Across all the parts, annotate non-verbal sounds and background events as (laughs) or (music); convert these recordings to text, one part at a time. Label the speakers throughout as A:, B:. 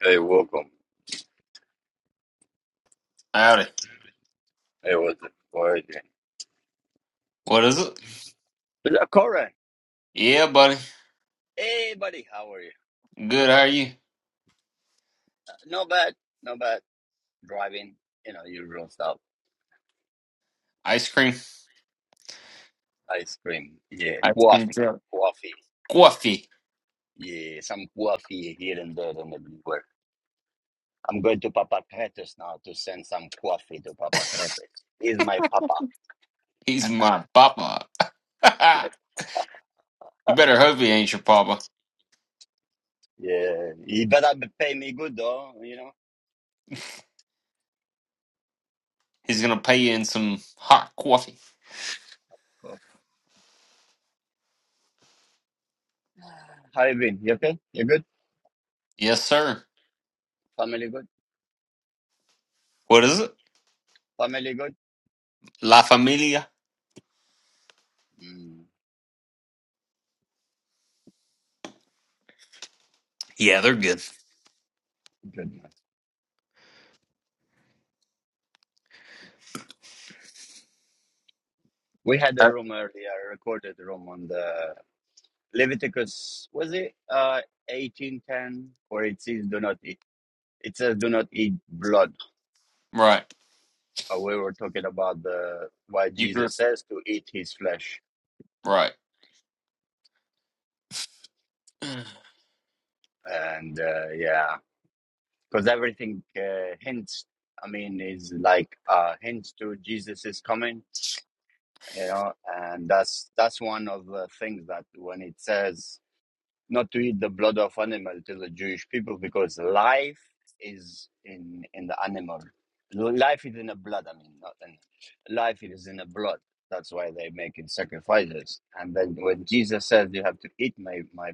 A: Hey, welcome.
B: Howdy.
A: Hey, what's it? How are you doing?
B: What is it?
A: Is that correct?
B: Yeah, buddy.
A: Hey, buddy, how are you?
B: Good, how are you?
A: Uh, Not bad, not bad. Driving, you know, usual stuff.
B: Ice cream.
A: Ice cream, yeah,
B: Ice cream
A: coffee,
B: truck.
A: coffee,
B: Coffee.
A: yeah, some coffee here and there and everywhere. I'm going to Papa Cretes now to send some coffee to Papa Cretes. He's my papa.
B: He's my papa.
A: My,
B: (laughs) you better hope he ain't your papa.
A: yeah, he better be- pay me good though, you know.
B: He's gonna pay you in some hot coffee.
A: Cool. How you been? You okay? You good?
B: Yes, sir.
A: Family good?
B: What is it?
A: Family good?
B: La Familia.
A: Mm,
B: Yeah, they're good.
A: good. We had a
B: Uh,
A: room earlier, a recorded room on the Leviticus. Was it uh eighteen ten, where it says do not eat? It says do not eat blood.
B: Right.
A: Uh, we were talking about the why
B: You grew
A: Jesus says to eat his flesh,
B: Right. (sighs)
A: and uh, yeah, because everything uh, hints. I mean, is like uh, hints to Jesus is coming, you know, and that's that's one of the things that when it says not to eat the blood of animal to the Jewish people because life is in in the animal. Life is in the blood. I mean, not in life is in the blood. That's why they're making sacrifices. And then when Jesus says, "You have to eat my my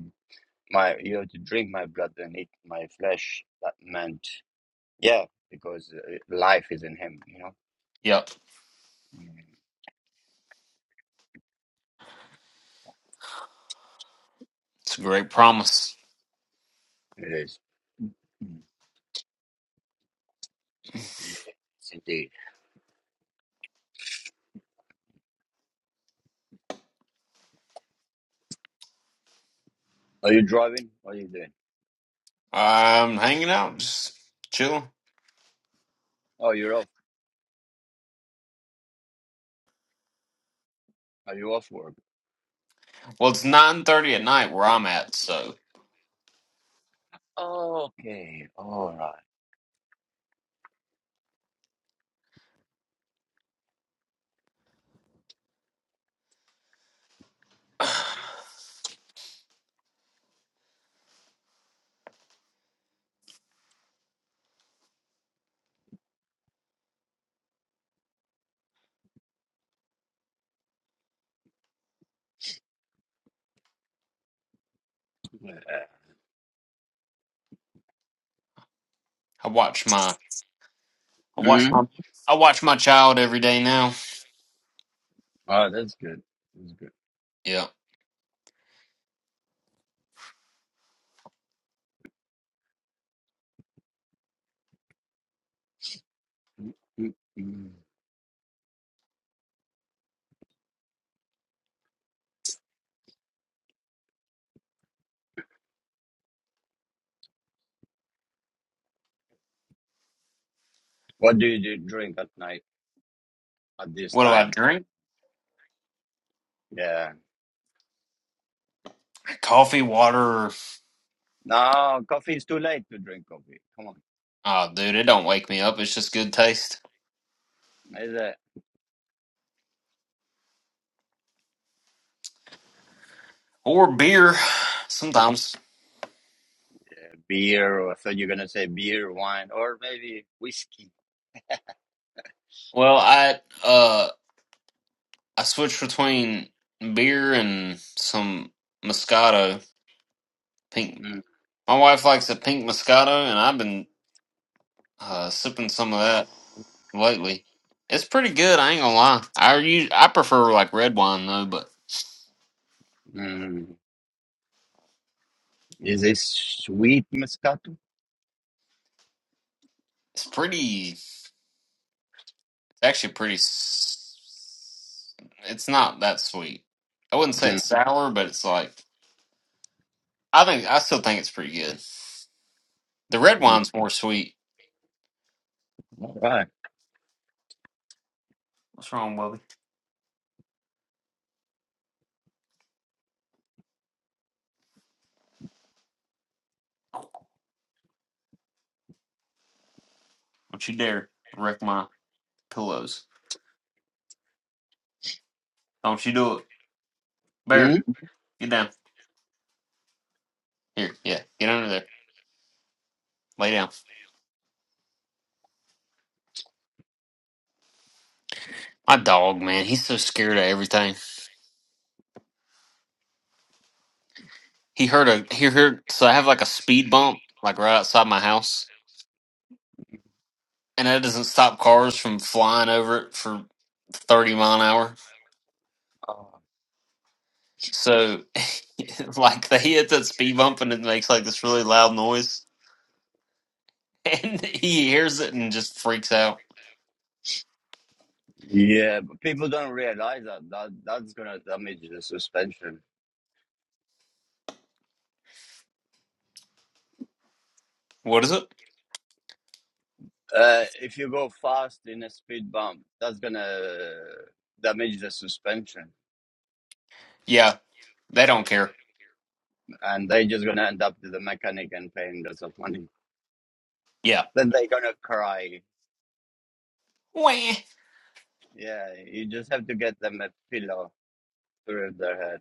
A: my, you have to drink my blood and eat my flesh," that meant yeah, because uh, life is in Him. You know,
B: Yep.
A: Mm,
B: It's a great promise.
A: it is. Mm, It's indeed. Are you driving? What are you doing?
B: I'm hanging out, just chilling.
A: Oh, you're off. Are you off work?
B: Well, it's 9.30 at night where I'm at, so
A: Oh, Okay, all right.
B: (sighs) I watch my I watch
A: Mm-hmm.
B: my I watch my child every day now.
A: Oh, that's good. That's
B: Yeah.
A: good. Mm-mm-mm. What do you do- drink at night at this
B: What do I
A: time?
B: drink?
A: Yeah.
B: Coffee, water.
A: No, coffee is too late to drink coffee. Come on.
B: Oh, dude, it don't wake me up. It's just good taste
A: Is it
B: or beer sometimes.
A: beer? Or I thought you're gonna say beer, wine, or maybe whiskey.
B: Well, I uh I switch between beer and some Moscato pink.
A: mm
B: My wife likes a pink Moscato, and I've been uh, sipping some of that lately. It's pretty good. I ain't gonna lie. I use I prefer like red wine though, but
A: Mm. Is this sweet Moscato?
B: it's pretty. actually pretty. s- It's not that sweet. I wouldn't say
A: mm
B: it's sour, but it's like I think I still think it's pretty good. The red
A: Mm.
B: wine's more sweet.
A: All right.
B: What's wrong, Bubby? Don't you dare wreck my pillows. Don't you do it, Bear?
A: Mm?
B: Get down here. Yeah, get under there. Lay down. My dog, man, he's so scared of everything. He heard a he heard. So I have like a speed bump, like right outside my house, and that doesn't stop cars from flying over it for thirty mile an hour
A: Oh.
B: So, (laughs) like, they hit that speed bump and it makes like this really loud noise, (laughs) and he hears it and just freaks out.
A: Yeah, but people don't realize that. that that's gonna damage the suspension.
B: What is it?
A: Uh, if you go fast in a speed bump, that's gonna damage the suspension,
B: Yeah, they don't care.
A: and they're just gonna end up to the mechanic and paying lots of money.
B: Yeah.
A: Then they're gonna cry.
B: Wah. I,
A: Yeah, you just have to get them a pillow through their head.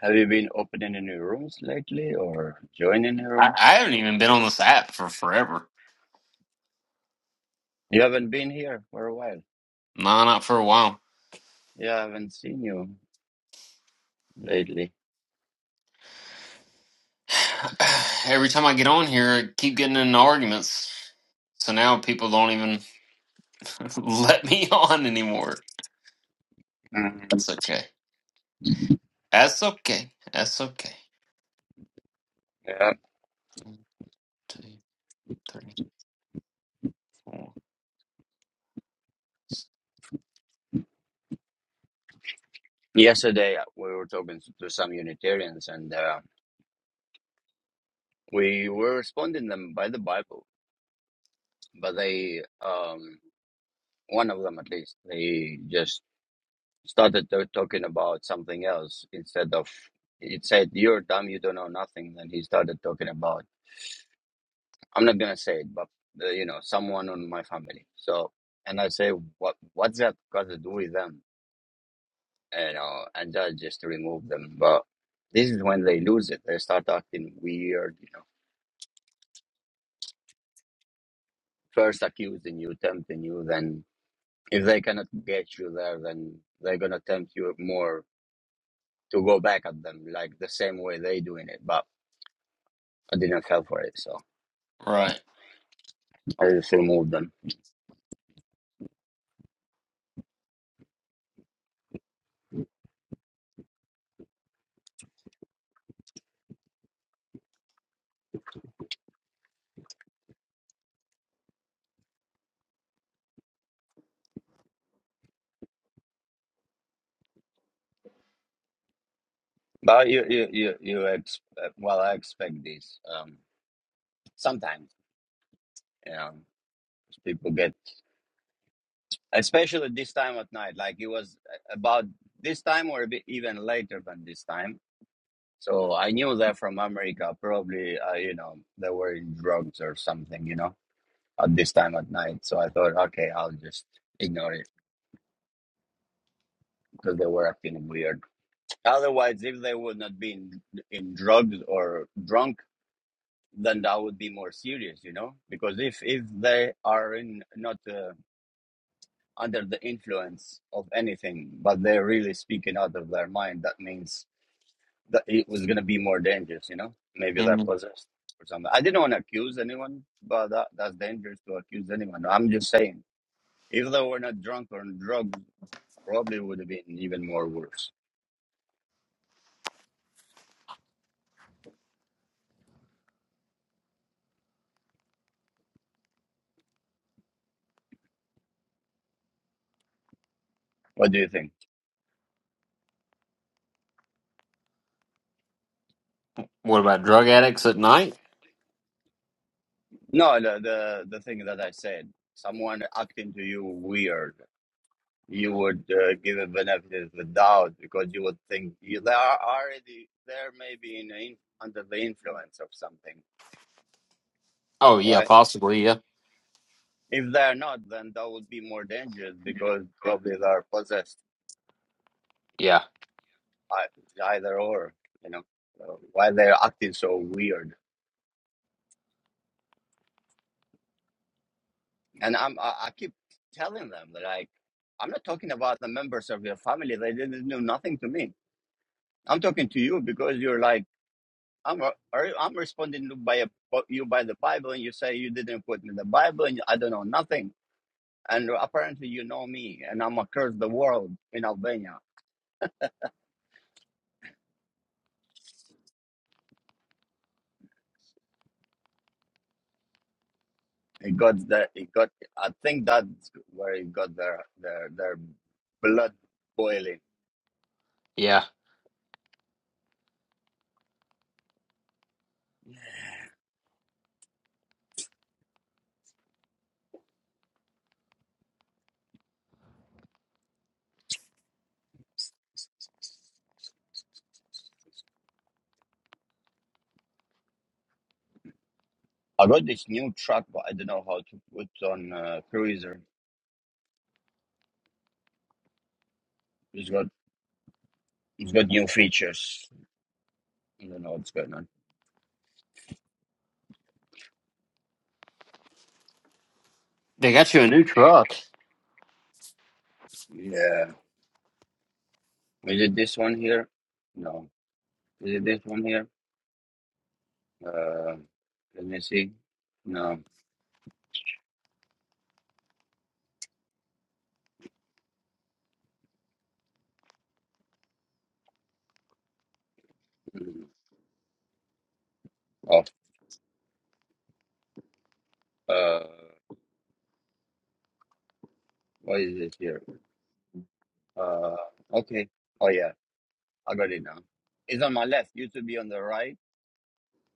A: Have you been opening any rooms lately or joining
B: I
A: rooms?
B: haven't even been on this app for forever.
A: You haven't been here for a while.
B: No, not for a while.
A: Yeah, I haven't seen you lately.
B: (sighs) Every time I get on here, I keep getting in arguments. So now people don't even (laughs) let me on anymore.
A: Mm,
B: That's okay. That's okay. That's okay.
A: yeah.
B: One, two, three, four.
A: Yesterday uh, we were talking to some Unitarians, and uh, we were responding them by the Bible but they um one of them at least they just started to- talking about something else instead of it said you're dumb you don't know nothing then he started talking about i'm not gonna say it but uh, you know someone on my family so and i say what what's that got to do with them you know and i just remove them but this is when they lose it they start acting weird you know first accusing you tempting you then if they cannot get you there then they're gonna tempt you more to go back at them like the same way they doing it, but I didn't fell for it, so
B: Right.
A: I just removed them. But you you you you ex- well, I expect this. Um, sometimes you know people get, especially this time at night. Like it was about this time or a bit even later than this time. So I knew that from America, probably uh, you know they were in drugs or something, you know, at this time at night. So I thought, okay, I'll just ignore it because they were acting weird. Otherwise, if they would not be in, in drugs or drunk, then that would be more serious, you know. Because if if they are in not uh, under the influence of anything, but they're really speaking out of their mind, that means that it was gonna be more dangerous, you know. Maybe
B: Mm-hmm.
A: they're possessed or something. I didn't want to accuse anyone, but that that's dangerous to accuse anyone. I'm just saying, if they were not drunk or on drugs, probably would have been even more worse. What do you think?
B: What about drug addicts at night?
A: No, the the, the thing that I said, someone acting to you weird, you would uh, give a benefit of the doubt because you would think you, they are already there, maybe in, in under the influence of something,
B: Oh yeah,
A: right?
B: possibly. Yeah,
A: If they're not, then that would be more dangerous because probably they are possessed.
B: yeah,
A: I- it's Either or, you know, uh, why they're acting so weird. And I'm I, I keep telling them that like I'm not talking about the members of your family. They didn't do nothing to me. I'm talking to you because you're like I'm. are- I'm responding to by a, you by the Bible, and you say you didn't put me in the Bible, and I don't know nothing. And apparently, you know me, and I'm across the world in Albania. It got the it got. I think that's where it got their their their blood boiling.
B: yeah.
A: I got this new truck, but I don't know how to put on uh, cruiser. It's got it's got new features. I don't know what's going on.
B: They got you a new truck.
A: Yeah, is it this one here? No, is it this one here? Uh, let me see. No. Mm. Oh, uh, what is it here? Uh, okay. Oh, yeah. I got it now. It's on my left. Used to be on the right.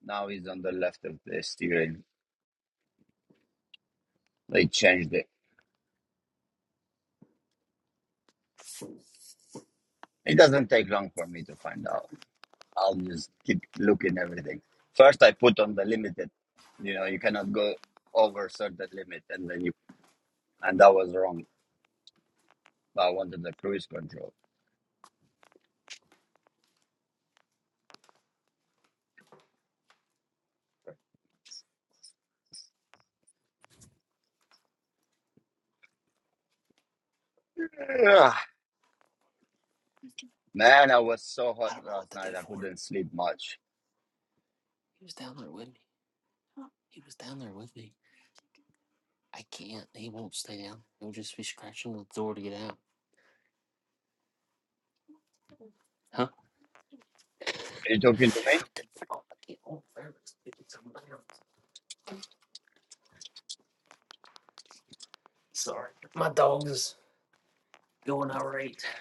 A: Now it's on the left of the steering. They changed it. It doesn't take long for me to find out. I'll just keep looking everything. First, I put on the limited. You know, you cannot go over certain limit, and then you and that was wrong. I wanted the cruise control. (sighs) Man, I was so hot last night. I couldn't sleep much. Are you talking to me?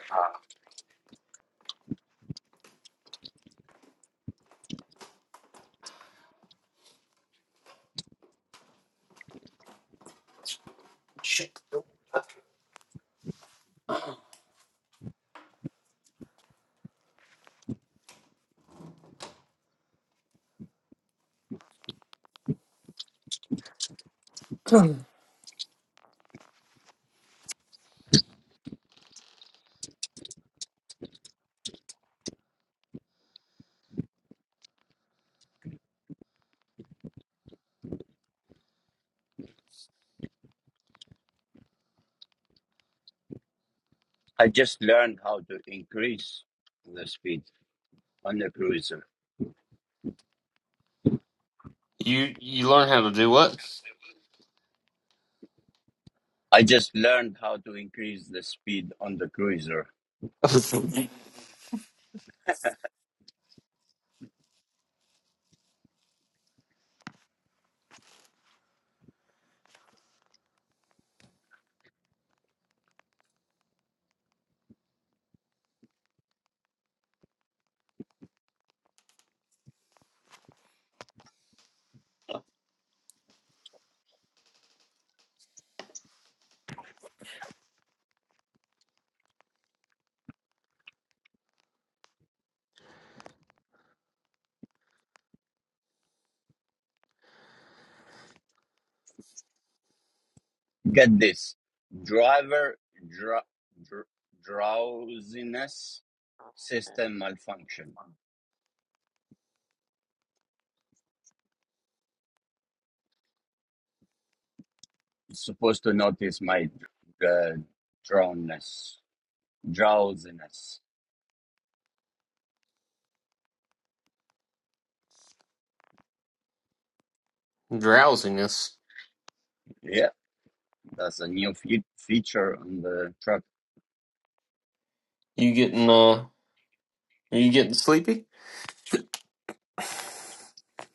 A: Ah. I just learned how to increase the speed on the cruiser.
B: You you learn how to do what?
A: I just learned how to increase the speed on the cruiser.
B: (laughs)
A: Get this driver dr- dr- drowsiness system malfunction. It's supposed to notice my dr- uh, drownness, drowsiness.
B: Drowsiness.
A: Yeah, that's a new fe- feature on the truck.
B: You getting uh? Are you getting sleepy?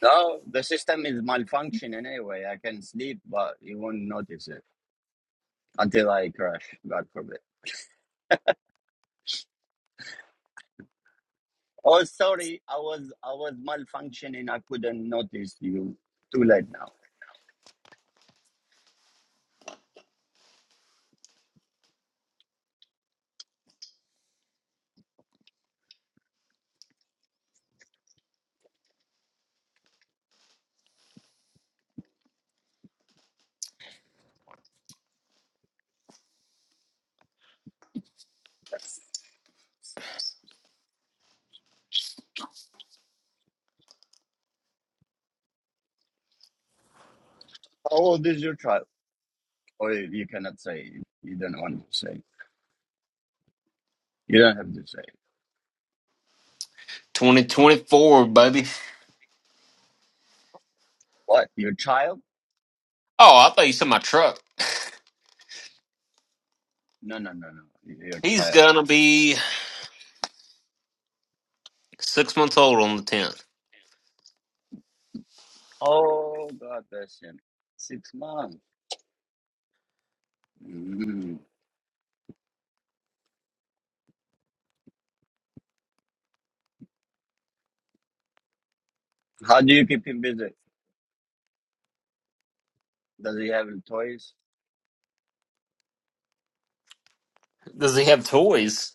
A: No, the system is malfunctioning anyway. I can sleep, but you won't notice it until I crash. God forbid. Oh, sorry. I was I was malfunctioning. I couldn't notice you. Too late now. How old is your child? Or you cannot say. You don't want to say. You don't have to say.
B: Twenty twenty four, baby.
A: What? Your child?
B: Oh, I thought you said my truck.
A: No, no, no, no. Your
B: He's
A: child.
B: gonna be six months old on the tenth.
A: Oh, God bless him. Six months. Mm. How do you keep him busy? Does he have toys?
B: Does he have toys?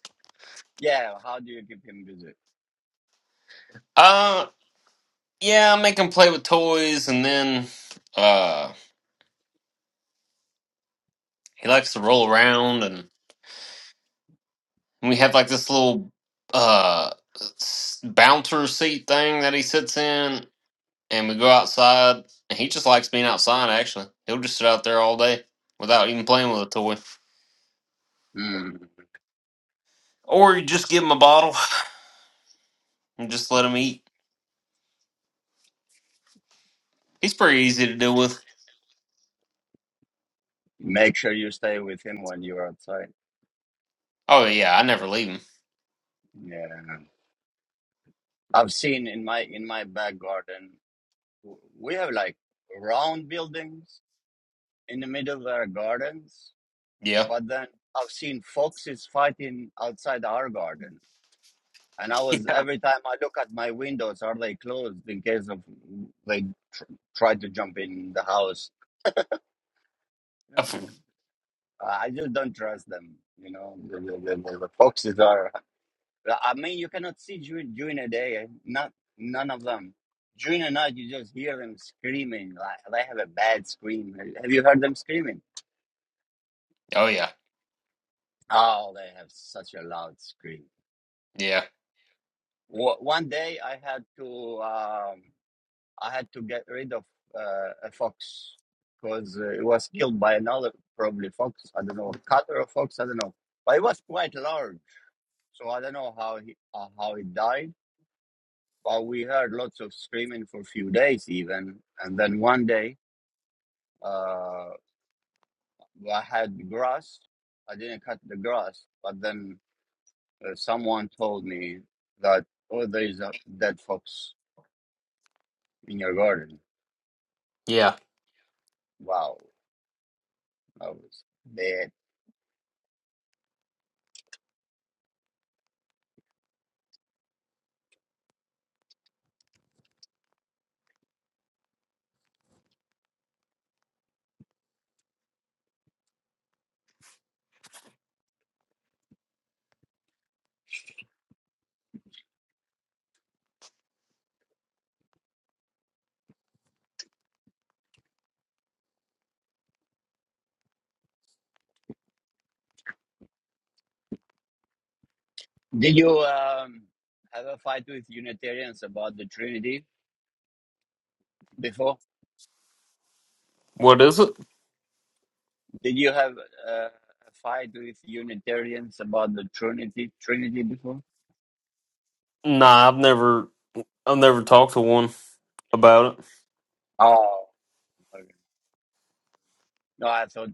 A: Yeah. How do you keep him busy?
B: Uh, yeah. I make him play with toys, and then uh, he likes to roll around, and. And we have like this little uh s- bouncer seat thing that he sits in, and we go outside. And he just likes being outside. Actually, he'll just sit out there all day without even playing with a toy,
A: Mm.
B: or you just give him a bottle and just let him eat. He's pretty easy to deal with.
A: Make sure you stay with him when you're outside.
B: Oh yeah, I never leave him.
A: Yeah, I've seen in my in my back garden, w- we have like round buildings in the middle of our gardens,
B: Yeah.
A: but then I've seen foxes fighting outside our garden. And I was every time I look at my windows, are they closed in case of they tr- try to jump in the house?
B: (laughs)
A: I just don't trust them. You know, the, the, the, the foxes are. I mean, you cannot see during during the day. eh? Not none of them. During the night, you just hear them screaming. Like they have a bad scream. Have you heard them screaming?
B: Oh yeah.
A: Oh, they have such a loud scream.
B: Yeah.
A: Wa- One day, I had to um, I had to get rid of uh, a fox because uh, it was killed by another probably fox. I don't know, a cat or a fox. I don't know, but it was quite large. So I don't know how he uh, how it died well, we heard lots of screaming for a few days even, and then one day, uh, I had grass. I didn't cut the grass, but then uh, someone told me that oh, there is a dead fox in your garden.
B: Yeah.
A: Wow, I was dead. Did you um, have a fight with Unitarians about the Trinity before?
B: What is it?
A: Did you have uh, a fight with Unitarians about the Trinity Trinity before?
B: Nah, I've never, I've never talked to one about it.
A: Oh, okay. No, I thought.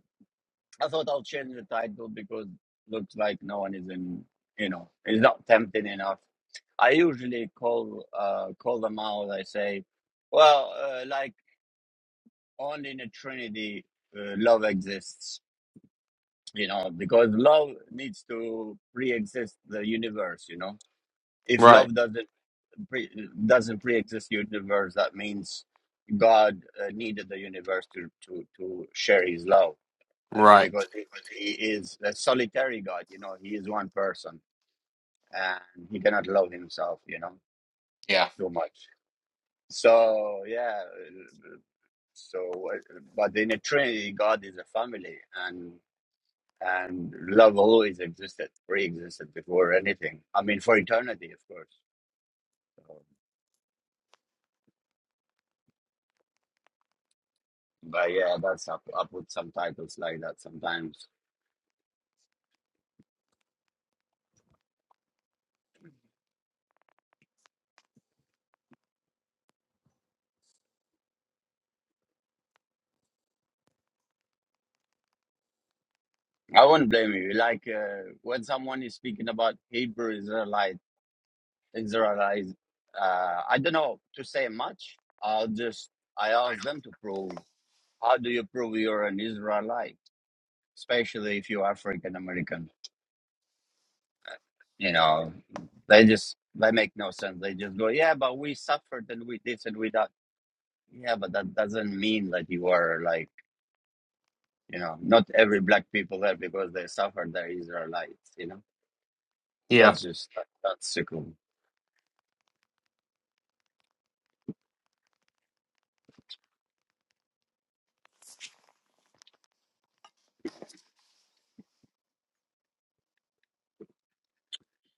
A: I thought I'll change the title because looks like no one is in, you know, it's not tempting enough. I usually call uh, call them out. I say, well, uh, like only in a Trinity, uh, love exists. You know, because love needs to pre-exist the universe. You know, if
B: Right.
A: love doesn't pre- doesn't pre-exist universe, that means God uh, needed the universe to to to share His love uh,
B: Right.
A: because he, he is a solitary God, you know, he is one person and he cannot love himself, you know,
B: Yeah.
A: too much. So, yeah, uh, so, uh, but in a Trinity, God is a family and and love always existed, pre existed before anything. I mean, for eternity, of course. So, but yeah, that's up. I put some titles like that sometimes. I won't blame you. Like uh, when someone is speaking about Hebrew Israelites Israelites, uh, I don't know to say much. I'll just, I ask them to prove. How do you prove you're an Israelite? Especially if you're African American. You know, they just, they make no sense. They just go, yeah, but we suffered and we this and we that. Yeah, but that doesn't mean that you are like, you know, not every black people there because they suffered, they're Israelites, you know?
B: Yeah.
A: That's just, that's so cool.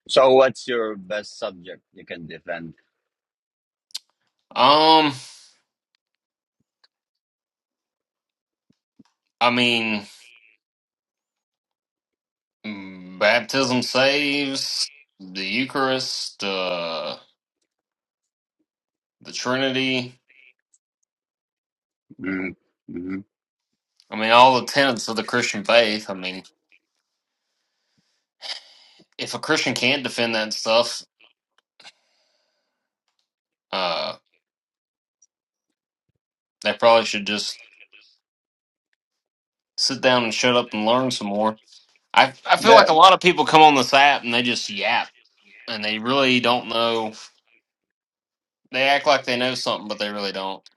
A: So what's your best subject you can defend?
B: Um. I mean. Mm, Baptism saves, the Eucharist, uh, the Trinity.
A: Mm-hmm.
B: I mean, all the tenets of the Christian faith. I mean, if a Christian can't defend that stuff, uh, they probably should just sit down and shut up and learn some more. I, I feel
A: Yeah.
B: like a lot of people come on this app and they just yap and they really don't know. They act like they know something, but they really don't.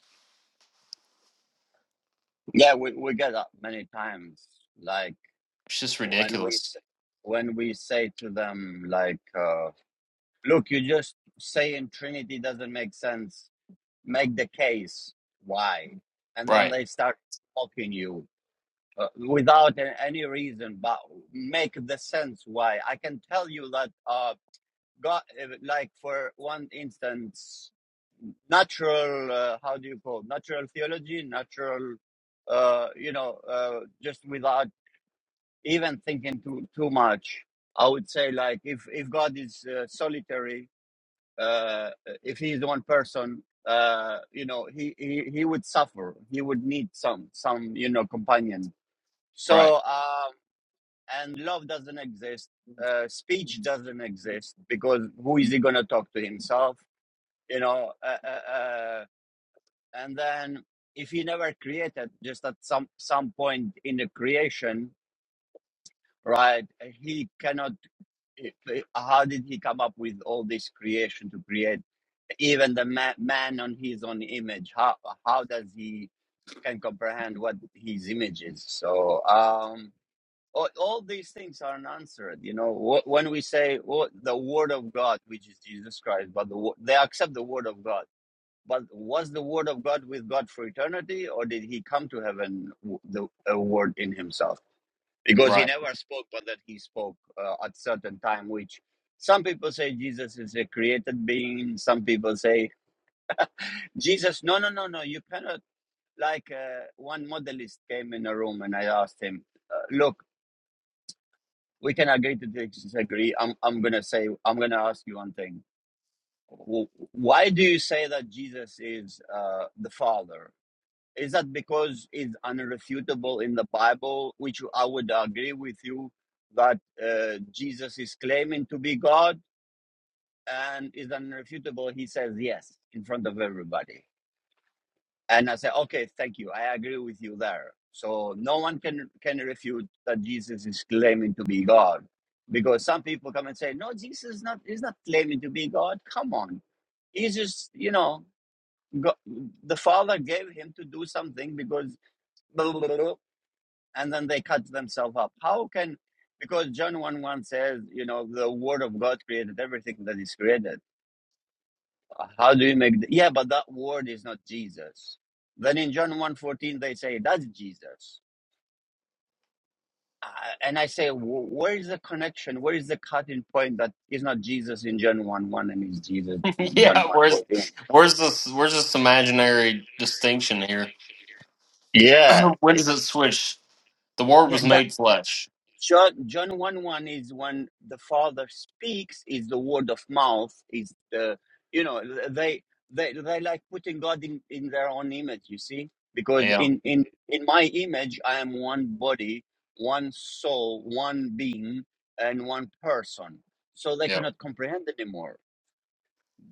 A: Yeah, we, we get that many times. Like
B: It's just
A: when we
B: ridiculous.
A: s- when we say to them, like, uh, look, you just saying Trinity doesn't make sense. Make the case why, and then
B: Right,
A: they start mocking you uh, without a- any reason. But make the sense why. I can tell you that uh, God, uh, like for one instance, natural. Uh, how do you call natural theology? Natural uh, you know, uh, just without even thinking too too much. I would say like if if God is uh, solitary, uh, if he is one person, uh, you know, he, he he would suffer. He would need some some you know companion. So
B: right,
A: um, and love doesn't exist. Uh, speech doesn't exist because who is he gonna talk to himself? You know, uh, uh, uh, and then if he never created, just at some some point in the creation, right? He cannot. it- it- how did he come up with all this creation to create even the ma- man on his own image how how does he can comprehend what his image is so um all, all these things are unanswered you know Wh- when we say well, the word of god which is jesus christ but the, wo- they accept the word of god but was the word of god with god for eternity or did he come to heaven w- the a word in himself because he
B: right.
A: never spoke but that he spoke uh, at certain time which some people say jesus is a created being some people say jesus no no no no you cannot like uh, one modelist came in a room and i asked him uh, look we can agree to disagree i'm, I'm gonna say i'm gonna ask you one thing why do you say that jesus is uh, the father Is that because it's unrefutable in the Bible, which I would agree with you that uh, Jesus is claiming to be God and is unrefutable? He says yes in front of everybody. And I say, okay, thank you. I agree with you there. So no one can, can refute that Jesus is claiming to be God. Because some people come and say, no, Jesus is not, is not claiming to be God. Come on. He's just, you know, go the Father gave him to do something because blah, blah, blah, blah. and then they cut themselves up. How can because John 1 1 says, you know, the word of God created everything that is created. How do you make the, yeah, but that word is not Jesus. Then in John one fourteen, they say that's Jesus. Uh, and I say, where is the connection? Where is the cutting point that is not Jesus in John 1 1 and is Jesus
B: (laughs)
A: in John
B: yeah,
A: one
B: where's
A: fourteen?
B: where's this where's this imaginary distinction here?
A: Yeah.
B: (laughs) when
A: eh,
B: does it switch? The word
A: yeah,
B: was
A: that.
B: made flesh.
A: John, John 1 1 is when the Father speaks, is the word of mouth, is the, you know, they they they like putting God in, in their own image, you see? Because
B: Yeah,
A: in, in, in my image, I am one body, one soul, one being, and one person. So they
B: yeah,
A: cannot comprehend anymore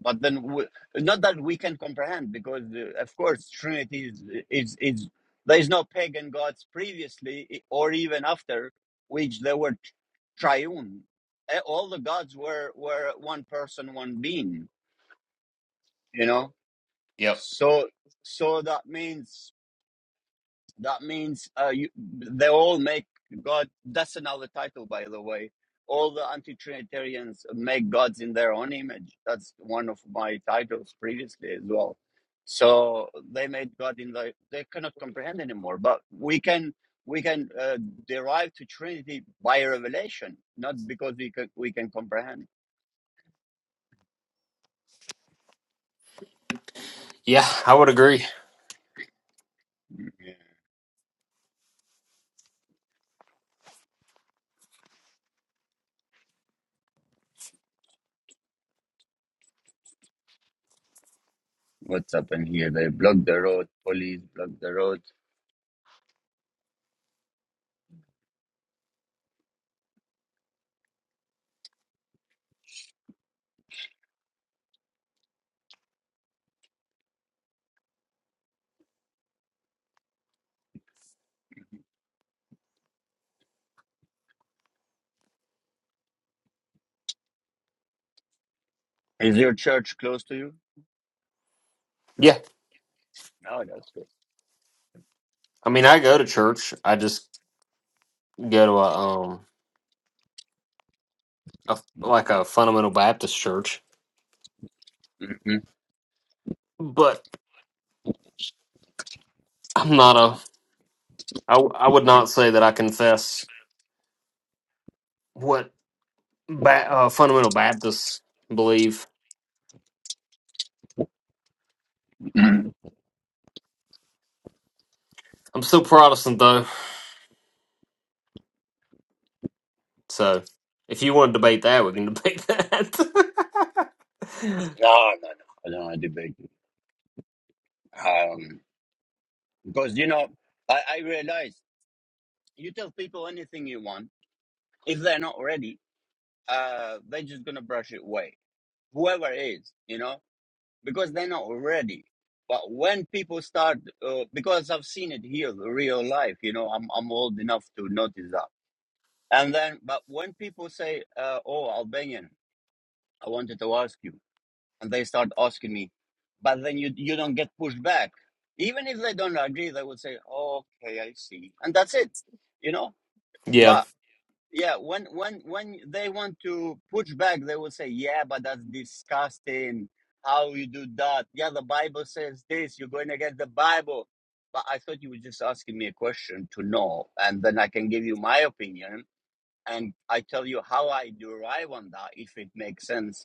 A: but then w- not that we can comprehend because uh, of course trinity is, is is there is no pagan gods previously i- or even after which they were tr- triune Eh, all the gods were were one person one being you know
B: yep.
A: so so that means that means uh, you, they all make God. That's another title, by the way. All the anti-Trinitarians make gods in their own image. That's one of my titles previously as well. So they made God in the. They cannot comprehend anymore. But we can we can uh, derive to Trinity by revelation, not because we can we can comprehend.
B: Yeah, I would agree.
A: Yeah. What's happened here? They blocked the road. Police blocked the road. Is your church close to you?
B: Yeah,
A: No, that's
B: I mean, I go to church. I just go to a um, a, like a fundamental Baptist church,
A: good.
B: but I'm not a. I w- I would not say that I confess what ba- uh, fundamental Baptists believe.
A: (clears throat)
B: I'm still Protestant though, so if you want to debate that, we can debate (laughs) that.
A: No, no, no. I don't want to debate you. Um, because, you know, I, I realize you tell people anything you want. If they're not ready, uh, they're just going to brush it away. Whoever is, you know, because they're not ready. But when people start, uh, because I've seen it here, the real life, you know, I'm, I'm old enough to notice that. And then, but when people say, uh, oh, Albanian, I wanted to ask you. and they start asking me but then you you don't get pushed back even if they don't agree they would say oh, okay i see and that's it you know
B: yeah.
A: but yeah when when when they want to push back they will say yeah but that's disgusting how you do that yeah the bible says this you're going against the bible but i thought you were just asking me a question to know and then i can give you my opinion and i tell you how i derive on that if it makes sense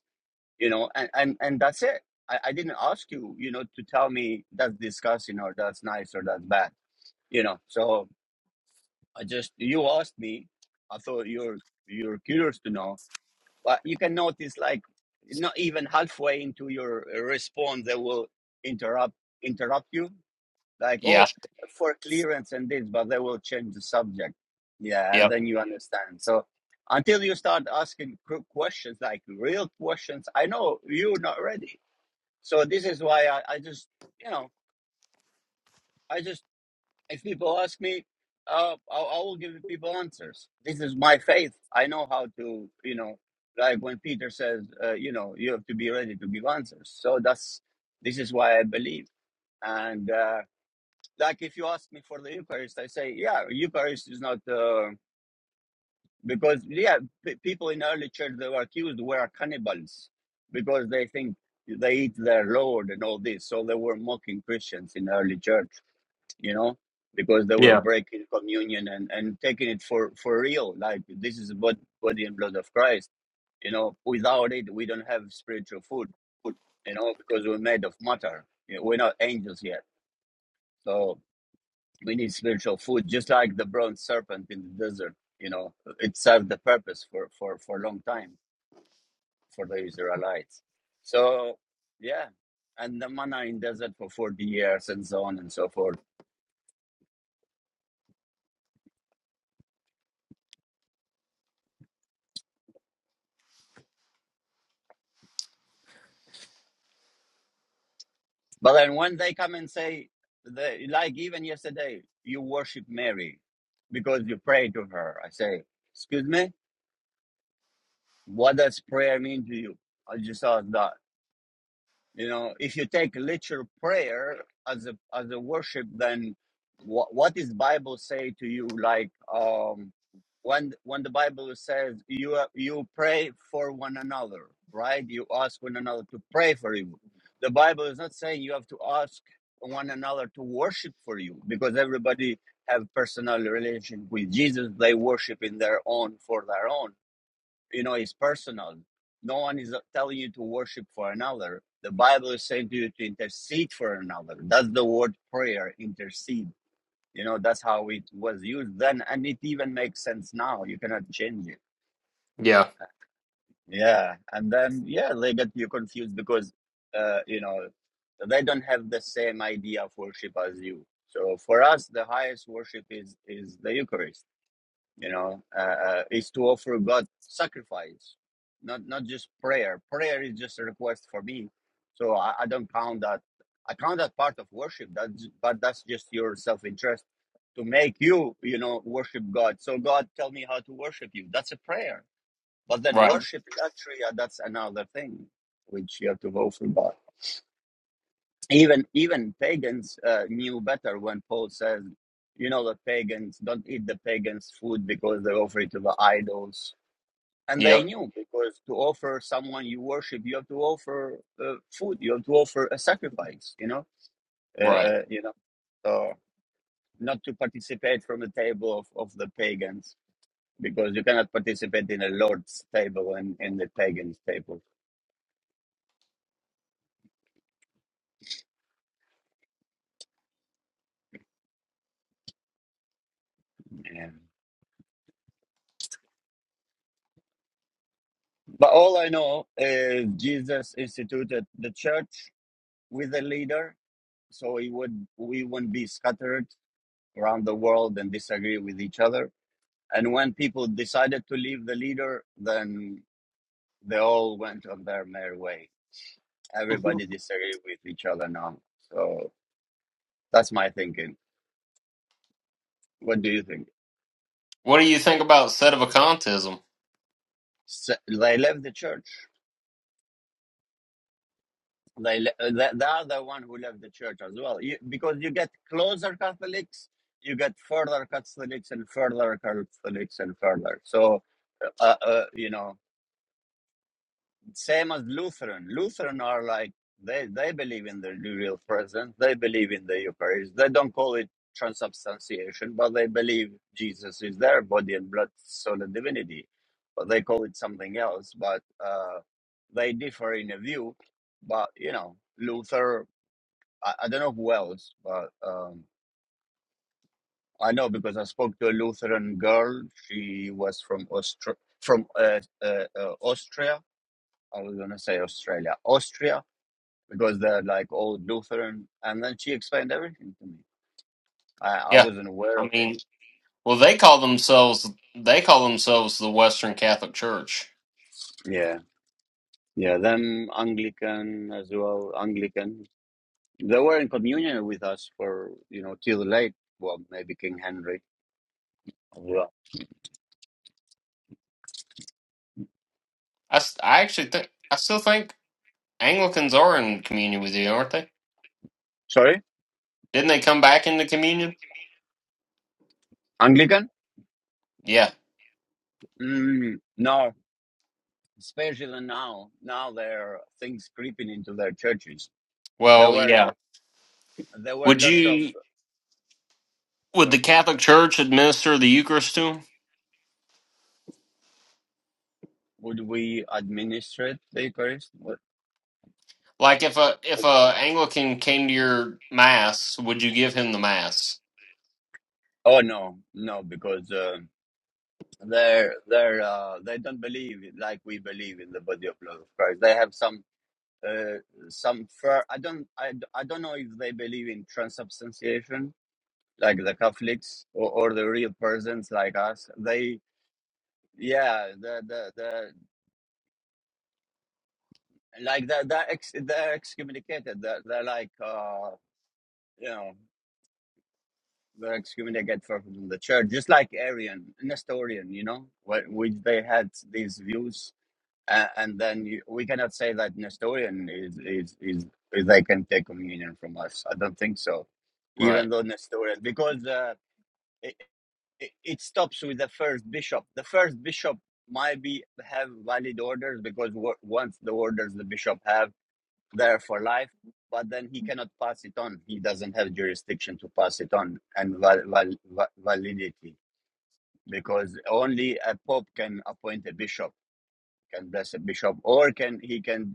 A: you know and and, and that's it I, I didn't ask you you know to tell me that's disgusting or that's nice or that's bad you know so i just you asked me i thought you're you're curious to know but you can notice like not even halfway into your response they will interrupt interrupt you like
B: Yeah.
A: oh for clearance and this but they will change the subject yeah and
B: Yep.
A: then you understand so until you start asking questions like real questions i know you're not ready so this is why I, I just, you know, I just, if people ask me, uh, I, I will give people answers. This is my faith. I know how to, you know, like when Peter says, uh, you know, you have to be ready to give answers. So that's, this is why I believe. And uh, like if you ask me for the Eucharist, I say, yeah, Eucharist is not, uh, because, yeah, p- people in early church they were accused were cannibals because they think they eat their Lord and all this. So they were mocking Christians in early church you know, because they were
B: Yeah.
A: breaking communion and, and taking it for, for real. Like this is what body and blood of Christ. You know, without it, we don't have spiritual food, you know, because we're made of matter. You know, we're not angels yet. So we need spiritual food, just like the bronze serpent in the desert. You know, it served the purpose for, for, for a long time for the Israelites. So, yeah. And the manna in desert for 40 years and so on and so forth But then when they come and say, they, like even yesterday, you worship Mary because you pray to her. I say, excuse me, what does prayer mean to you? I just asked that. You know, if you take literal prayer as a as a worship, then what what does Bible say to you? Like um, when when the Bible says you you pray for one another, right? You ask one another to pray for you. The Bible is not saying you have to ask one another to worship for you because everybody have personal relation with Jesus. They worship in their own for their own you know it's personal no one is uh, telling you to worship for another the bible is saying to you to intercede for another that's the word prayer intercede you know that's how it was used then and it even makes sense now you cannot change it
B: Yeah.
A: yeah and then yeah they get you confused because uh you know they don't have the same idea of worship as you so for us the highest worship is is the eucharist you know uh, uh, is to offer god sacrifice not not just prayer prayer is just a request for me so i, I don't count that i count that part of worship that's but that's just your self-interest to make you you know worship god so god tell me how to worship you that's a prayer but then
B: Right.
A: worship is actually uh, that's another thing which you have to go through god even even pagans uh, knew better when paul says you know the pagans don't eat the pagans food because they offer it to the idols and they
B: Yep.
A: knew because to offer someone you worship you have to offer uh, food you have to offer a sacrifice you know uh,
B: Right.
A: uh, you know so not to participate from the table of, of the pagans because you cannot participate in the lord's table and in the pagans table Yeah. but all i know is jesus instituted the church with a leader, so it would we wouldn't be scattered around the world and disagree with each other. And when people decided to leave the leader, then they all went on their merry way. Everybody
B: What
A: disagreed with each other now. So that's my thinking. What do you think?
B: do you think about sedevacantism?
A: S they left the church. They, le- uh, they they are the one who left the church as well, you, because you get closer Catholics, you get further Catholics and further Catholics and further. So uh, uh, you know Same as Lutheran. Lutheran are like they they believe in the real presence. They believe in the Eucharist. They don't call it transubstantiation, but they believe Jesus is their body and blood, soul and divinity. But they call it something else. But uh, they differ in a view. But you know, Luther. I, I don't know who else, but um, I know because I spoke to a Lutheran girl. She was from Austra- from uh, uh, uh, Austria. I was gonna say Australia, Austria because they're like old Lutheran. And then she explained everything to me. I, I
B: Yeah,
A: wasn't aware
B: I
A: of it.
B: mean, well, they call themselves they call themselves the Western Catholic Church.
A: Yeah. Yeah. Them Anglican as well, Anglican. They were in communion with us for, you know, till late. Well, maybe King Henry. as Well,
B: I, s- I actually think I still think Anglicans are in communion with you, aren't they?
A: sorry?
B: Didn't they come back into communion?
A: Anglican?
B: Yeah.
A: Mm, no, especially now. Now there are things creeping into their churches. There
B: Well,
A: were
B: yeah.
A: there were
B: Would
A: lots of
B: you would the
A: sorry.
B: Catholic Church administer the Eucharist to him?
A: Would we administrate the Eucharist? What?
B: Like if a if a Anglican came to your mass, would you give him the mass?
A: Oh no, no, because uh, they're they're uh, they don't believe it like we believe in the body of love of Christ. They have some uh, some fur. I don't I, d- I don't know if they believe in transubstantiation like the Catholics or, or the real persons like us. They yeah the the the like they're they're, ex, they're excommunicated. They're, they're like uh, you know they're excommunicated from the church, just like Arian Nestorian. You know, wh- which they had these views Uh, and then you, we cannot say that Nestorian is, is is is they can take communion from us. I don't think so.
B: Right.
A: Even though Nestorian, because uh, it, it it stops with the first bishop. The first bishop might be have valid orders because wo- once the orders the bishop have, they're for life. But then he cannot pass it on. He doesn't have jurisdiction to pass it on and val- val- va- validity because only a pope can appoint a bishop can bless a bishop, or can he can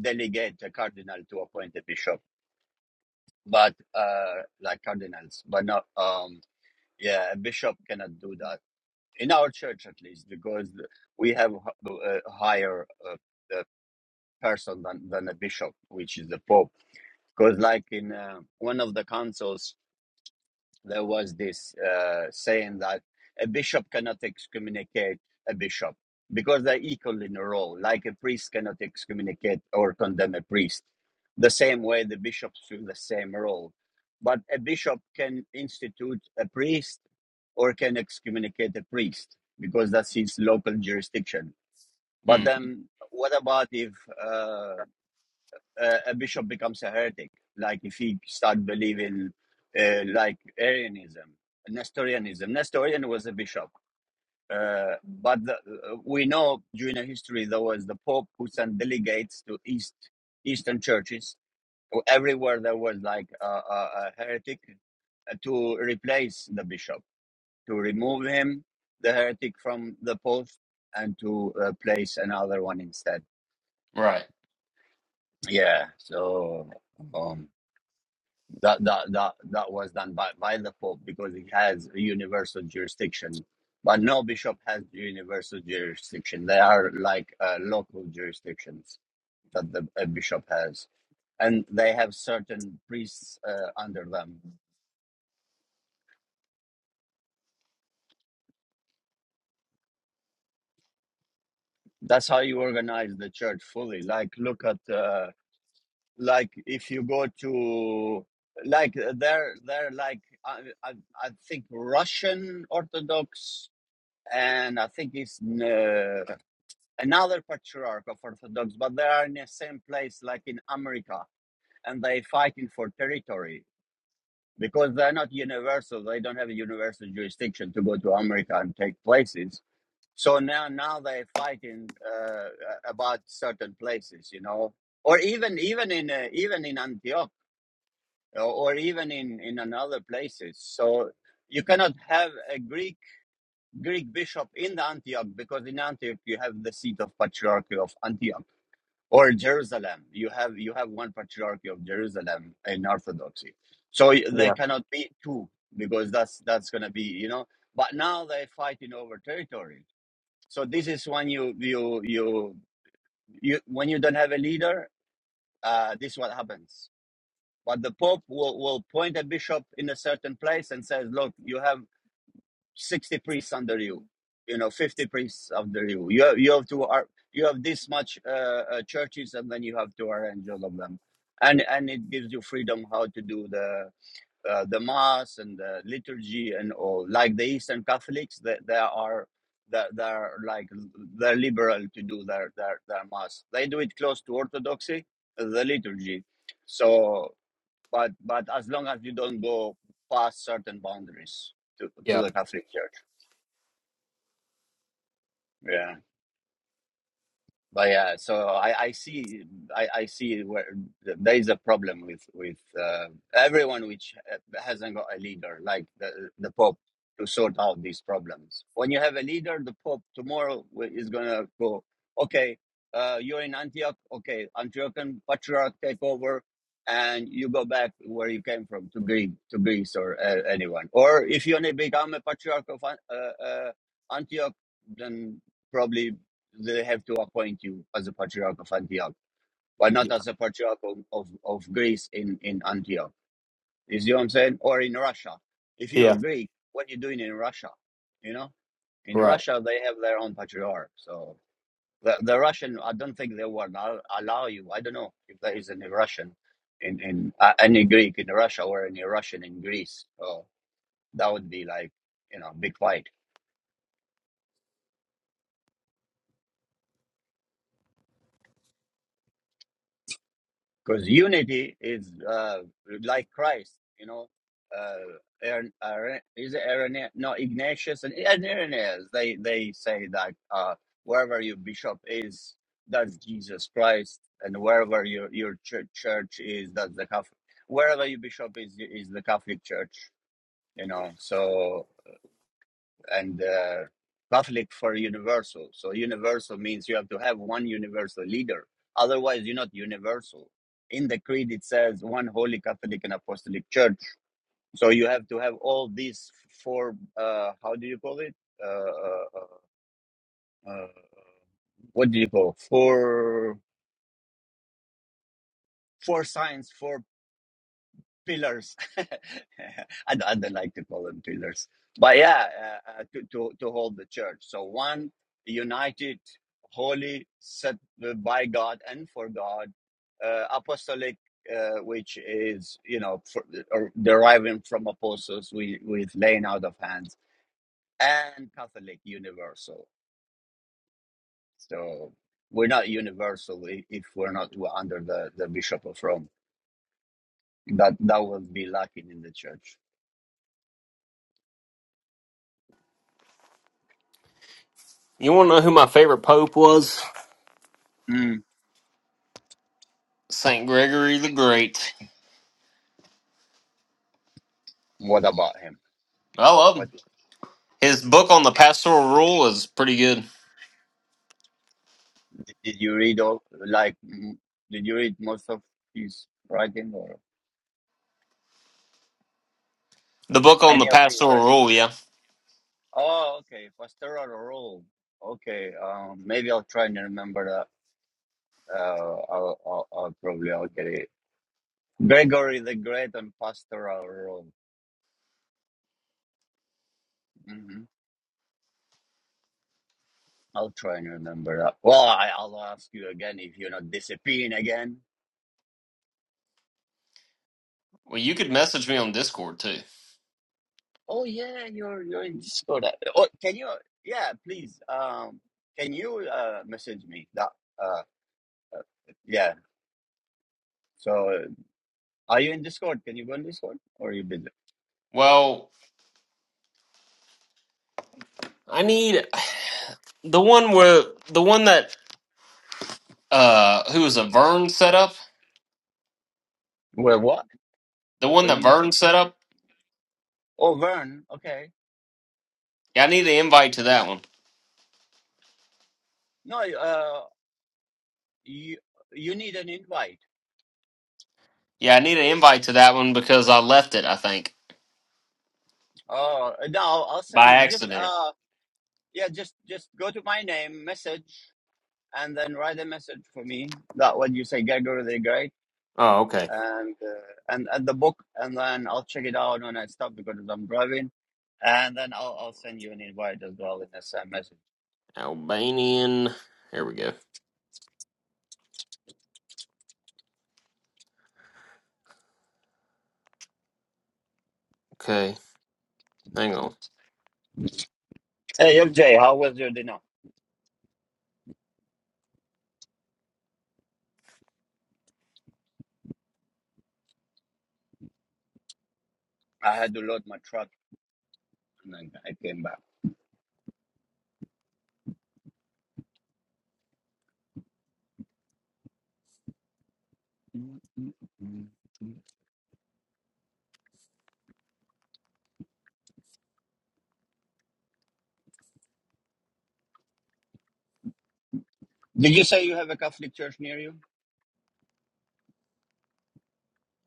A: delegate a cardinal to appoint a bishop, but uh, like cardinals, but not um, yeah, a bishop cannot do that in our church at least because we have a higher uh, uh, person than than a bishop, which is the pope. Because like in uh, one of the councils there was this uh, saying that a bishop cannot excommunicate a bishop because they're equal in a role, like a priest cannot excommunicate or condemn a priest. The same way the bishops do the same role. But a bishop can institute a priest or can excommunicate a priest because that's his local jurisdiction. But
B: Mm,
A: then, what about if uh, uh, a bishop becomes a heretic, like if he start believing uh, like Arianism, Nestorianism. Nestorian was a bishop, uh, but the, uh, we know during the history there was the Pope who sent delegates to East Eastern churches everywhere there was like a, a, a heretic uh, to replace the bishop, to remove him, the heretic from the post, and to uh, place another one instead.
B: right.
A: Yeah, so. Um, that that that that was done by by the pope because he has a universal jurisdiction but no bishop has universal jurisdiction they are like uh, local jurisdictions that the a bishop has and they have certain priests uh, under them that's how you organize the church fully like look at uh, like if you go to like they're they're like I, I, I think russian orthodox and i think it's uh, another patriarch of Orthodox, but they are in the same place like in America and they fighting for territory because they're not universal. They don't have a universal jurisdiction to go to America and take places. So now, now they are fighting uh, about certain places, you know, or even even in uh, even in Antioch or, or even in in another places. So you cannot have a Greek Greek bishop in the Antioch because in Antioch you have the seat of patriarchy of Antioch or Jerusalem. You have you have one patriarchy of Jerusalem in Orthodoxy, so y- there cannot be two because that's that's going to be you know. But now they're fighting over territory, so this is when you you you, you when you don't have a leader, uh, this is what happens. But the Pope will, will point a bishop in a certain place and says, "Look, you have." 60 priests under you you know 50 priests under you you have, you have to ar- you have this much uh, uh, churches and then you have to arrange all of them and and it gives you freedom how to do the uh, the mass and the liturgy and all like the eastern catholics they, they are they're, they're like they're liberal to do their, their their mass they do it close to orthodoxy the liturgy so but but as long as you don't go past certain boundaries to, to
B: Yeah.
A: the catholic church Yeah. But yeah, so I, I see I, I see where th- there is a problem with with uh, everyone which uh, hasn't got a leader like the the Pope to sort out these problems. When you have a leader, the Pope tomorrow wi- is gonna go, okay, uh, you're in Antioch, okay, Antiochian Patriarch take over, and you go back where you came from to Greece, to Greece or uh, anyone. Or if you only become a Patriarch of An- uh, uh, Antioch, then. Probably they have to appoint you as a patriarch of Antioch, but
B: Yeah.
A: not as a patriarch of, of, of Greece in, in Antioch. You see what I'm saying? Or in Russia. If
B: Yeah.
A: you're Greek, what are you doing in Russia? You know, in
B: Right.
A: Russia, they have their own patriarch. So the, the Russian, I don't think they will allow, allow you. I don't know if there is any Russian in, in uh, any Greek in Russia or any Russian in Greece. So that would be like, you know, big fight. Because unity is uh, like Christ, you know. Uh, Aaron, Aaron, is it Aaron? No, Ignatius and, and Irenaeus. They they say that uh, wherever your bishop is, that's Jesus Christ, and wherever your your church, church is, that's the Catholic. Wherever your bishop is, is the Catholic Church, you know. So and uh, Catholic for universal. So universal means you have to have one universal leader. Otherwise, you're not universal. In the creed, it says one holy Catholic and Apostolic Church. So you have to have all these four. Uh, how do you call it? Uh, uh, uh, uh, what do you call four? Four signs, four pillars. (laughs) I, don't- I don't like to call them pillars, but yeah, uh, uh, to, to to hold the church. So one united, holy, set by God and for God, uh, apostolic, uh, which is you know for, or deriving from apostles with with laying out of hands, and Catholic universal. So we're not universal if we're not we're under the the Bishop of Rome. That that would be lacking in the church.
B: You want to know who my favorite pope was?
A: Mm.
B: Saint Gregory the Great.
A: What about him?
B: I love
A: What
B: him.
A: did
B: His book on the pastoral rule is pretty good.
A: did you read all? Like, m- did you read most of his writing or
B: The book on the
A: any of his
B: pastoral
A: writings?
B: rule, yeah.
A: Oh, okay. Pastoral role. Okay. Um, maybe I'll try and remember that. Uh, I'll, I'll, I'll probably I'll get it. Gregory the Great and pastoral role. hmm I'll try and remember that. Well, I, I'll ask you again if you're not disappearing again.
B: Well, you could message me on Discord too.
A: Oh yeah, you're you're in Discord. Uh, Oh, can you? Yeah, please. Um, can you uh message me that? Uh, yeah. So, uh, are you in Discord? Can you go in Discord, or are you busy?
B: Well, I need the one where the one that uh who was a Vern set up.
A: Well, what?
B: The one
A: What did
B: that
A: you say?
B: Vern set up.
A: Oh, Vern. Okay.
B: Yeah, I need an invite to that one.
A: No. Uh, you you need an invite.
B: Yeah, I need an invite to that one because I left it. I think
A: Oh, no. I'll send
B: by
A: you. Just
B: accident.
A: uh, yeah. Just just go to my name, message, and then write a message for me. That what you say, Gregory the Great
B: Oh, okay.
A: and uh, and and the book, and then I'll check it out when I stop because I'm driving, and then I'll I'll send you an invite as well in the same message.
B: Albanian. Here we go. Okay, hang on.
A: Hey FJ, how was your dinner? I had to load my truck and then I came back. Did you say you have a Catholic church near you?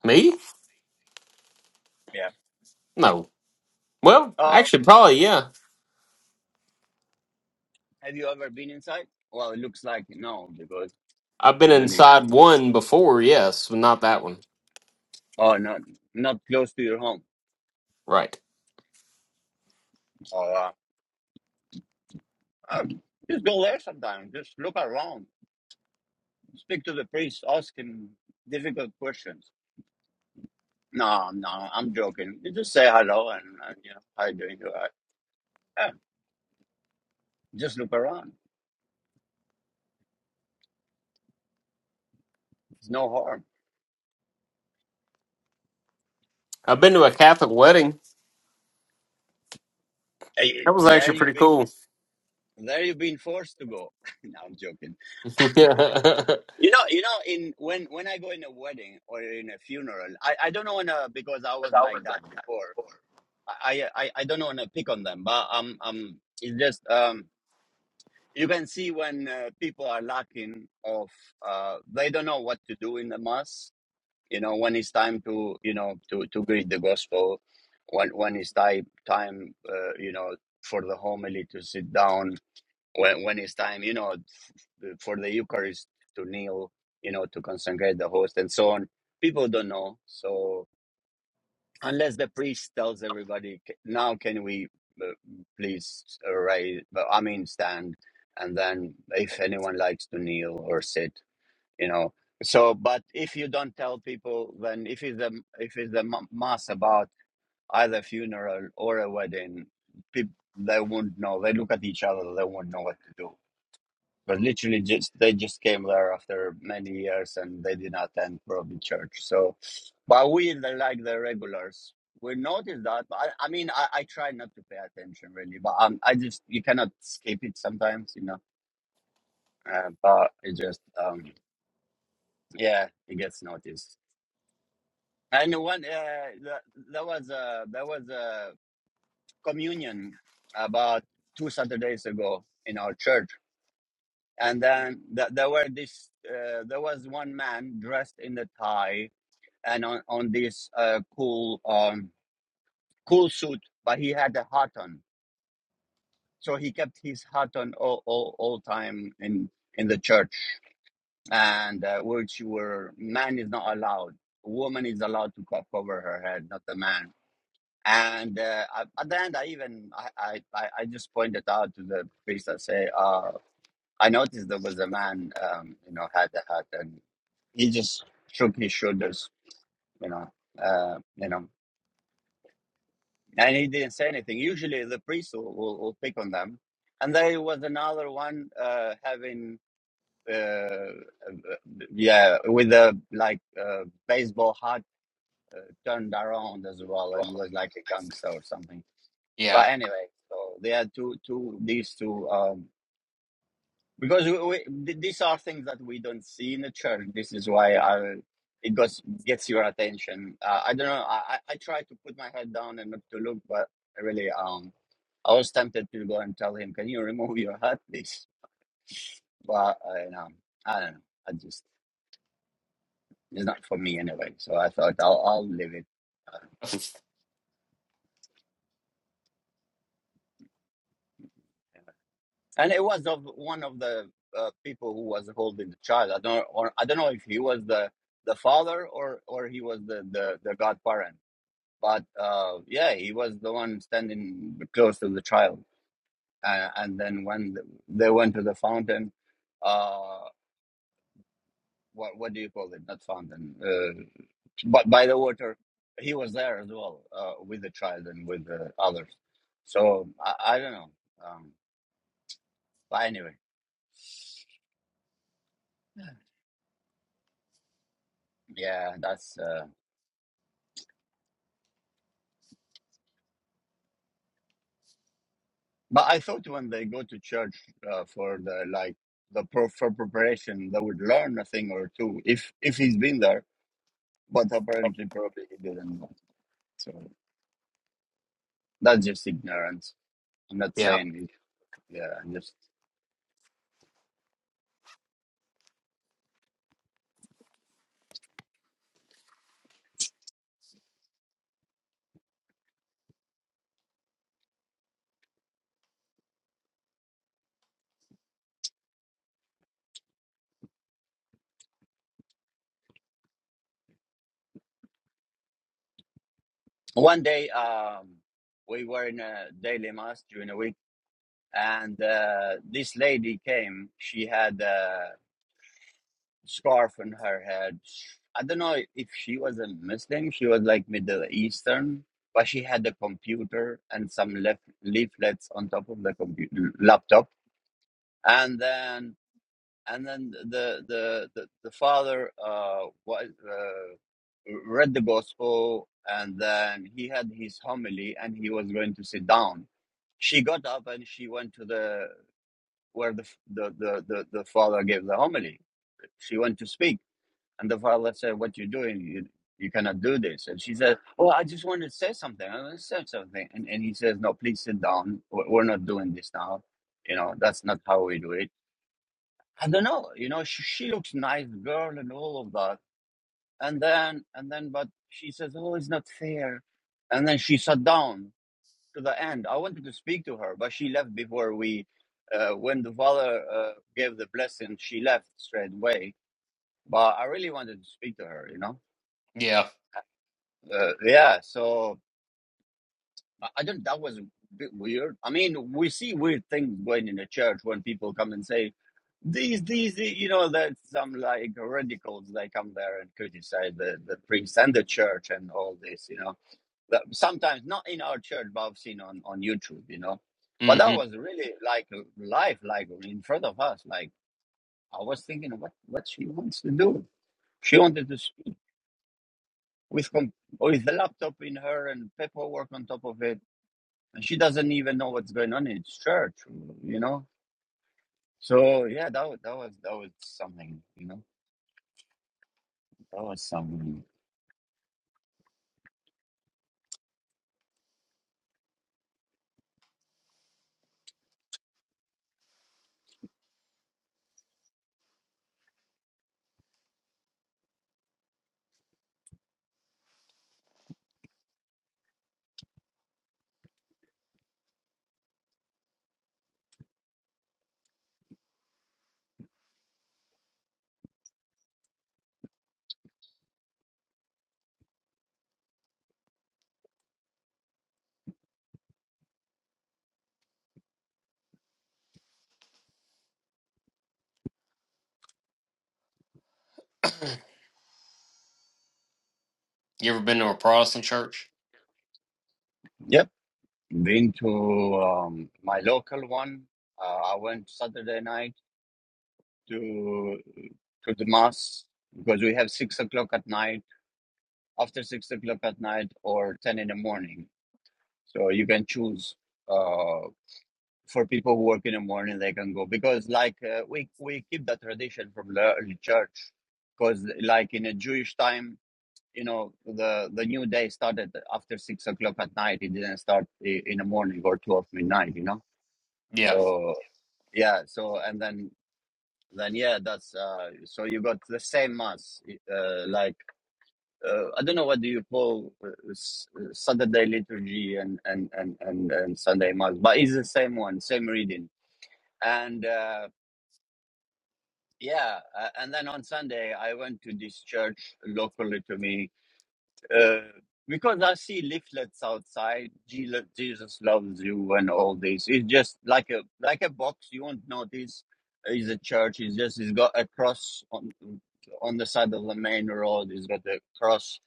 B: Me?
A: Yeah.
B: No. Well,
A: Uh,
B: actually, probably, yeah.
A: have you ever been inside? Well, it looks like no because
B: I've been
A: you don't even.
B: inside one before, yes, but not that one.
A: Oh, not not close to your home.
B: Right.
A: Oh, wow. Um, just go there sometime. Just look around. Speak to the priest, ask him difficult questions. No, no, I'm joking. You just say hello and, and you know, how you doing? right? Yeah, just look around. It's no harm.
B: I've been to a Catholic wedding.
A: Hey,
B: That was
A: there
B: actually
A: you
B: pretty
A: been.
B: cool.
A: There you've been forced to go. (laughs) no, I'm joking.
B: (laughs) yeah.
A: You know, you know, in when when I go in a wedding or in a funeral, I I don't want to because I was like that before. I I I I don't want to pick on them, but um um, it's just um you can see when uh, people are lacking of uh, they don't know what to do in the mass you know when it's time to you know to to greet the gospel when when it's time time uh, you know for the homily to sit down when when it's time you know for the eucharist to kneel you know to consecrate the host and so on people don't know so unless the priest tells everybody "C- now can we uh, please uh, raise i mean stand and then if anyone likes to kneel or sit you know so but if you don't tell people then if it's a if it's a m- mass about either funeral or a wedding people they won't know they look at each other they won't know what to do but literally just they just came there after many years and they did not attend probably church so but we the, like the regulars we notice that but I, I mean I, I try not to pay attention really but um, i just you cannot skip it sometimes you know uh, but it just um yeah it gets noticed And one uh, that, that was a that was a communion about two Saturdays ago in our church, and then th- there were this uh, there was one man dressed in the tie and on on this uh, cool um, cool suit, but he had a hat on, so he kept his hat on all all, all time in in the church, and uh, which were man is not allowed, woman is allowed to co- cover her head, not the man And uh, at the end, I even I, I, I just pointed out to the priest. I say, uh, I noticed there was a man, um, you know, had a hat, and he just shook his shoulders, you know, uh, you know, and he didn't say anything. Usually, the priest will, will, will pick on them, and there was another one uh, having, uh, uh, yeah, with a like uh, baseball hat uh, turned around as well, and he was like a gangster or something
B: Yeah.
A: But anyway, so they had two, two, these two, um, because we, we, th- these are things that we don't see in the church. This is why I, it goes, gets your attention. Uh, I don't know. I, I I try to put my head down and not to look, but really, um, I was tempted to go and tell him, can you remove your hat, please? But I, you know, I don't know. I just, it's not for me anyway. So I thought I'll, I'll leave it. uh, and it was of one of the uh, people who was holding the child. I don't, or I don't know if he was the the father or or he was the the, the godparent. But uh, yeah, he was the one standing close to the child. Uh, and then when they went to the fountain, uh, what what do you call it? Not fountain, uh, but by the water, he was there as well uh, with the child and with the others. So I, I don't know. Um, but anyway, yeah, that's. Uh, But I thought when they go to church uh, for the like the pro- for preparation, they would learn a thing or two if if he's been there. But apparently, probably he didn't know. So that's just ignorance. I'm not
B: Yeah.
A: saying it. Yeah, I'm just one day um, we were in a daily mass during a week, and uh, this lady came. She had uh, scarf on her head. I don't know if she was a Muslim, she was like Middle Eastern, but she had a computer and some lef- leaflets on top of the computer laptop. And then and then the the the, the father uh, was, uh read the gospel and then he had his homily and he was going to sit down. She got up and she went to the where the the the, the, the father gave the homily. She went to speak and the father said, What you doing? You, you cannot do this. And she said, Oh, I just want to say something. I want to say something. And, and he says, No, please sit down. We're we're not doing this now. You know, that's not how we do it. I don't know. You know, she, she looks nice girl and all of that. And then, and then, but she says, Oh, it's not fair. And then she sat down to the end. I wanted to speak to her, but she left before we, uh, when the father uh, gave the blessing, she left straight away. But I really wanted to speak to her, you know
B: Yeah.
A: Uh, yeah, so I I don't. That was a bit weird. I mean, we see weird things going in the church when people come and say these, these, the-" you know, that some like radicals they come there and criticize the the priest and the church and all this, you know. But sometimes not in our church, but I've seen on on YouTube, you know. But that
B: hmm
A: was really like life, like in front of us. Like I was thinking, what what she wants to do? She wanted to s- with com- with the laptop in her and paperwork on top of it and she doesn't even know what's going on in its church, you know. So yeah, that wa- that was that was something, you know. That was something.
B: You ever been to a Protestant church?
A: Yep, been to um, my local one. Uh, I went Saturday night to to the mass because we have six o'clock at night, after six o'clock at night, or ten in the morning. So you can choose. Uh, for people who work in the morning they can go because like uh, we we keep the tradition from the early church because like in a jewish time you know the the new day started after six o'clock at night it didn't start i- in the morning or 12 midnight you know
B: Yeah.
A: so yeah so and then then yeah that's uh so you got the same mass uh, like uh, i don't know what do you call uh, s- uh, saturday liturgy and and and and, and sunday mass but it's the same one same reading and uh Yeah, uh, and then on Sunday I went to this church locally to me uh, because I see leaflets outside. "Jesus Jesus loves you and all this. It's just like a like a box. You won't notice is a church. It's just it's got a cross on on the side of the main road. It's got a cross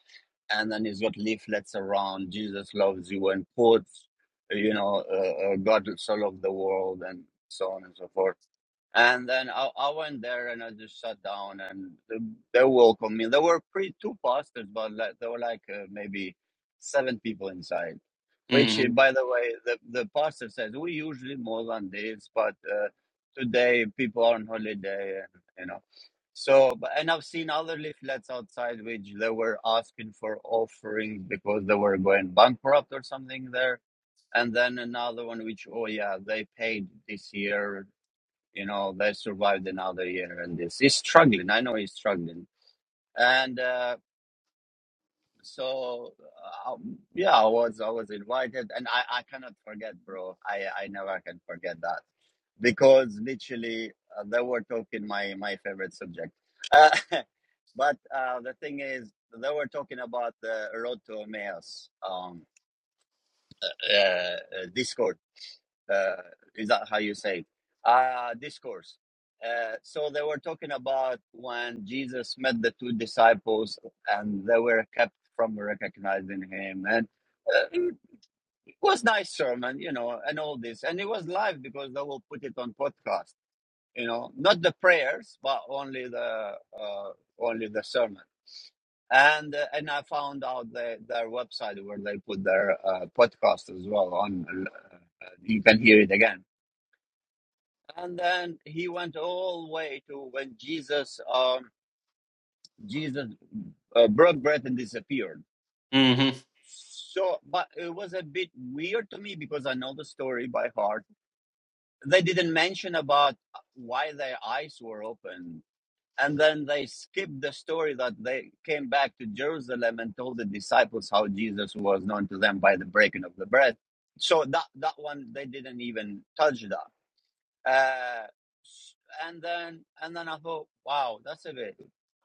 A: and then he's got leaflets around jesus loves you and quotes you know uh, uh, god so loved the world and so on and so forth and then I, I went there and I just sat down and th- they welcomed me. There were pretty two pastors, but like, there were like uh, maybe seven people inside. Which, uh,
B: hmm
A: by the way, the, the pastor says we usually more than this, but uh, today people are on holiday, and you know. So, but- and I've seen other leaflets outside which they were asking for offerings because they were going bankrupt or something there and then another one which oh yeah they paid this year you know they survived another year and this he's struggling i know he's struggling and uh, so uh, um, yeah i was i was invited and i i cannot forget bro i i never can forget that because literally uh, they were talking my my favorite subject uh, (laughs) but uh, the thing is they were talking about the road to Emmaus um uh, uh, discourse uh, is that how you say it? Uh, discourse. Uh, so they were talking about when Jesus met the two disciples and they were kept from recognizing him. And uh, it was nice sermon, you know, and all this. And it was live because they will put it on podcast, you know, not the prayers, but only the uh, only the sermon. And uh, and I found out the, their website where they put their uh, podcast as well on. Uh, you can hear it again and then he went all the way to when Jesus um Jesus uh, broke bread and disappeared.
B: hmm
A: So, but it was a bit weird to me because I know the story by heart. They didn't mention about why their eyes were open, and then they skipped the story that they came back to Jerusalem and told the disciples how Jesus was known to them by the breaking of the bread. So that that one they didn't even touch that. Uh, and then and then I thought, wow, that's a bit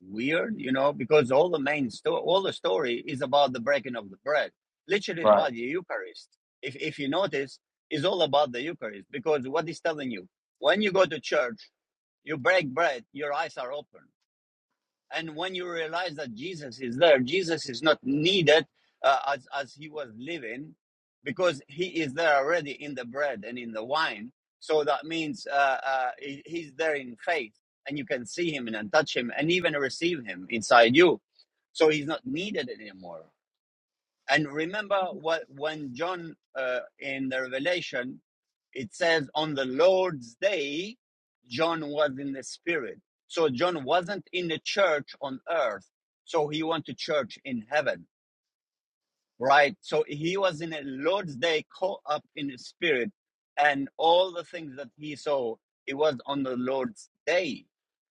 A: weird, you know, because all the main story, all the story is about the breaking of the bread, literally
B: Right.
A: by the Eucharist. If if you notice, is all about the Eucharist because what is telling you when you go to church, you break bread, your eyes are open. And when you realize that Jesus is there, Jesus is not needed uh, as, as he was living because he is there already in the bread and in the wine. So that means uh, uh, he's there in faith and you can see him and touch him and even receive him inside you. So he's not needed anymore. And remember what when John uh, in the Revelation it says on the Lord's day, John was in the Spirit. So John wasn't in the church on earth. So he went to church in heaven, right? So he was in a Lord's day caught up in the Spirit, and all the things that he saw, it was on the Lord's day,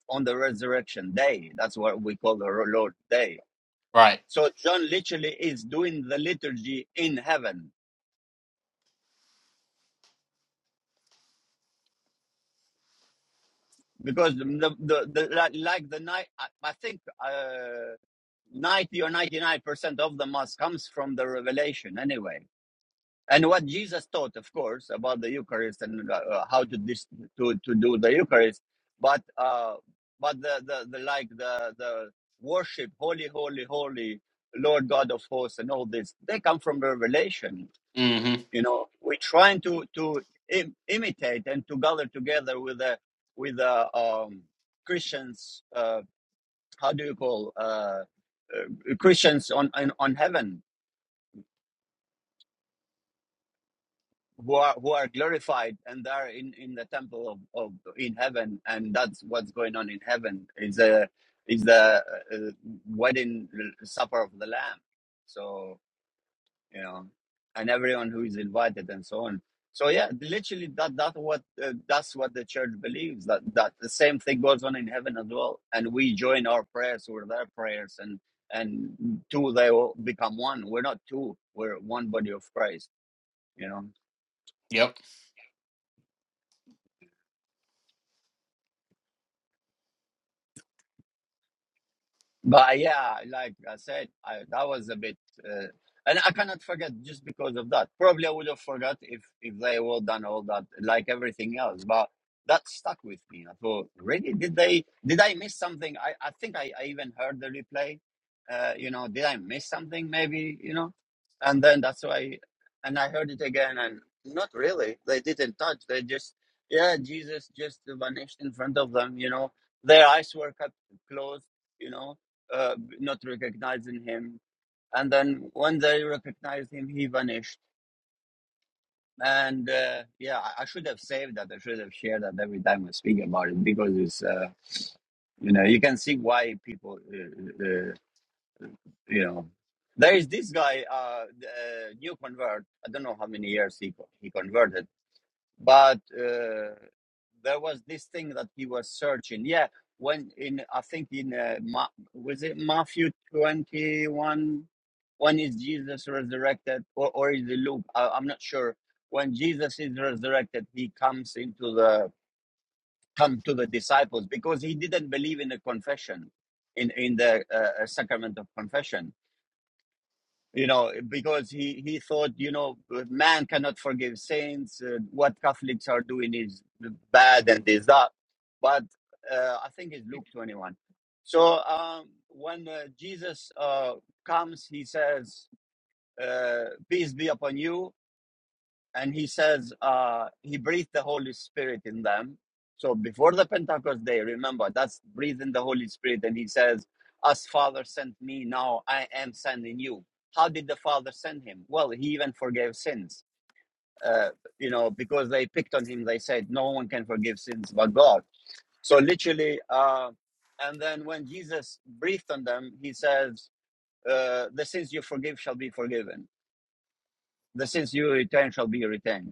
A: on the resurrection day. That's what we call the Lord's day.
B: Right.
A: So John literally is doing the liturgy in heaven because the the, the like like the night I, I think uh, ninety or ninety nine percent of the mass comes from the revelation anyway, and what Jesus taught, of course, about the Eucharist and uh, uh, how to dis- to to do the Eucharist, but uh, but the, the the like the the worship, holy, holy, holy, Lord God of hosts, and all this, they come from the revelation
B: hmm
A: you know we're trying to to Im- imitate and to gather together with the with the um christians uh how do you call uh, uh christians on, on on heaven who are who are glorified and they are in in the temple of, of in heaven and that's what's going on in heaven is a is the uh, uh, wedding uh, supper of the lamb so you know, and everyone who is invited and so on. So yeah, literally that that what uh, that's what the church believes that that the same thing goes on in heaven as well, and we join our prayers with their prayers, and and two they will become one. We're not two; we're one body of Christ. You know.
B: Yep.
A: But yeah, like I said, I, that was a bit, uh, and I cannot forget just because of that. Probably I would have forgot if if they would done all that, like everything else. But that stuck with me. I thought, really, did they? Did I miss something? I I think I, I even heard the replay. Uh, you know, did I miss something? Maybe you know, and then that's why, and I heard it again, and not really. They didn't touch. They just yeah, Jesus just vanished in front of them. You know, their eyes were cut closed. You know, uh, not recognizing him. And then when they recognized him, he vanished. And uh, yeah, I, I should have saved that. I should have shared that every time I speak about it because it's, uh, you know, you can see why people, uh, uh, uh, you know, there is this guy, uh, the, uh, new convert. I don't know how many years he co- he converted but uh, there was this thing that he was searching. Yeah, when in I think in uh, Ma- was it Matthew twenty one? When is Jesus resurrected, or or is it Luke? I, I'm not sure. When Jesus is resurrected, he comes into the come to the disciples because he didn't believe in the confession, in in the uh, uh, sacrament of confession you know because he he thought you know man cannot forgive saints uh, what catholics are doing is bad and is that but uh, i think it's luke 21 so um when uh, jesus uh, comes he says uh, peace be upon you and he says uh, he breathed the Holy Spirit in them. So before the Pentecost day, remember that's breathing the Holy Spirit, and he says, "As Father sent me, now I am sending you." How did the Father send him? Well, he even forgave sins. Uh, you know, because they picked on him, they said, "No one can forgive sins but God." So literally, uh, and then when Jesus breathed on them, he says, uh, "The sins you forgive shall be forgiven; the sins you retain shall be retained."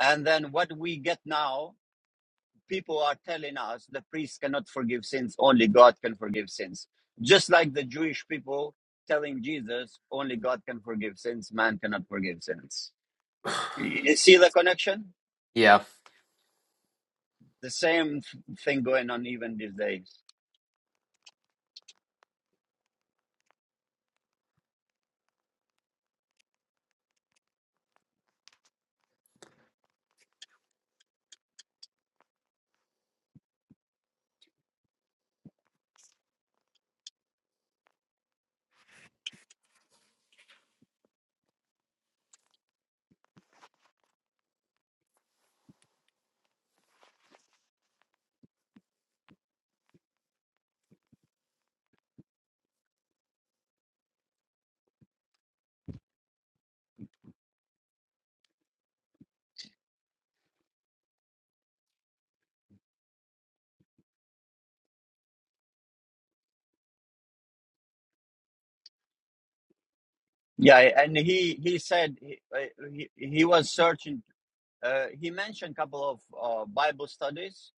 A: And then what we get now, people are telling us the priest cannot forgive sins, only God can forgive sins. Just like the Jewish people telling Jesus, only God can forgive sins, man cannot forgive sins.
B: (sighs)
A: You see the connection?
B: Yeah.
A: The same thing going on even these days. Yeah, and he he said he, uh, he, he was searching Uh, he mentioned a couple of uh, Bible studies,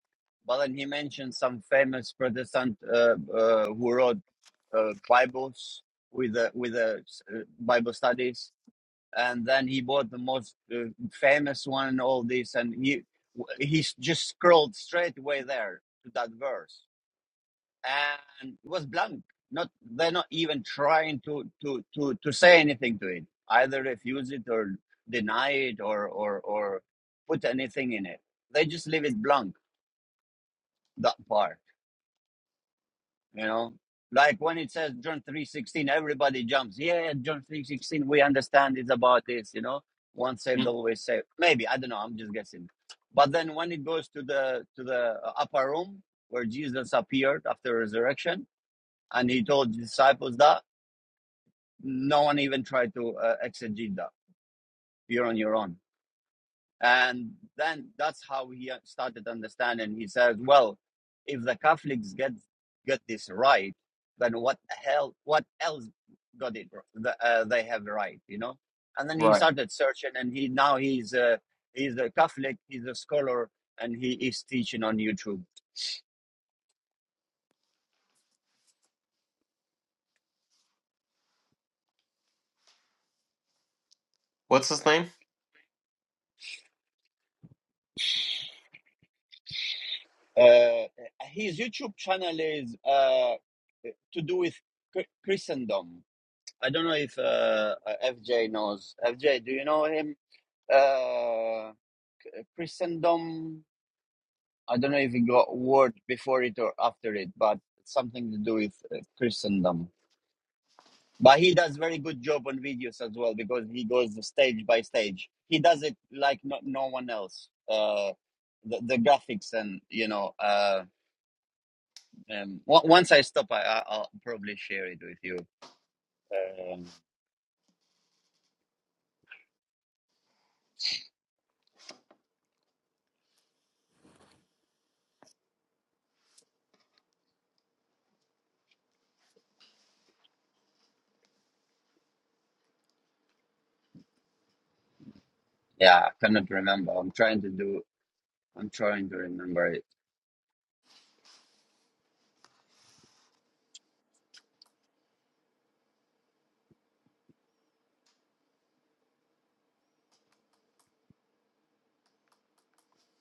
A: but then he mentioned some famous Protestant uh, uh, who wrote uh, Bibles with the with the uh, Bible studies, and then he bought the most uh, famous one. All this, and he he just scrolled straight away there to that verse and it was blunt. Not they're not even trying to to to to say anything to it. Either refuse it or deny it or or or put anything in it. They just leave it blank that part. You know, like when it says John three sixteen, everybody jumps. Yeah, John three sixteen. We understand it's about this. You know, once saved,
B: Mm,
A: always saved. Maybe I don't know. I'm just guessing. But then when it goes to the to the upper room where Jesus appeared after resurrection, and he told the disciples that no one even tried to uh, exegete that. You're on your own. And then that's how he uh, started understanding. He says, well, if the Catholics get get this right, then what hell? What else got it? The, uh, they have right, you know. And then he
B: Right.
A: started searching, and he now he's a, he's a Catholic, he's a scholar, and he is teaching on YouTube.
B: What's his name?
A: Uh, his YouTube channel is uh, to do with Christendom I don't know if uh, uh, FJ knows. FJ, do you know him? Uh, Christendom. I don't know if he got word before it or after it, but it's something to do with uh, Christendom. But he does very good job on videos as well because he goes stage by stage. He does it like no, no one else. Uh, the, the graphics and you know. Uh, um, o- once I stop, I, I, I'll probably share it with you. Um, yeah, I cannot remember. I'm trying to do. I'm trying to remember it.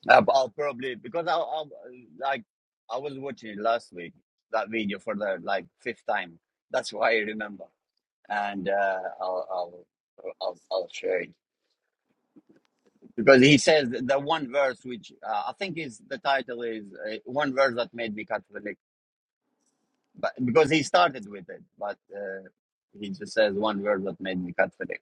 A: Uh, but I'll probably because I, I like I was watching it last week that video for the like fifth time. That's why I remember, and uh, I'll, I'll I'll I'll share it because he says the one verse which uh, I think is the title is uh, one verse that made me Catholic, but because he started with it, but uh, he just says one verse that made me Catholic.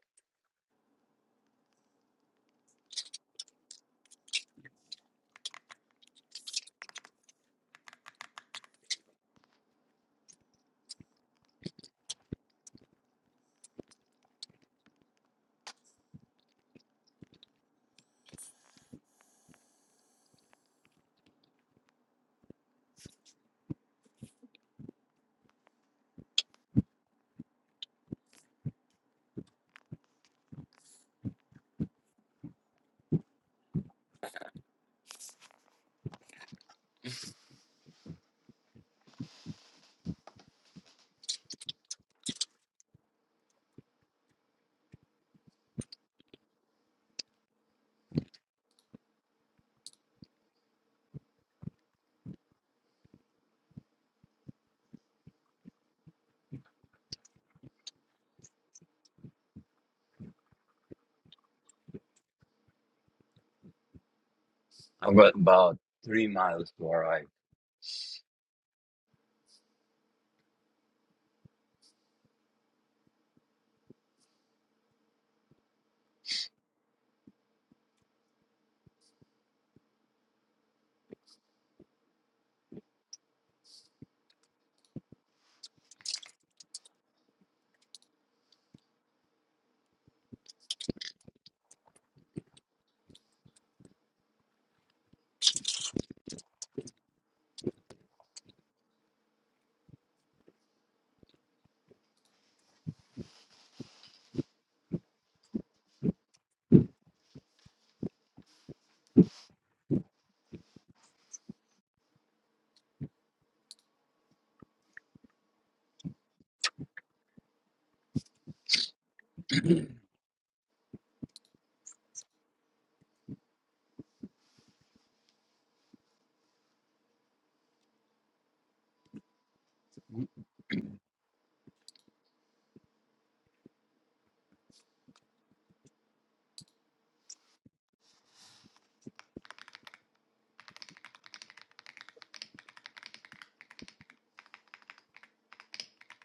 A: I've got about three miles to arrive.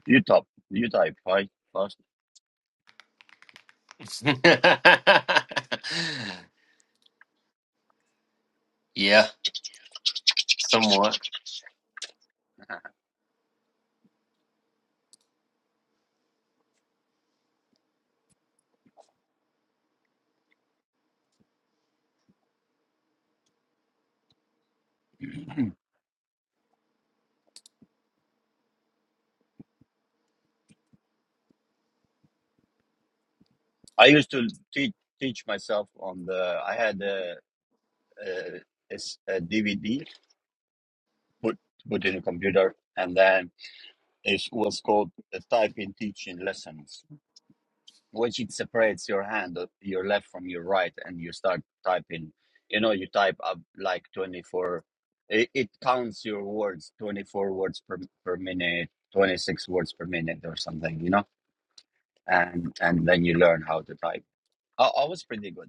A: You top, you type, right? First.
B: (laughs) yeah. Somewhat.
A: (laughs) I used to teach teach myself on the. I had a, a, it's a DVD put put in a computer, and then it was called the type in teaching lessons, which it separates your hand, uh, your left from your right, and you start typing. You know, you type up like twenty four. It, it counts your words, twenty four words per per minute, twenty six words per minute, or something. You know, and and then you learn how to type. I, I was pretty good.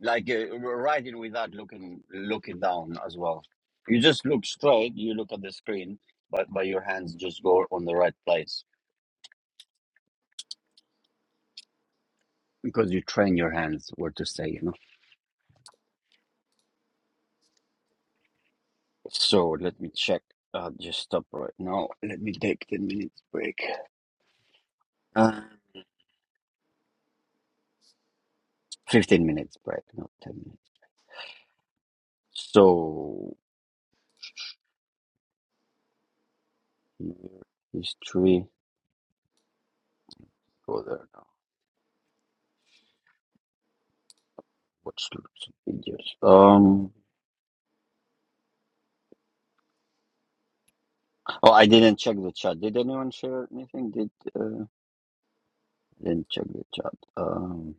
A: like uh, riding without looking looking down as well. You just look straight. You look at the screen, but but your hands just go on the right place because you train your hands where to stay. You know. So let me check. I'll just stop right now. Let me take ten minutes break. Uh, Fifteen minutes break, not ten minutes. So here, history. Go there now. Watch some videos. Um. Oh, I didn't check the chat. Did anyone share anything? Did uh... Didn't check the chat. Um,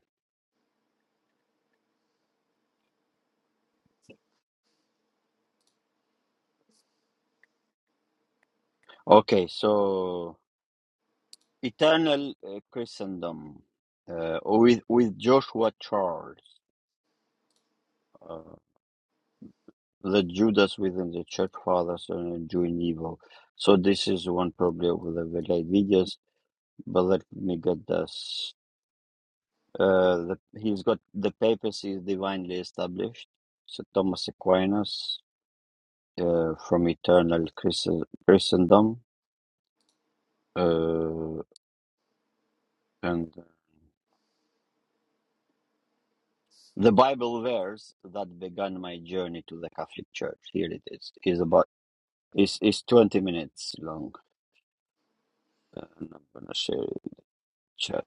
A: okay, so Eternal uh, Christendom uh, with with Joshua Charles, uh, the Judas within the Church Fathers and doing evil. So this is one probably of the very late videos, but let me get this. Uh, the, he's got the papacy is divinely established. So Thomas Aquinas uh, from Eternal Christ- Christendom. Uh, and The Bible verse that began my journey to the Catholic Church, here it is, is about is is 20 minutes long. And I'm gonna share it chat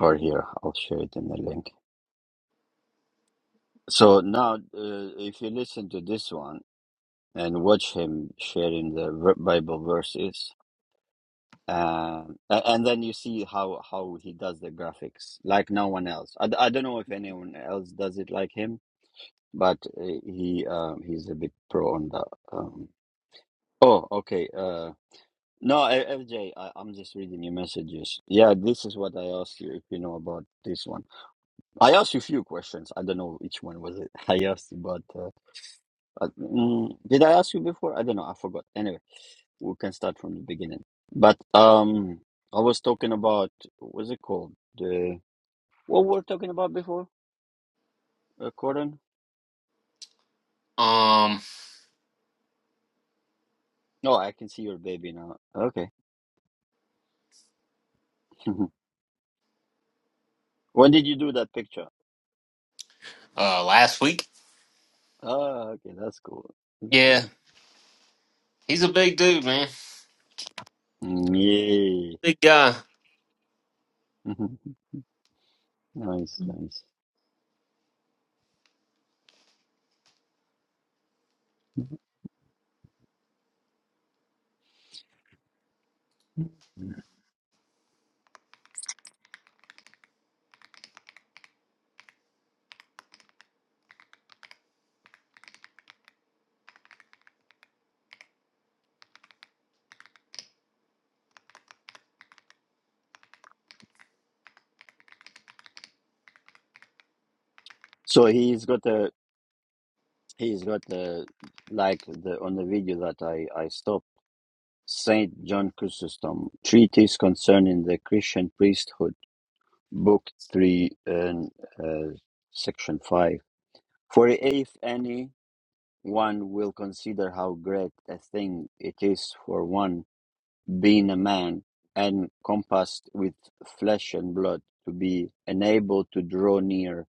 A: or here. I'll share it in the link. So now, uh, if you listen to this one and watch him sharing the ver- Bible verses, um, a- and then you see how how he does the graphics like no one else. I, d- I don't know if anyone else does it like him, but uh, he um, he's a bit pro on that. Oh, okay. Uh, no, I- FJ, I, am just reading your messages. Yeah, this is what I asked you if you know about this one. I asked you a few questions. I don't know which one was it (laughs) I asked you, but uh, uh, mm, did I ask you before? I don't know. I forgot. Anyway, we can start from the beginning. But um, I was talking about what's it called? The what we were talking about before? Uh, Corden?
B: Um.
A: No, I can see your baby now. Okay. (laughs) when did you do that picture?
B: Uh. Last week.
A: Ah, okay, that's cool. That's
B: Yeah.
A: cool.
B: He's a big dude, man.
A: Mm, Yeah.
B: Big guy.
A: Mhm. Nice, nice. So he's got a he's got a like the on the video that I I stopped Saint John Chrysostom treatise concerning the Christian priesthood, book three and uh, section five. For if any one will consider how great a thing it is for one. being a man, and compassed with flesh and blood, to be enabled to draw near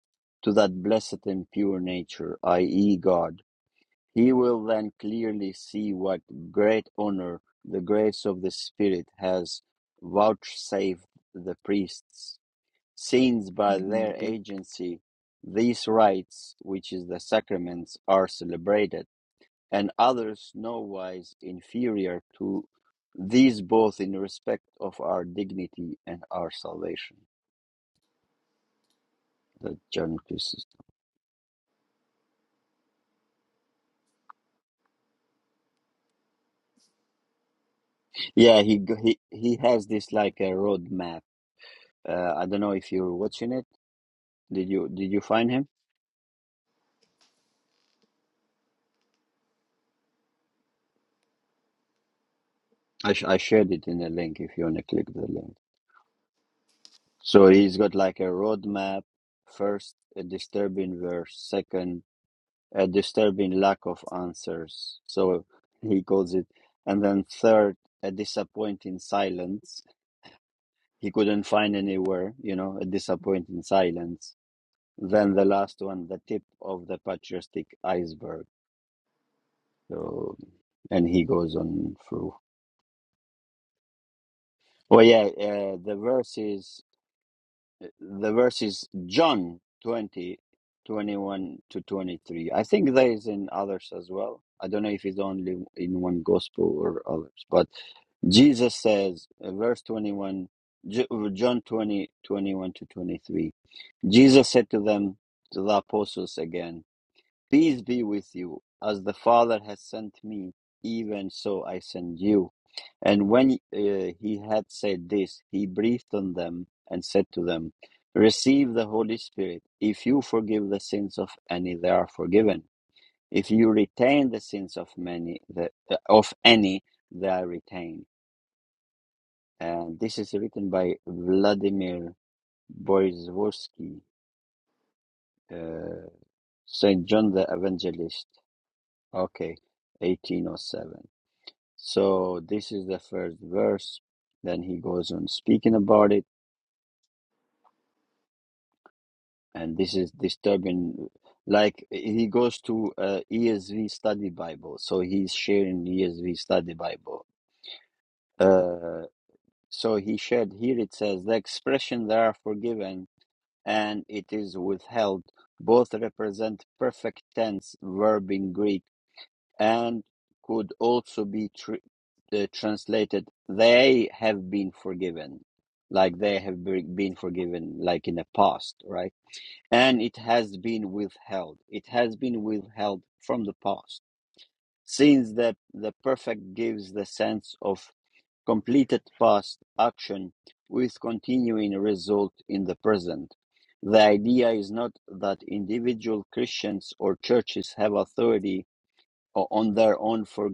A: to that blessed and pure nature, i.e., God. He will then clearly see what great honor the grace of the Spirit has vouchsafed the priests, since by their agency these rites, which is the sacraments, are celebrated and others no wise inferior to these both in respect of our dignity and our salvation. That John Christ. Yeah, he he he has this like a roadmap. Uh, I don't know if you're watching it. Did you did you find him? I sh- I shared it in the link if you want to click the link. So he's got like a roadmap. First, a disturbing verse. Second, a disturbing lack of answers. So he calls it. And then third, a disappointing silence. He couldn't find anywhere, you know, a disappointing silence. Then the last one, the tip of the patriotic iceberg. So, and he goes on through. Oh yeah, uh, the verses. the verses John 20, 21 to 23. I think there is in others as well. I don't know if it's only in one gospel or others, but Jesus says, uh, verse 21, Ju- John 20 21 to 23, Jesus said to them, to the apostles again, Peace be with you. As the Father has sent me, even so I send you. And when uh, he had said this, he breathed on them and said to them, Receive the Holy Spirit. If you forgive the sins of any, they are forgiven. If you retain the sins of many, the, uh, of any, they are retained and this is written by Vladimir Borisovsky, uh, Saint John the Evangelist. Okay, 1807. So this is the first verse. Then he goes on speaking about it, and this is disturbing. Like he goes to uh, ESV Study Bible, so he's sharing ESV Study Bible. Uh, so he shared here. It says the expression "they are forgiven" and it is withheld both represent perfect tense verb in Greek and could also be tr- uh, translated they have been forgiven like they have been forgiven like in the past right and it has been withheld it has been withheld from the past since the, the perfect gives the sense of completed past action with continuing result in the present, the idea is not that individual Christians or churches have authority o- on their own for,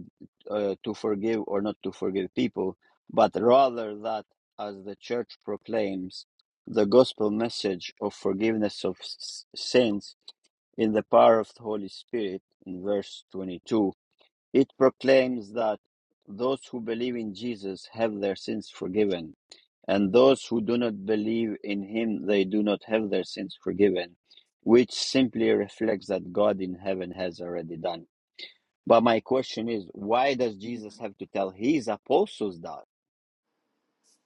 A: uh, to forgive or not to forgive people, but rather that, as the church proclaims, the gospel message of forgiveness of s- sins in the power of the Holy Spirit in verse 22 it proclaims that those who believe in Jesus have their sins forgiven, and those who do not believe in him, they do not have their sins forgiven, which simply reflects that God in heaven has already done. But my question is, why does Jesus have to tell his apostles that?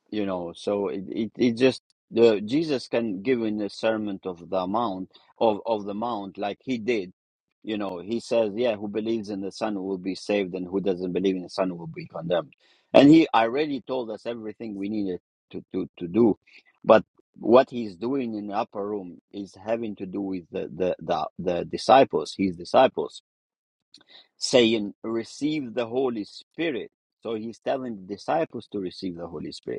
A: you know so it, it, it just the jesus can give in the sermon of the mount of, of the mount like he did you know he says yeah who believes in the son will be saved and who doesn't believe in the son will be condemned and he already told us everything we needed to, to, to do but what he's doing in the upper room is having to do with the, the, the, the disciples his disciples saying receive the holy spirit so he's telling the disciples to receive the holy spirit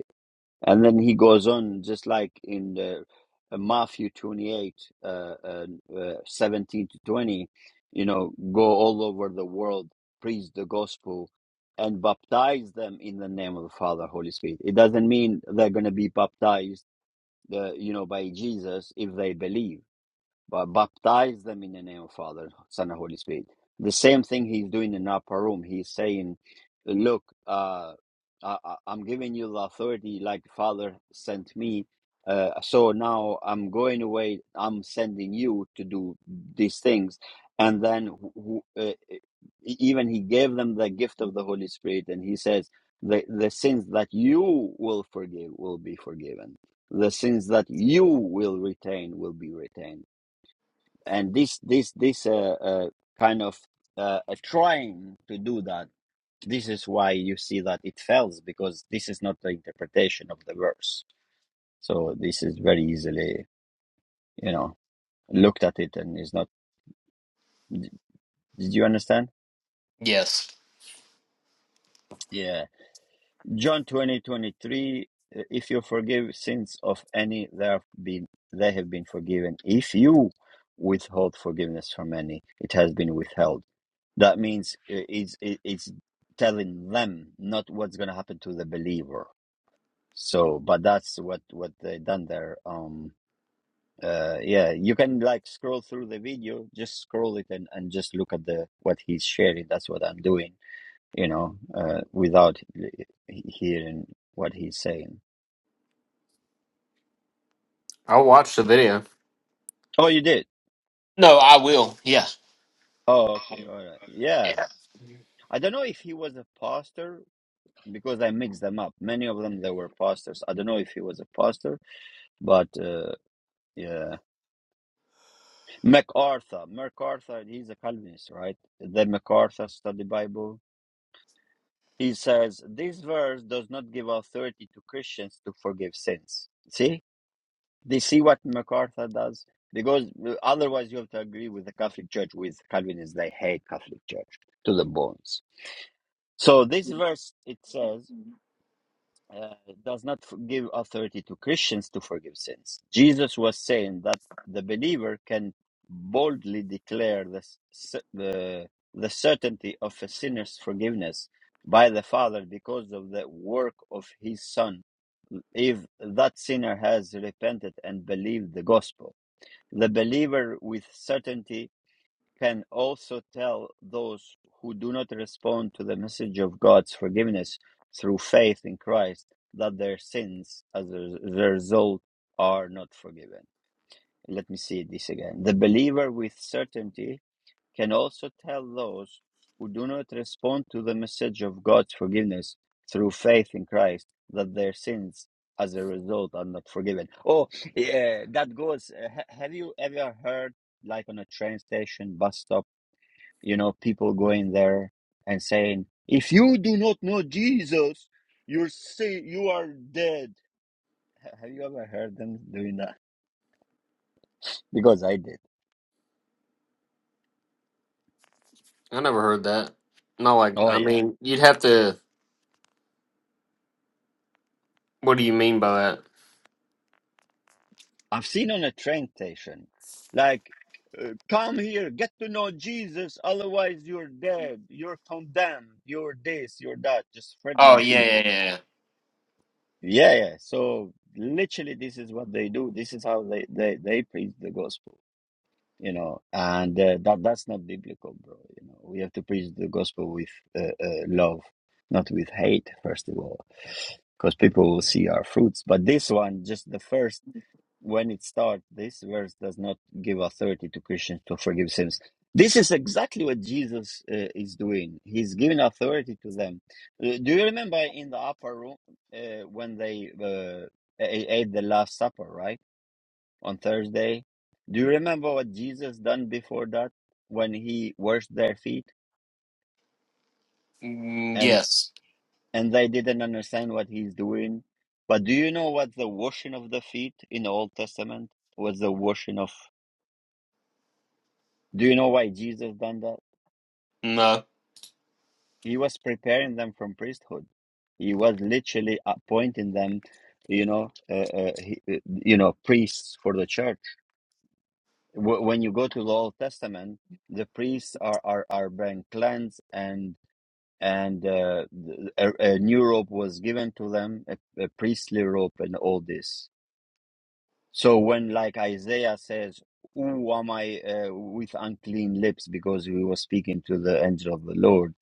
A: and then he goes on, just like in the, uh, Matthew 28, uh, uh, uh, 17 to 20, you know, go all over the world, preach the gospel, and baptize them in the name of the Father, Holy Spirit. It doesn't mean they're going to be baptized, uh, you know, by Jesus if they believe but baptize them in the name of Father, Son, and Holy Spirit. The same thing he's doing in the upper room. He's saying, "Look, uh, I, I- I'm giving you the authority, like Father sent me. Uh, so now I'm going away. I'm sending you to do these things." And then, who, who- uh, e-, even he gave them the gift of the Holy Spirit, and he says, "The the sins that you will forgive will be forgiven." The sins that you will retain will be retained and this this this uh, uh, kind of uh, uh, trying to do that this is why you see that it fails because this is not the interpretation of the verse so this is very easily you know looked at it and is not did you understand
B: Yes.
A: yeah john twenty twenty three. if you forgive sins of any they have been they have been forgiven if you withhold forgiveness from any it has been withheld That means i- it's i- it's telling them not what's going to happen to the believer. So, but that's what what they done there. Um, uh, yeah, you can like scroll through the video, just scroll it and and just look at the what he's sharing. That's what I'm doing, you know, uh, without he- hearing what he's saying.
B: I'll watch the video.
A: Oh, you did.
B: No, I will. Yeah.
A: Oh, okay,
B: Um,
A: all right. Yeah,
B: Yeah.
A: I don't know if he was a pastor because I mixed them up. Many of them they were pastors. I don't know if he was a pastor, but. uh, Yeah. MacArthur. MacArthur, he's a Calvinist, right? The MacArthur Study Bible. He says, This verse does not give authority to Christians to forgive sins. See? They see what MacArthur does? Because uh, otherwise you have to agree with the Catholic Church, with Calvinists. They hate Catholic Church to the bones. So this verse, it says, uh, does not give authority to Christians to forgive sins. Jesus was saying that the believer can boldly declare the, s- the, the certainty of a sinner's forgiveness by the Father because of the work of his Son, if that sinner has repented and believed the gospel. The believer with certainty can also tell those who do not respond to the message of God's forgiveness through faith in Christ that their sins as a result are not forgiven. Let me see this again. The believer with certainty can also tell those who do not respond to the message of God's forgiveness through faith in Christ that their sins as a result are not forgiven. Oh, yeah, that goes. uh, Have you ever heard, like on a train station, bus stop? you know, people going there and saying, "If you do not know Jesus, you're say you are dead." Have you ever heard them doing that? Because I did.
B: I never heard that. Not like
A: Oh
B: I
A: yeah,
B: mean, you'd have to. What do you mean by that?
A: I've seen on a train station, like, uh, "Come here, get to know Jesus, otherwise you're dead, you're condemned, you're this, you're that," just
B: Oh,
A: threatening
B: yeah,
A: people.
B: yeah, yeah.
A: Yeah, yeah. So literally, this is what they do. This is how they they they preach the gospel. you know and uh, that that's not biblical bro you know we have to preach the gospel with uh, uh, love not with hate first of all because people will see our fruits but this one just the first when it starts this verse does not give authority to christians to forgive sins this is exactly what jesus uh, is doing he's giving authority to them Uh, do you remember in the upper room uh, when they uh, ate the last supper right on Thursday. Do you remember what Jesus done before that when he washed their feet
B: yeah. Mm,
A: and
B: yes.
A: and they didn't understand what he's doing? But do you know what the washing of the feet in the Old Testament was the washing of do you know why Jesus done that?
B: No.
A: He was preparing them from priesthood. He was literally appointing them, you know, uh, uh, he, uh, you know, priests for the church. Wh- When you go to the Old Testament, the priests are are are being cleansed and. and uh, a, a new robe was given to them, a, a priestly robe, and all this. So when, like Isaiah says, "Who am I uh, with unclean lips?" because he was speaking to the angel of the Lord,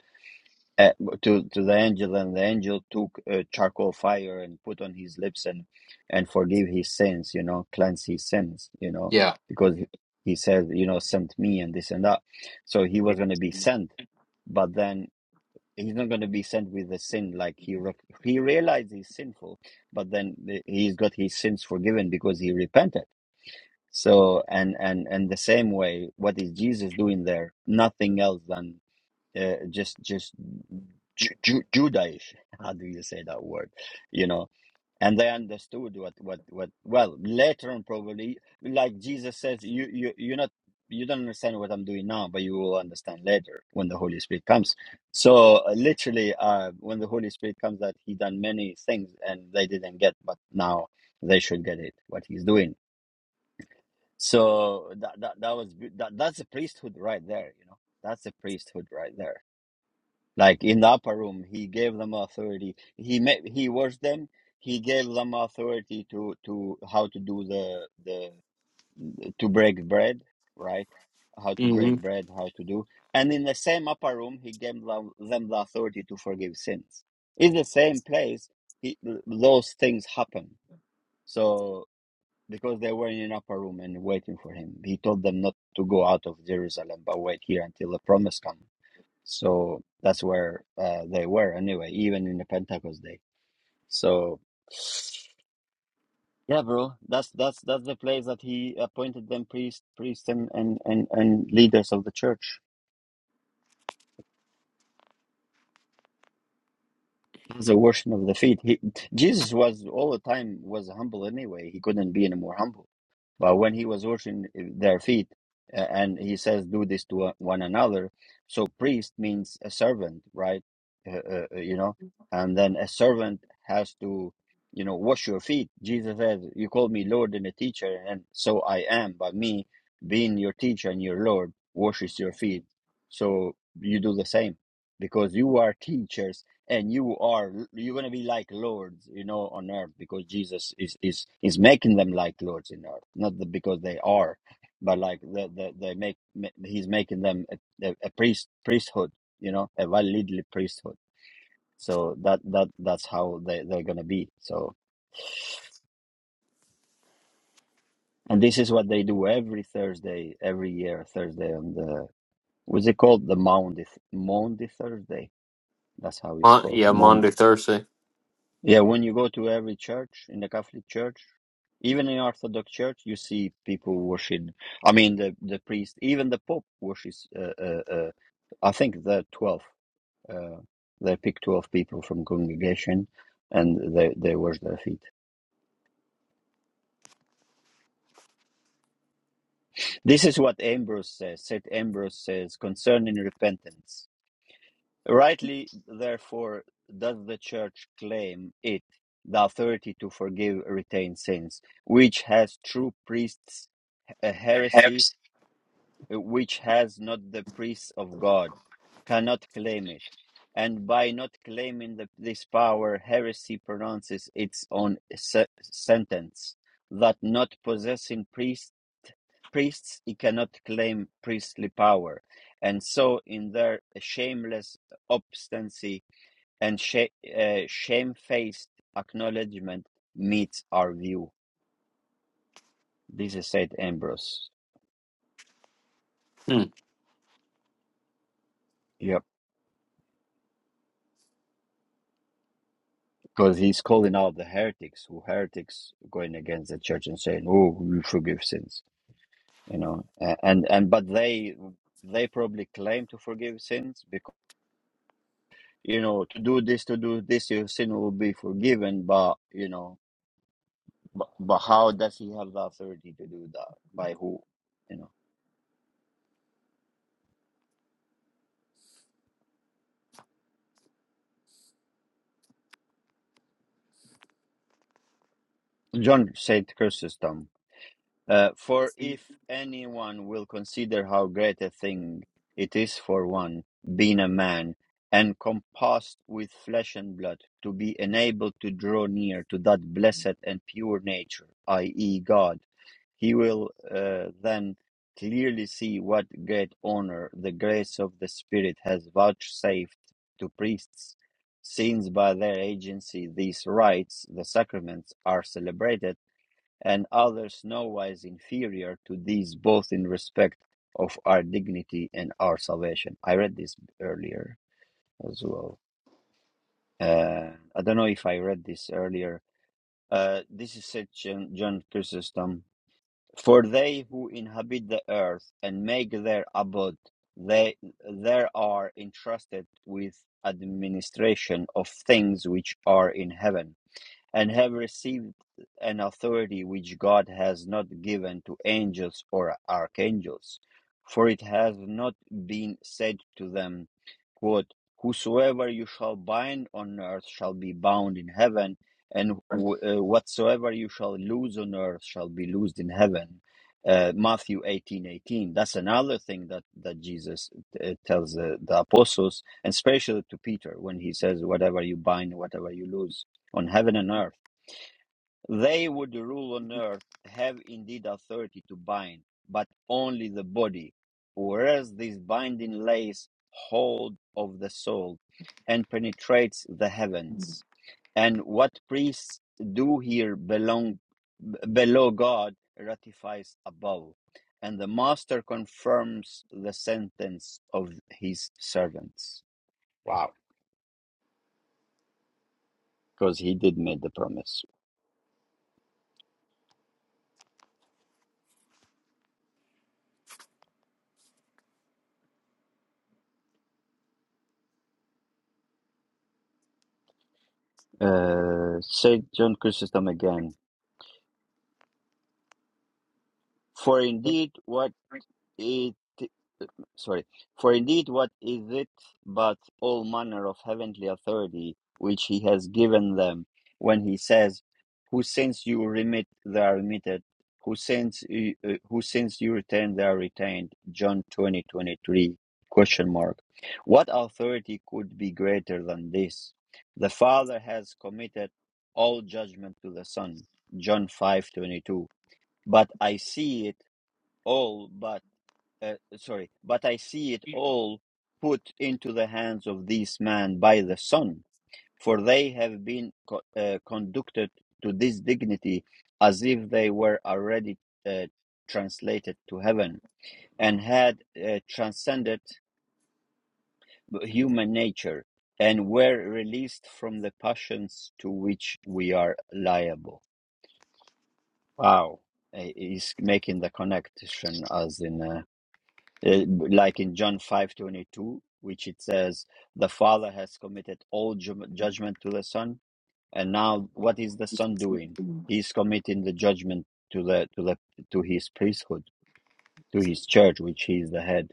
A: uh, to to the angel, and the angel took uh, charcoal fire and put on his lips and and forgive his sins, you know, cleanse his sins, you know,
B: Yeah.
A: because he, he said, you know, sent me and this and that. So he was going to be sent, but then he's not going to be sent with a sin like he re- he realized he's sinful but then the, he's got his sins forgiven because he repented so and and and the same way what is jesus doing there nothing else than uh, just just Ju- Ju- judaish (laughs) how do you say that word you know and they understood what what what well later on probably like jesus says you you you're not you don't understand what i'm doing now but you will understand later when the holy spirit comes so uh, literally uh when the holy spirit comes that he done many things and they didn't get but now they should get it what he's doing so that that, that was good. that that's the priesthood right there you know that's the priesthood right there like in the upper room he gave them authority he made he was them he gave them authority to to how to do the the to break bread right how to break
B: hmm
A: bread how to do and in the same upper room he gave them, them the authority to forgive sins in the same place he, those things happen so because they were in an upper room and waiting for him he told them not to go out of jerusalem but wait here until the promise comes so that's where uh, they were anyway, even in the Pentecost day. So yeah, bro, that's that's that's the place that he appointed them priests, priests, and and and, and leaders of the church. As a washing of the feet. He, Jesus was all the time was humble anyway. He couldn't be any more humble. But when he was washing their feet, uh, and he says, "Do this to one another," so priest means a servant, right? Uh, uh, uh, you know, and then a servant has to, you know, wash your feet. Jesus says, "You call me Lord and a teacher, and so I am. But me, being your teacher and your Lord, washes your feet. So you do the same, because you are teachers." and you are you're going to be like lords you know on earth because jesus is is is making them like lords in earth not the, because they are but like the, the they make he's making them a, a, priest priesthood you know a validly priesthood so that that that's how they, they're going to be so and this is what they do every thursday every year thursday on the what's it called the maundy Th- maundy thursday that's how it's
B: Mon- yeah,
A: called
B: Monday, Thursday.
A: Yeah, when you go to every church in the Catholic Church, even in Orthodox Church, you see people worship. I mean, the the priest, even the Pope worships. Uh, uh, uh, I think the twelve. Uh, they pick twelve people from congregation, and they they wash their feet. This is what Ambrose says. Saint Ambrose says concerning repentance. Rightly, therefore, does the Church claim it the authority to forgive retained sins, which has true priests a heresy which has not the priest of God, cannot claim it. And by not claiming the, this power, heresy pronounces its own se- sentence that not possessing priest, priests, it cannot claim priestly power. And so, in their shameless obstinacy and sha- uh, shamefaced acknowledgement, meets our view. This is Saint Ambrose.
B: Hmm.
A: Yeah. Because he's calling out the heretics, who heretics going against the church and saying, "Oh, you forgive sins," you know, and and but they they probably claim to forgive sins because you know to do this to do this your sin will be forgiven, but you know, but, but how does he have the authority to do that? By who? You know, John said Chrysostom Uh, for if anyone will consider how great a thing it is for one, being a man, and compassed with flesh and blood, to be enabled to draw near to that blessed and pure nature, i.e., God, he will uh, then clearly see what great honor the grace of the Spirit has vouchsafed to priests, since by their agency these rites, the sacraments, are celebrated and others nowise inferior to these, both in respect of our dignity and our salvation. I read this earlier as well. Uh, I don't know if I read this earlier. Uh, this is said John, John Chrysostom. For they who inhabit the earth and make their abode, they there are entrusted with administration of things which are in heaven and have received an authority which God has not given to angels or archangels, for it has not been said to them, quote, Whosoever you shall bind on earth shall be bound in heaven, and uh, whatsoever you shall loose on earth shall be loosed in heaven. Uh, Matthew eighteen eighteen. That's another thing that, that Jesus uh, tells the, the apostles, and especially to Peter when he says, Whatever you bind, whatever you loose on heaven and earth. They would rule on earth have indeed authority to bind, but only the body, whereas this binding lays hold of the soul and penetrates the heavens. And what priests do here belong below God ratifies above, and the master confirms the sentence of his servants Wow. because he did make the promise. Uh, said John Chrysostom again, For indeed, what it sorry, for indeed what is it but all manner of heavenly authority which he has given them when he says, Whose sins you remit, they are remitted, whose sins you, uh, whose sins you retain, they are retained. John twenty twenty three question mark. What authority could be greater than this? The Father has committed all judgment to the Son. John five twenty two. But I see it all but uh, sorry, but I see it all put into the hands of these men by the Son, for they have been co- uh, conducted to this dignity as if they were already uh, translated to heaven and had uh, transcended human nature and were released from the passions to which we are liable. Wow. Uh, He's making the connection as in uh, Uh, like in John 5:22, which it says, "The Father has committed all ju- judgment to the Son, and now what is the Son doing? He's committing the judgment to the to the to his priesthood, to his church, which he is the head."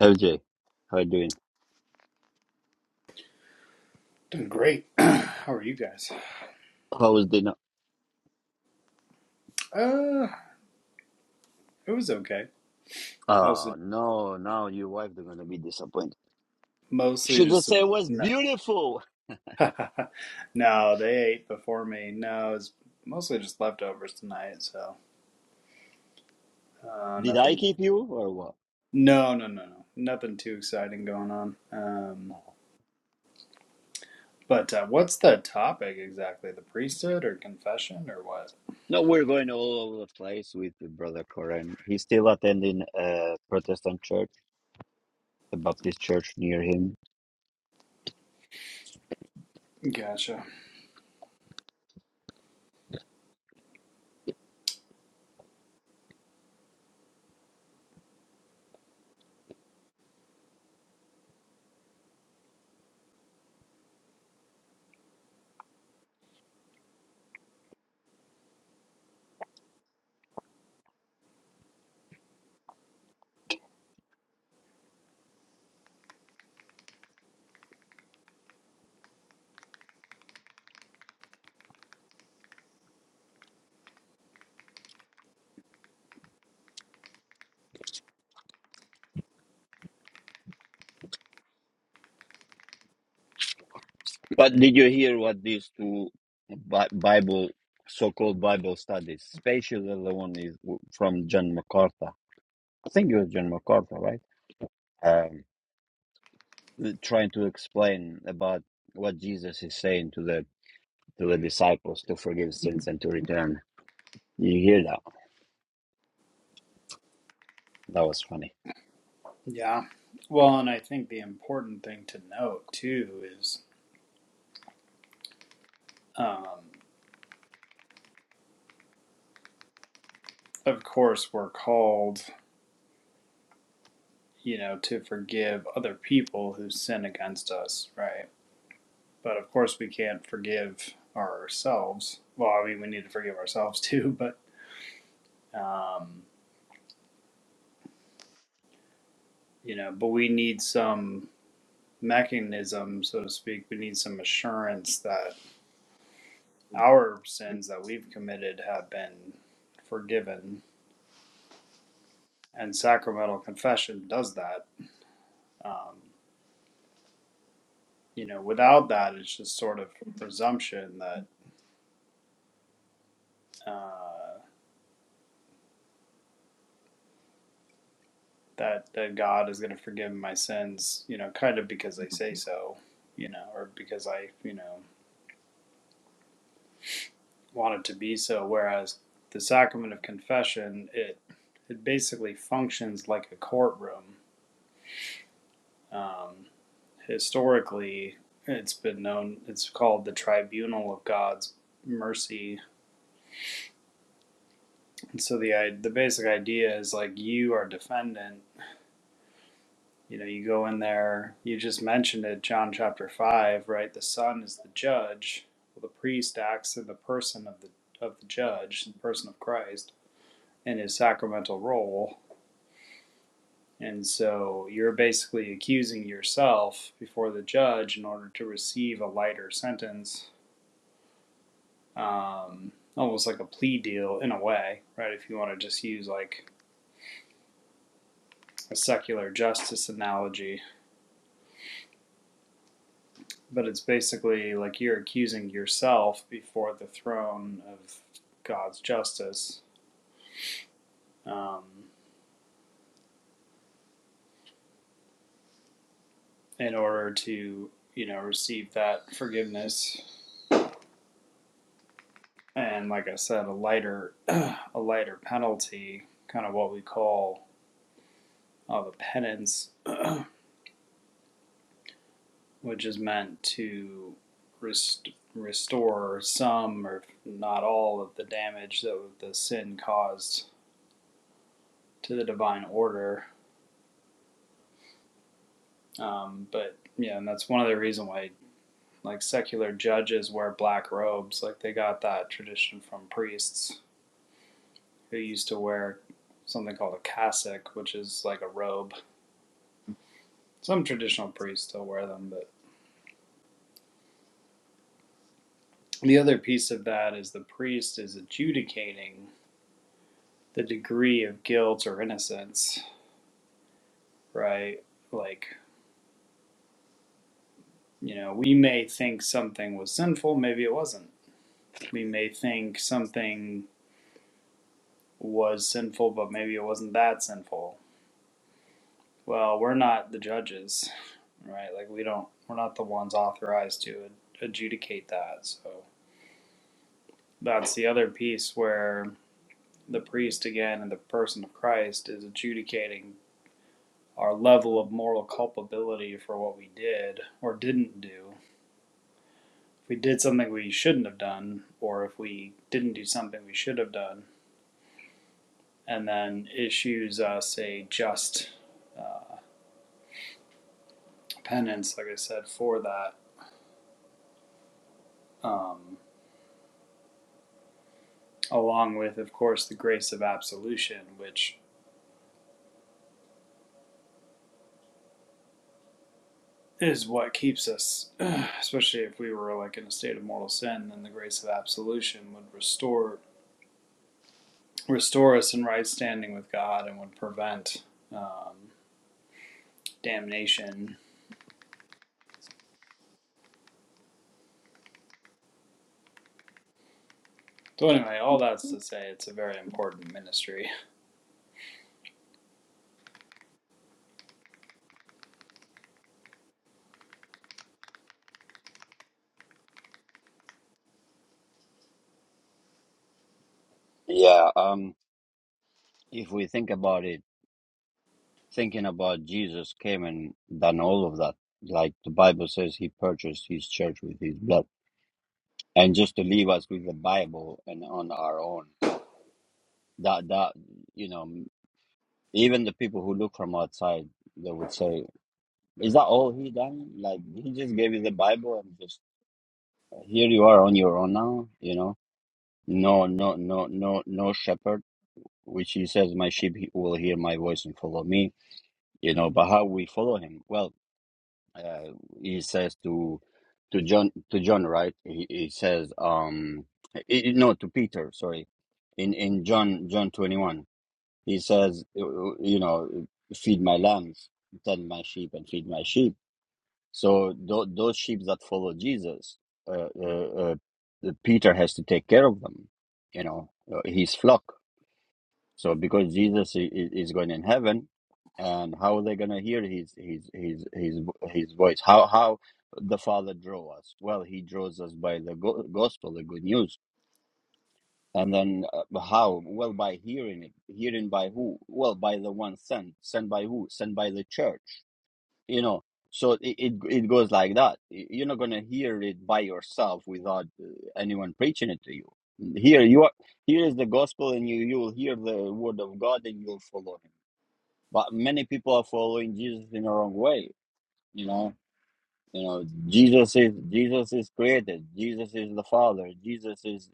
A: LJ, how you doing?
C: Doing great. (clears throat) How are you guys?
A: How was dinner?
C: Uh, it was okay. Also,
A: Oh no, now your wife is gonna be disappointed.
C: mostly
A: Should I
C: just
A: say it
C: some.
A: was
C: No,
A: beautiful?
C: (laughs) no, they ate before me. No, it's mostly just leftovers tonight. So, uh,
A: Did I
C: nothing.
A: keep you or what?
C: No, no, no, no, nothing too exciting going on. Um, but uh, what's the topic exactly? The priesthood or confession or what?
A: No, we're going all over the place with the brother Corin. He's still attending a Protestant church the Baptist church near him.
C: Gotcha.
A: But did you hear what these two Bi- Bible, so-called Bible studies, especially the one is w- from John MacArthur. I think it was John MacArthur, right? Um, trying to explain about what Jesus is saying to the to the disciples to forgive sins and to return. You hear that? That was funny.
C: Yeah. Well, and I think the important thing to note too is, um, of course, we're called you know, to forgive other people who sin against us, right? But of course, we can't forgive ourselves. Well, I mean, we need to forgive ourselves (laughs) too, but, um, you know, but we need some mechanism, so to speak. We need some assurance that our sins that we've committed have been forgiven. And sacramental confession does that. Um, you know, without that, it's just sort of presumption that. Uh, that that God is going to forgive my sins, you know, kind of because I say so, you know, or because I, you know, wanted to be so. Whereas the sacrament of confession, it it basically functions like a courtroom. Um, historically, it's been known. It's called the tribunal of God's mercy. And so the the basic idea is like you are defendant You know, you go in there, you just mentioned it, John chapter 5, right? The son is the judge. Well, the priest acts in the person of the of the judge, the person of Christ, in his sacramental role. And so you're basically accusing yourself before the judge in order to receive a lighter sentence, um, almost like a plea deal in a way, right? If you want to just use like a secular justice analogy, but it's basically like you're accusing yourself before the throne of God's justice um, in order to you know receive that forgiveness and like I said a lighter a lighter penalty kind of what we call uh, the penance which is meant to rest- restore some or not all of the damage that the sin caused to the divine order um, but yeah and that's one of the reason why like secular judges wear black robes. Like they got that tradition from priests who used to wear something called a cassock, which is like a robe. Some traditional priests still wear them, but the other piece of that is the priest is adjudicating the degree of guilt or innocence, right? Like, you know, we may think something was sinful, maybe it wasn't. We may think something was sinful, but maybe it wasn't that sinful Well, we're not the judges, right? Like we don't we're not the ones authorized to adjudicate that. So that's the other piece where the priest again in the person of Christ is adjudicating our level of moral culpability for what we did or didn't do. If we did something we shouldn't have done or if we didn't do something we should have done and then issues us a just uh, penance like I said for that. Um along with, of course, the grace of absolution, which is what keeps us, especially if we were like in a state of mortal sin, then the grace of absolution would restore restore us in right standing with God and would prevent um, damnation. So anyway, all that's to say, it's a very important ministry.
A: Yeah. Um. If we think about it, thinking about Jesus came and done all of that. Like the Bible says, he purchased his church with his blood and just to leave us with the Bible and on our own. That that you know, even the people who look from outside, they would say, "Is that all he done? Like he just gave you the Bible and just here you are on your own now." You know, no, no, no, no, no shepherd, which he says, "My sheep he- will hear my voice and follow me." You know, but how we follow him? Well, uh, he says to to John to John right he, he says um i i- no to Peter sorry in in John John 21 he says you know feed my lambs tend my sheep and feed my sheep so th- those sheep that follow Jesus uh, uh, uh, Peter has to take care of them you know uh, his flock so because Jesus i- i- is going in heaven, and how are they going to hear his his his his vo- his voice? How how the Father draw us? Well, he draws us by the go- gospel, the good news. And then uh, how? Well, by hearing it. Hearing by who? Well, by the one sent. Sent by who? Sent by the church you know so it, it it goes like that you're not going to hear it by yourself without uh, anyone preaching it to you here you are here is the gospel and you you will hear the word of god and you'll follow him but many people are following jesus in the wrong way you know you know jesus is jesus is created jesus is the father jesus is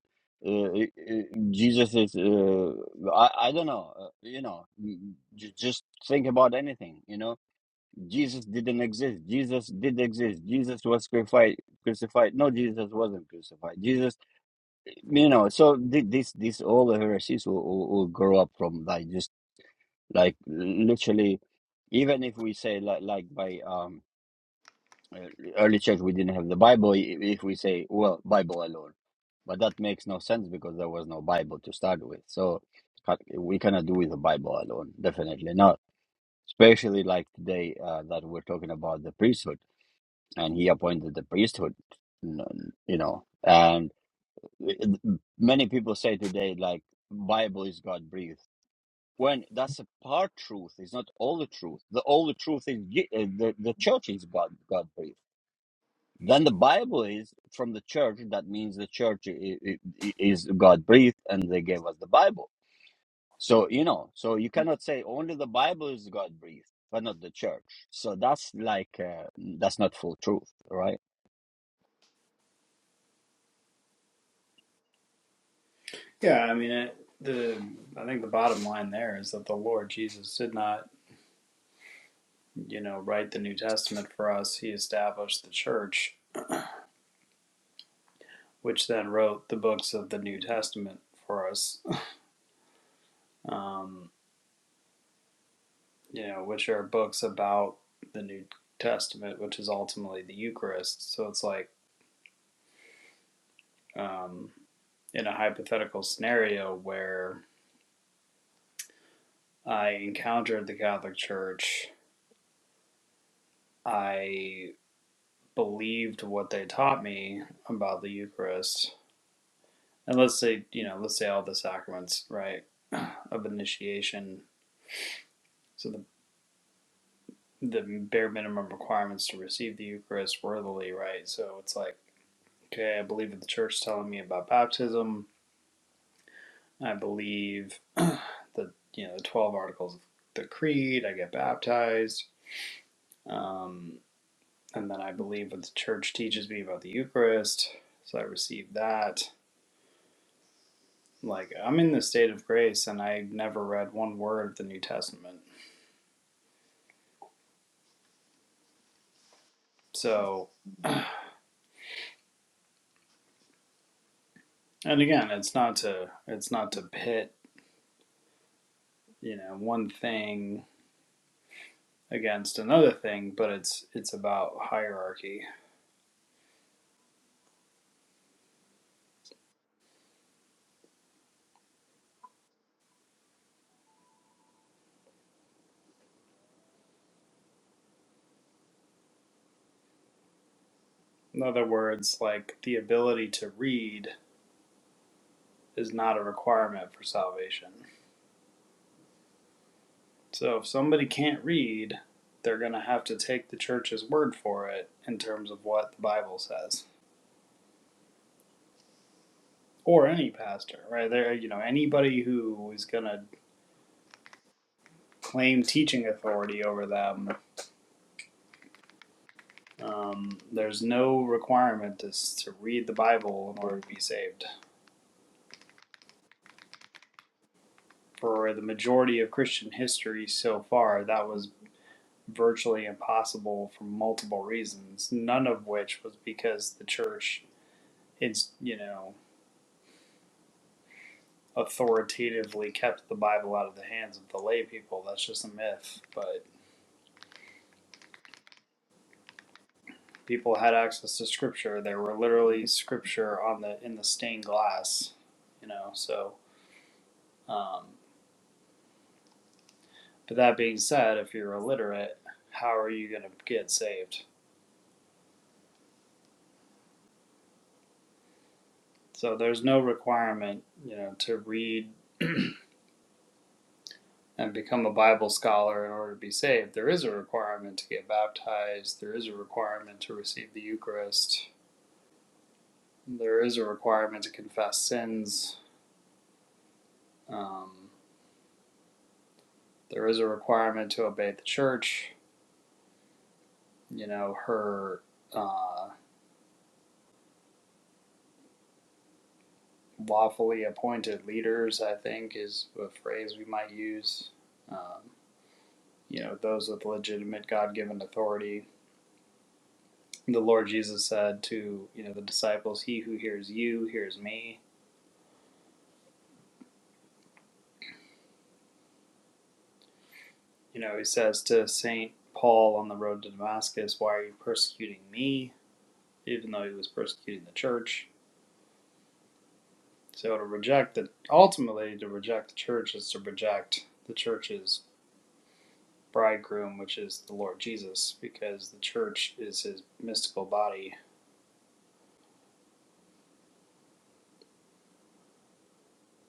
A: uh, uh, Jesus is, uh, I, I don't know, uh, you know, m- j- just think about anything, you know Jesus didn't exist. Jesus did exist. Jesus was crucified. Crucified. No, Jesus wasn't crucified. Jesus, you know. So thi- this, this, all the heresies will, will, will grow up from like just like literally. Even if we say like like by um uh, early church we didn't have the Bible. i- If we say well Bible alone, but that makes no sense because there was no Bible to start with. So ca- we cannot do with the Bible alone. Definitely not. Especially like today uh, that we're talking about the priesthood and he appointed the priesthood n- you know and many people say today like bible is god breathed when that's a part truth it's not all the truth the all the truth is Je- uh, the, the church is god god breathed then the bible is from the church that means the church i- i- i- is god breathed and they gave us the bible so you know so you cannot say only the bible is god breathed but not the church so that's like uh, that's not full truth right
C: Yeah, I mean, it, the I think the bottom line there is that the Lord Jesus did not, you know, write the New Testament for us. He established the church which then wrote the books of the New Testament for us, (laughs) um, you know, which are books about the New Testament, which is ultimately the Eucharist. So it's like um, in a hypothetical scenario where I encountered the Catholic Church, I believed what they taught me about the Eucharist. And let's say, you know, let's say all the sacraments, right, (clears throat) of initiation. So the the bare minimum requirements to receive the Eucharist worthily, right? So it's like, okay, I believe that the church is telling me about baptism. I believe (clears throat) the you know the twelve articles of the creed. I get baptized, um, and then I believe what the church teaches me about the Eucharist. So I receive that. Like I'm in the state of grace, and I never read one word of the New Testament. So, and again, it's not to it's not to pit you know one thing against another thing, but it's it's about hierarchy. In other words, like the ability to read is not a requirement for salvation. So if somebody can't read, they're going to have to take the church's word for it in terms of what the Bible says. Or any pastor, right? There, you know, anybody who is going to claim teaching authority over them, um, there's no requirement to, to read the Bible in order to be saved. for the majority of Christian history so far, that was virtually impossible for multiple reasons, none of which was because the church, it's, you know, authoritatively kept the Bible out of the hands of the lay people. That's just a myth. But people had access to scripture. There were literally scripture on the in the stained glass, you know, so um but that being said, if you're illiterate, how are you gonna get saved? So there's no requirement, you know, to read and become a Bible scholar in order to be saved. There is a requirement to get baptized, there is a requirement to receive the Eucharist, there is a requirement to confess sins, um, there is a requirement to obey the church. You know, her uh, lawfully appointed leaders, I think, is a phrase we might use. Um, you know, those with legitimate God given authority. The Lord Jesus said to, you know, the disciples, He who hears you hears me you know, he says to St. Paul on the road to Damascus, Why are you persecuting me? Even though he was persecuting the church. So to reject the, ultimately, to reject the church is to reject the church's bridegroom, which is the Lord Jesus, because the church is his mystical body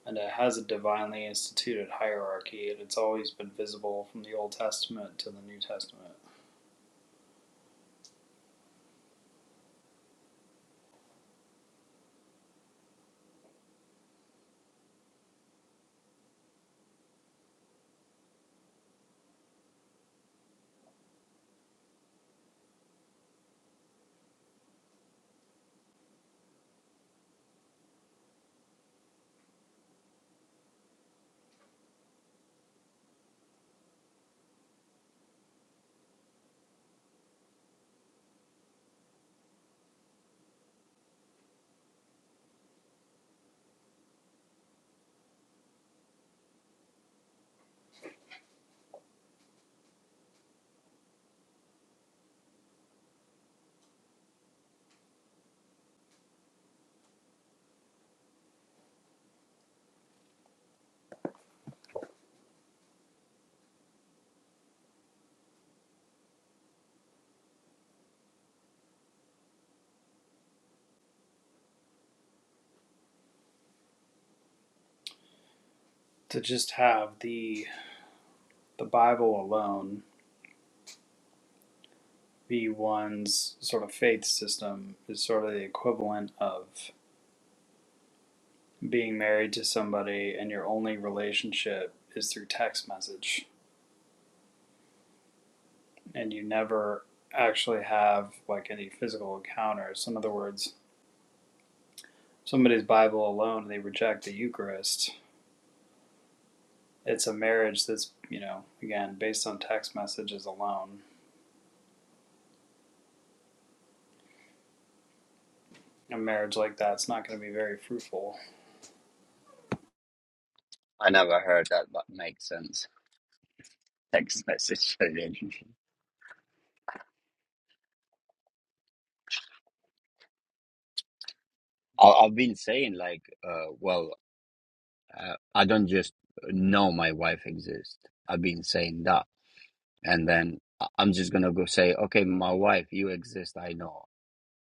C: and it has a divinely instituted hierarchy, and it's always been visible from the Old Testament to the New Testament. To just have the the Bible alone be one's sort of faith system is sort of the equivalent of being married to somebody and your only relationship is through text message and you never actually have like any physical encounters. So in other words, somebody's Bible alone, they reject the Eucharist. It's a marriage that's, you know, again, based on text messages alone. A marriage like that's not going to be very fruitful.
A: I never heard that, but makes sense. Text message (laughs) relationship. I, I've been saying like, uh, well, uh, I don't just know my wife exists. I've been saying that, and then I- I'm just gonna go say, okay, my wife, you exist. I know,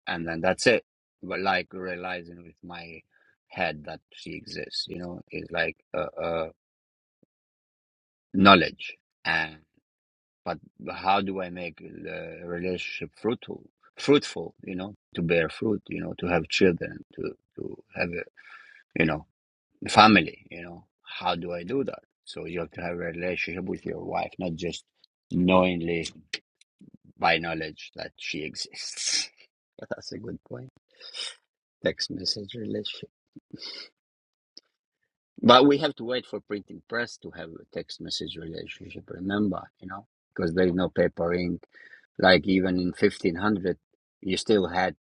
A: and then that's it. But like realizing with my head that she exists, you know, is like uh, uh, knowledge. but how do I make the relationship fruitful? Fruitful, you know, to bear fruit, you know, to have children, to to have a, you know, family, you know. How do I do that? So you have to have a relationship with your wife, not just knowingly by knowledge that she exists. (laughs) That's a good point. Text message relationship. But we have to wait for printing press to have a text message relationship. Remember, you know, because there is no paper ink. Like even in 1500, you still had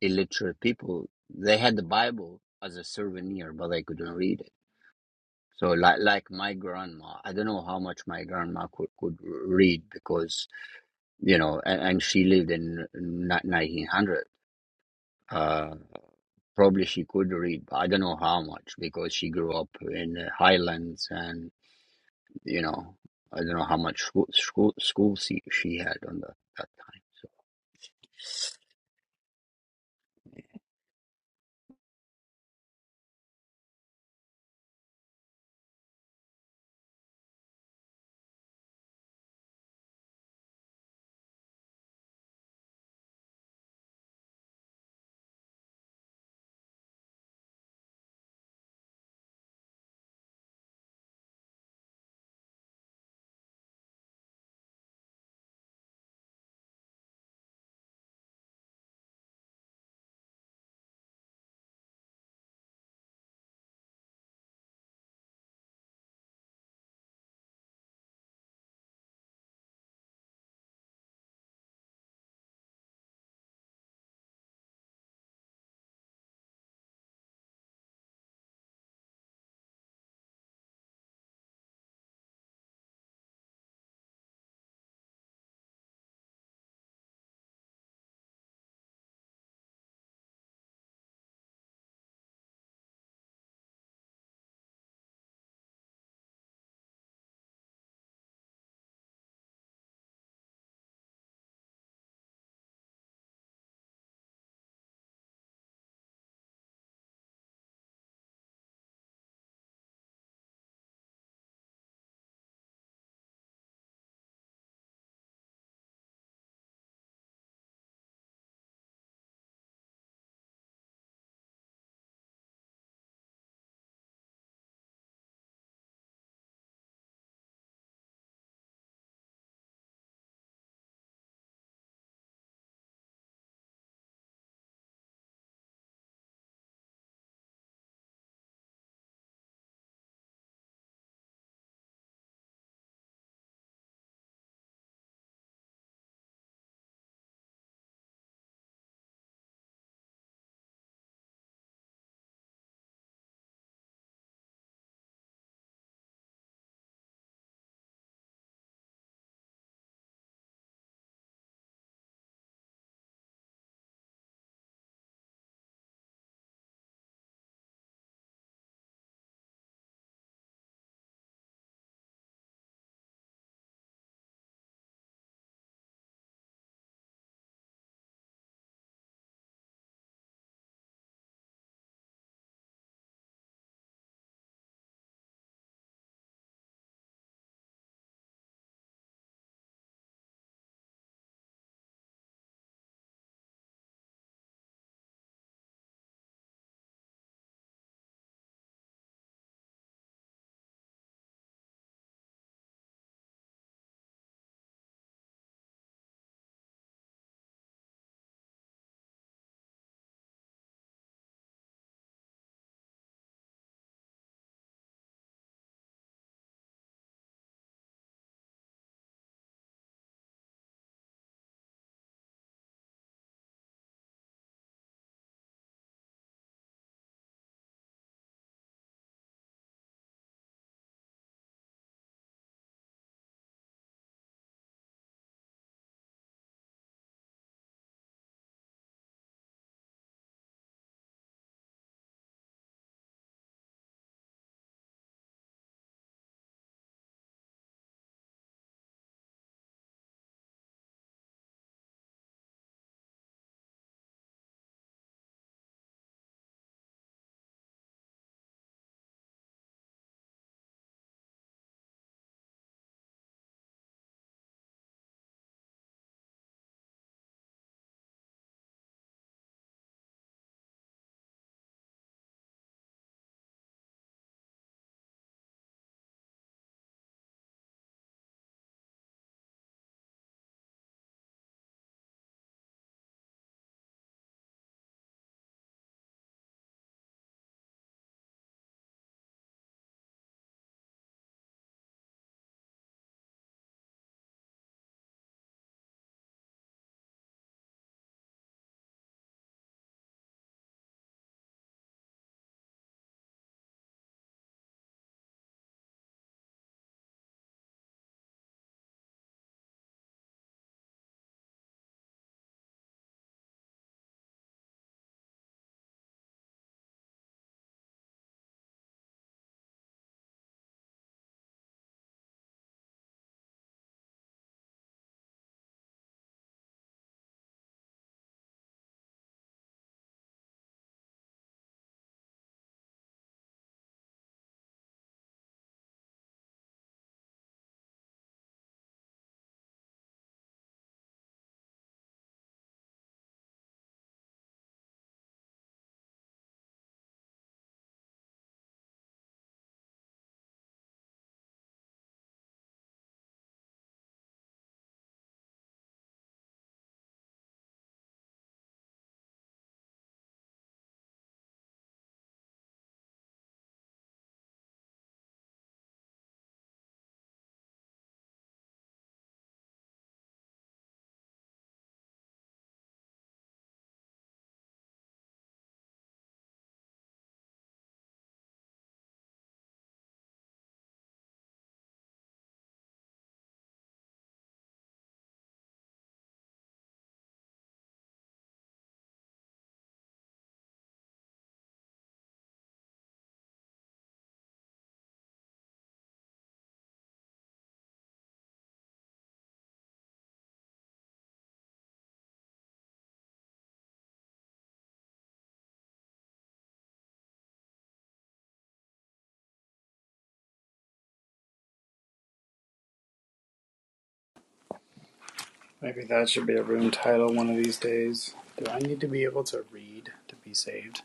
A: illiterate people. They had the Bible as a souvenir, but they couldn't read it. So, like, like my grandma, I don't know how much my grandma could, could read because, you know, and, and she lived in 1900. Uh, probably she could read, but I don't know how much because she grew up in the highlands and. You know, I don't know how much school school, school she, she had on the that time. So
C: Maybe that should be a room title one of these days. Do I need to be able to read to be saved?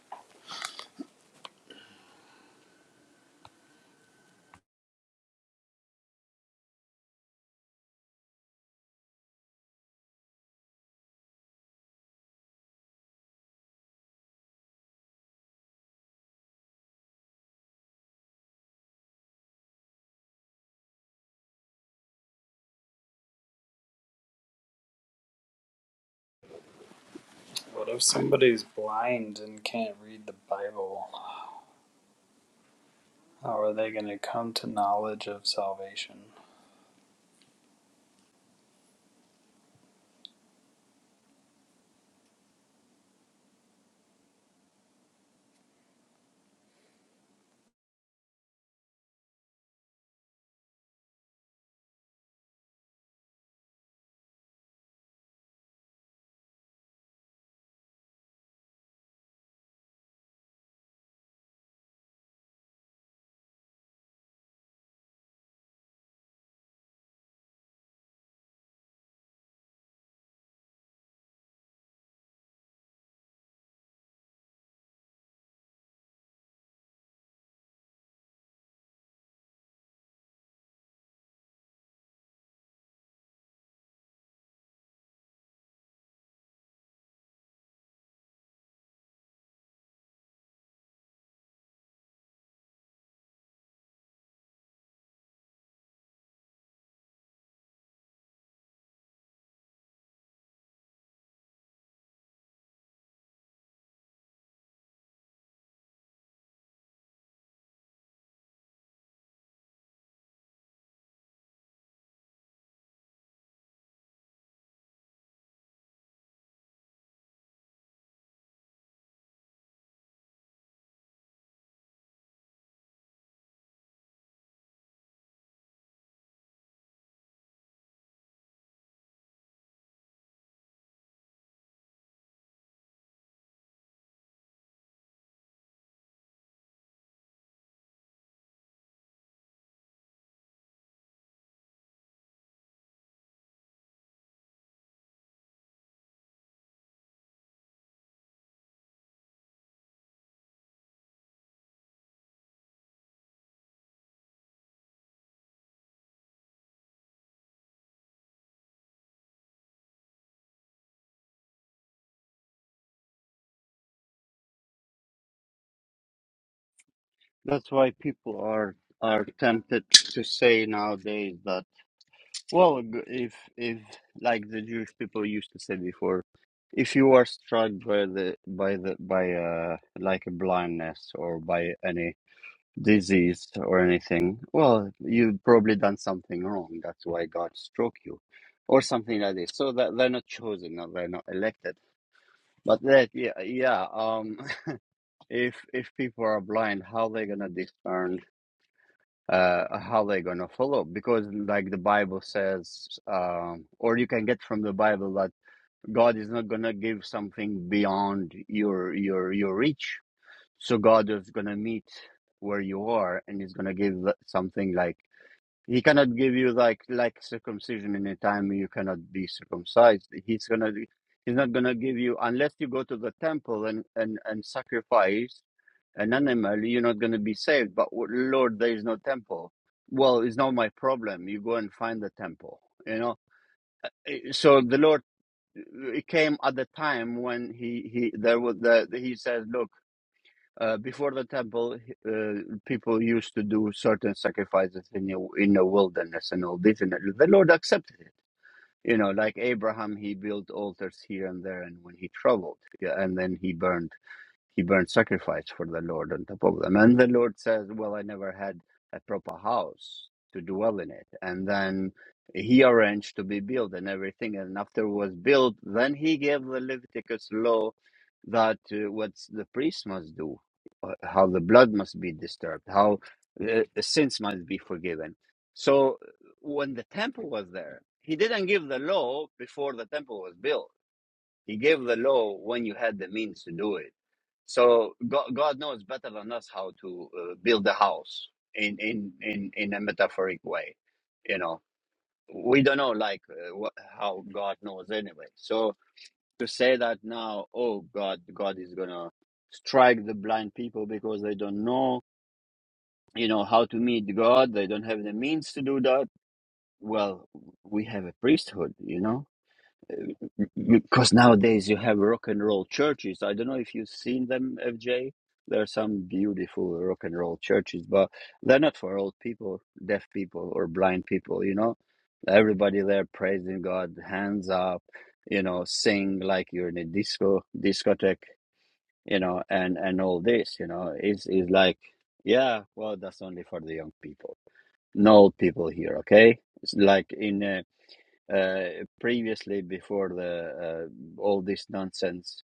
C: What if somebody's blind and can't read the Bible? How are they going to come to knowledge of salvation?
A: That's why people are are tempted to say nowadays that well, g- if if like the Jewish people used to say before, if you are struck by the by the by uh like a blindness or by any disease or anything, well, you've probably done something wrong. That's why God struck you, or something like this. So that they're not chosen, or they're not elected. But that, yeah, yeah. Um, (laughs) if if people are blind, how they gonna discern? Uh, how they gonna follow? Because like the Bible says, um, or you can get from the Bible that God is not gonna give something beyond your your your reach. So God is gonna meet where you are, and He's gonna give something like He cannot give you like like circumcision in a time you cannot be circumcised. He's gonna he's not gonna give you unless you go to the temple and and and sacrifice an animal. You're not gonna be saved. But w- Lord, there is no temple. Well, it's not my problem. You go and find the temple. You know. So the Lord uh, came at the time when he he there was the he says, look. Uh, before the temple, uh, people used to do certain sacrifices in the, in the wilderness and all this, and the Lord accepted it. You know, like Abraham, he built altars here and there, and when he traveled, yeah, and then he burned he burnt sacrifice for the Lord on top of them. And the Lord says, Well, I never had a proper house to dwell in it. And then he arranged to be built and everything. And after it was built, then he gave the Leviticus law that uh, what the priest must do, uh, how the blood must be disturbed, how uh, sins must be forgiven. So uh, when the temple was there, he didn't give the law before the temple was built. He gave the law when you had the means to do it so God, God knows better than us how to uh, build a house in, in in in a metaphoric way. You know, we don't know like uh, what, how God knows anyway. So to say that now, oh God, God is gonna strike the blind people because they don't know, you know, how to meet God. They don't have the means to do that. Well, we have a priesthood, you know because nowadays you have rock and roll churches. I don't know if you've seen them, FJ. There are some beautiful rock and roll churches, but they're not for old people, deaf people, or blind people. You know, everybody there praising God, hands up, you know, sing like you're in a disco discotheque, you know, and and all this, you know, is is like, yeah, well, that's only for the young people, no old people here, okay? It's like in. A, uh, previously before the uh, all this nonsense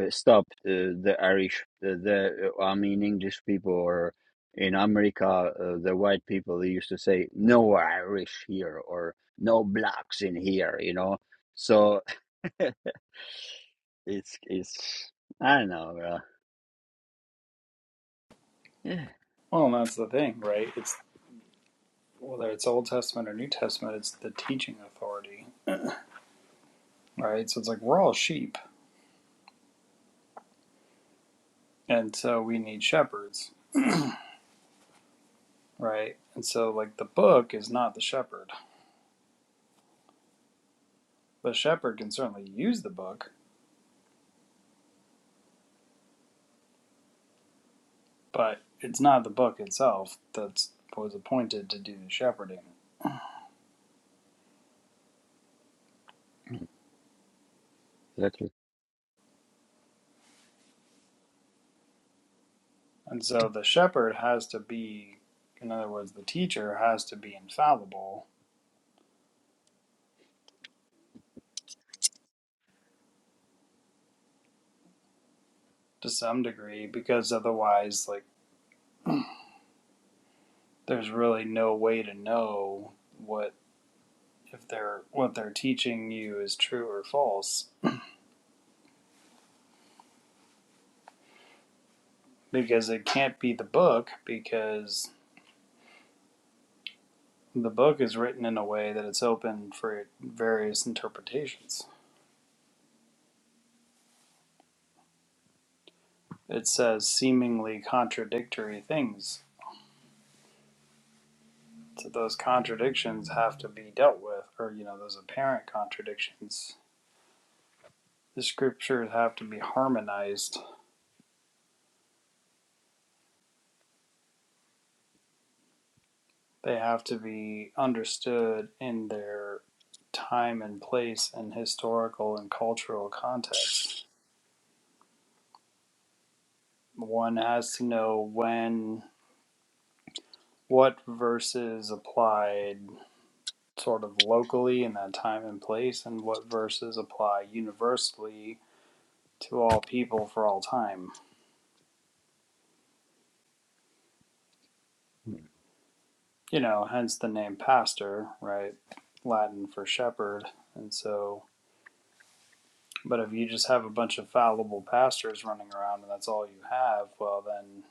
A: uh, stopped uh, the irish the, the uh, i mean english people or in america uh, the white people they used to say no irish here or no blacks in here you know so (laughs) it's it's i don't know bro. yeah
C: Well, that's the thing, right? It's whether it's Old Testament or New Testament, it's the teaching authority, right? So it's like we're all sheep, and so we need shepherds, right? And so like the book is not the shepherd. The shepherd can certainly use the book, but it's not the book itself that's was appointed to do the shepherding.
A: exactly
C: And so the shepherd has to be, in other words, the teacher has to be infallible to some degree because otherwise, like, there's really no way to know what if they're what they're teaching you is true or false because it can't be the book because the book is written in a way that it's open for various interpretations. It says seemingly contradictory things so those contradictions have to be dealt with, or you know, those apparent contradictions the scriptures have to be harmonized. They have to be understood in their time and place and historical and cultural context. One has to know when what verses applied sort of locally in that time and place and what verses apply universally to all people for all time. You know, hence the name pastor, right? Latin for shepherd. And so But if you just have a bunch of fallible pastors running around and that's all you have, well, then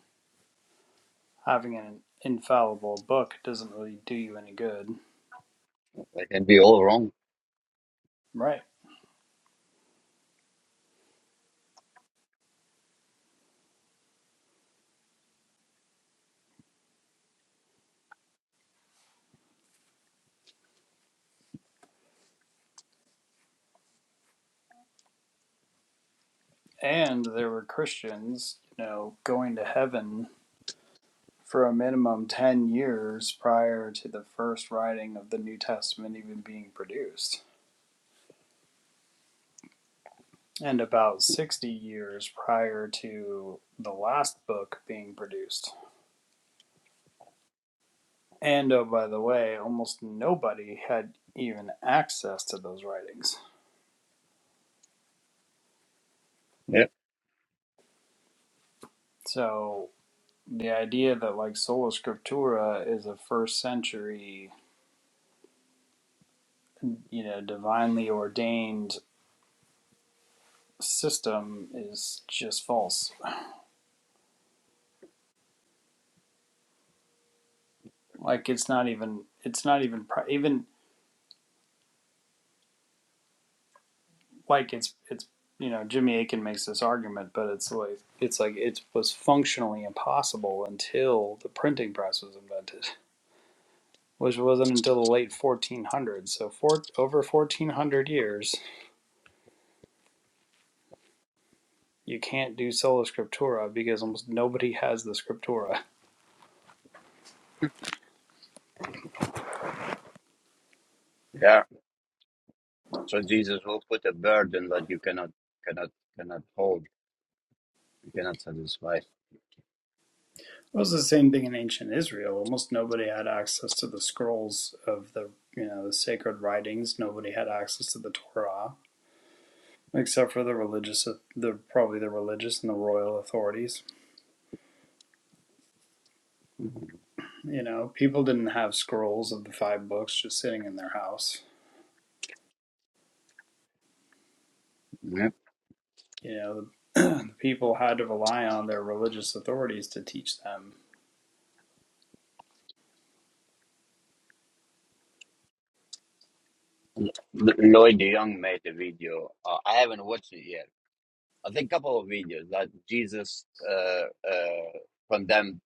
C: having an infallible book doesn't really do you any good.
A: they can be all wrong
C: Right. And there were Christians, you know, going to heaven for a minimum 10 years prior to the first writing of the New Testament even being produced, and about 60 years prior to the last book being produced. And oh, by the way, almost nobody had even access to those writings.
A: yeah
C: So the idea that like sola scriptura is a first century, you know, divinely ordained system is just false. Like it's not even it's not even even like it's it's you know Jimmy Akin makes this argument, but it's like it's like it was functionally impossible until the printing press was invented, which wasn't until the late 1400s. So for over 1400 years, you can't do sola scriptura because almost nobody has the scriptura
A: yeah so jesus will put a burden that you cannot cannot cannot hold you cannot satisfy
C: Well, It was the same thing in ancient Israel. Almost nobody had access to the scrolls of the you know the sacred writings. Nobody had access to the Torah except for the religious, the probably the religious and the royal authorities. You know, people didn't have scrolls of the five books just sitting in their house.
A: Yep.
C: You know, the (clears throat) people had to rely on their religious authorities to teach them.
A: L- Lloyd Young made a video. Uh, I haven't watched it yet. I think a couple of videos that Jesus uh, uh, condemned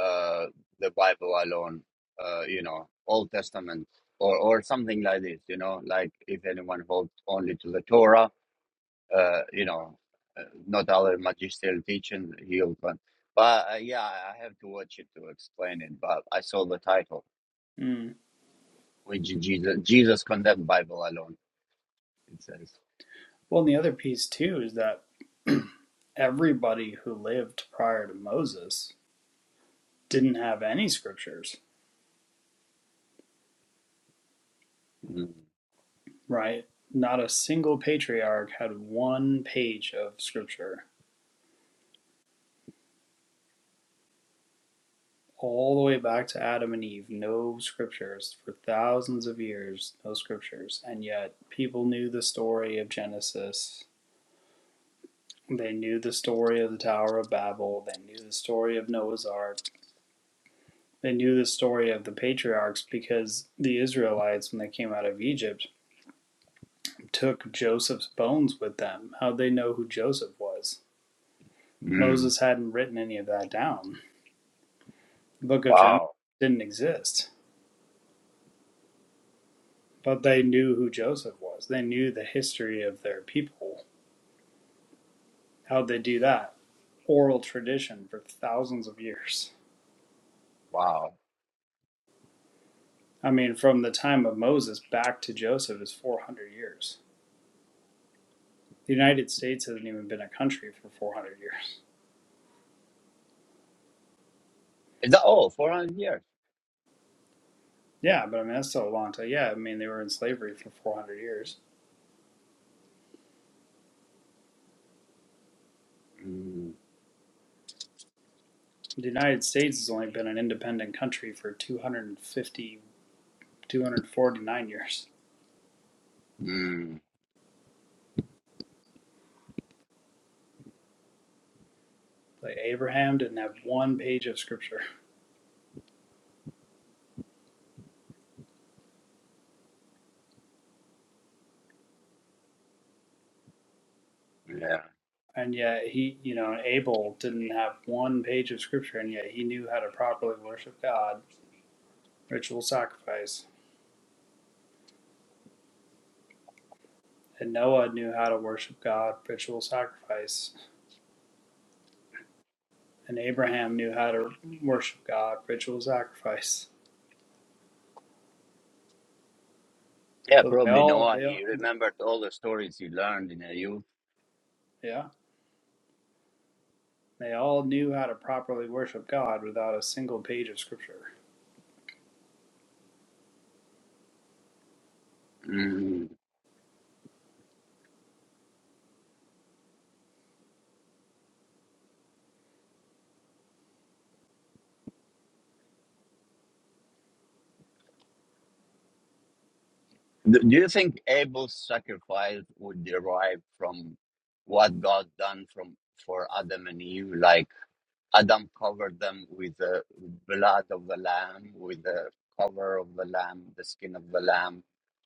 A: uh, the Bible alone, uh, you know, Old Testament or, or something like this, you know, like if anyone holds only to the Torah, uh, you know, uh, not other magisterial teaching, he'll. But, but uh, yeah, I have to watch it to explain it. But I saw the title,
C: Mm.
A: which Jesus, Jesus condemned Bible alone, it says.
C: Well, and the other piece too is that everybody who lived prior to Moses didn't have any scriptures
A: Mm-hmm.
C: Right. Not a single patriarch had one page of scripture. All the way back to Adam and Eve, no scriptures for thousands of years, no scriptures. And yet, people knew the story of Genesis. They knew the story of the Tower of Babel. They knew the story of Noah's Ark. They knew the story of the patriarchs because the Israelites, when they came out of Egypt, took Joseph's bones with them. How'd they know who Joseph was?
A: Mm.
C: Moses hadn't written any of that down book of Genesis
A: Wow.
C: didn't exist, but they knew who Joseph was. They knew the history of their people. How'd they do that? Oral tradition for thousands of years.
A: Wow.
C: I mean, from the time of Moses back to Joseph is 400 years. The United States hasn't even been a country for 400 years.
A: Is that all? 400 years?
C: Yeah, but I mean, that's still a long time. Yeah, I mean, they were in slavery for 400 years.
A: Mm.
C: The United States has only been an independent country for 250, 249 years.
A: Mm.
C: Like, Abraham didn't have one page of scripture.
A: Yeah.
C: And yet he, you know, Abel didn't have one page of scripture, and yet he knew how to properly worship God, ritual sacrifice. And Noah knew how to worship God, ritual sacrifice. And Abraham knew how to worship God, ritual sacrifice.
A: Yeah,
C: So they
A: probably
C: all,
A: Noah.
C: they all,
A: He remembered all the stories he learned in a youth.
C: yeah, they all knew how to properly worship God without a single page of scripture.
A: Mm. Do do you think Abel's sacrifice would derive from what God done from for Adam and Eve? Like, Adam covered them with the blood of the lamb, with the cover of the lamb, the skin of the lamb.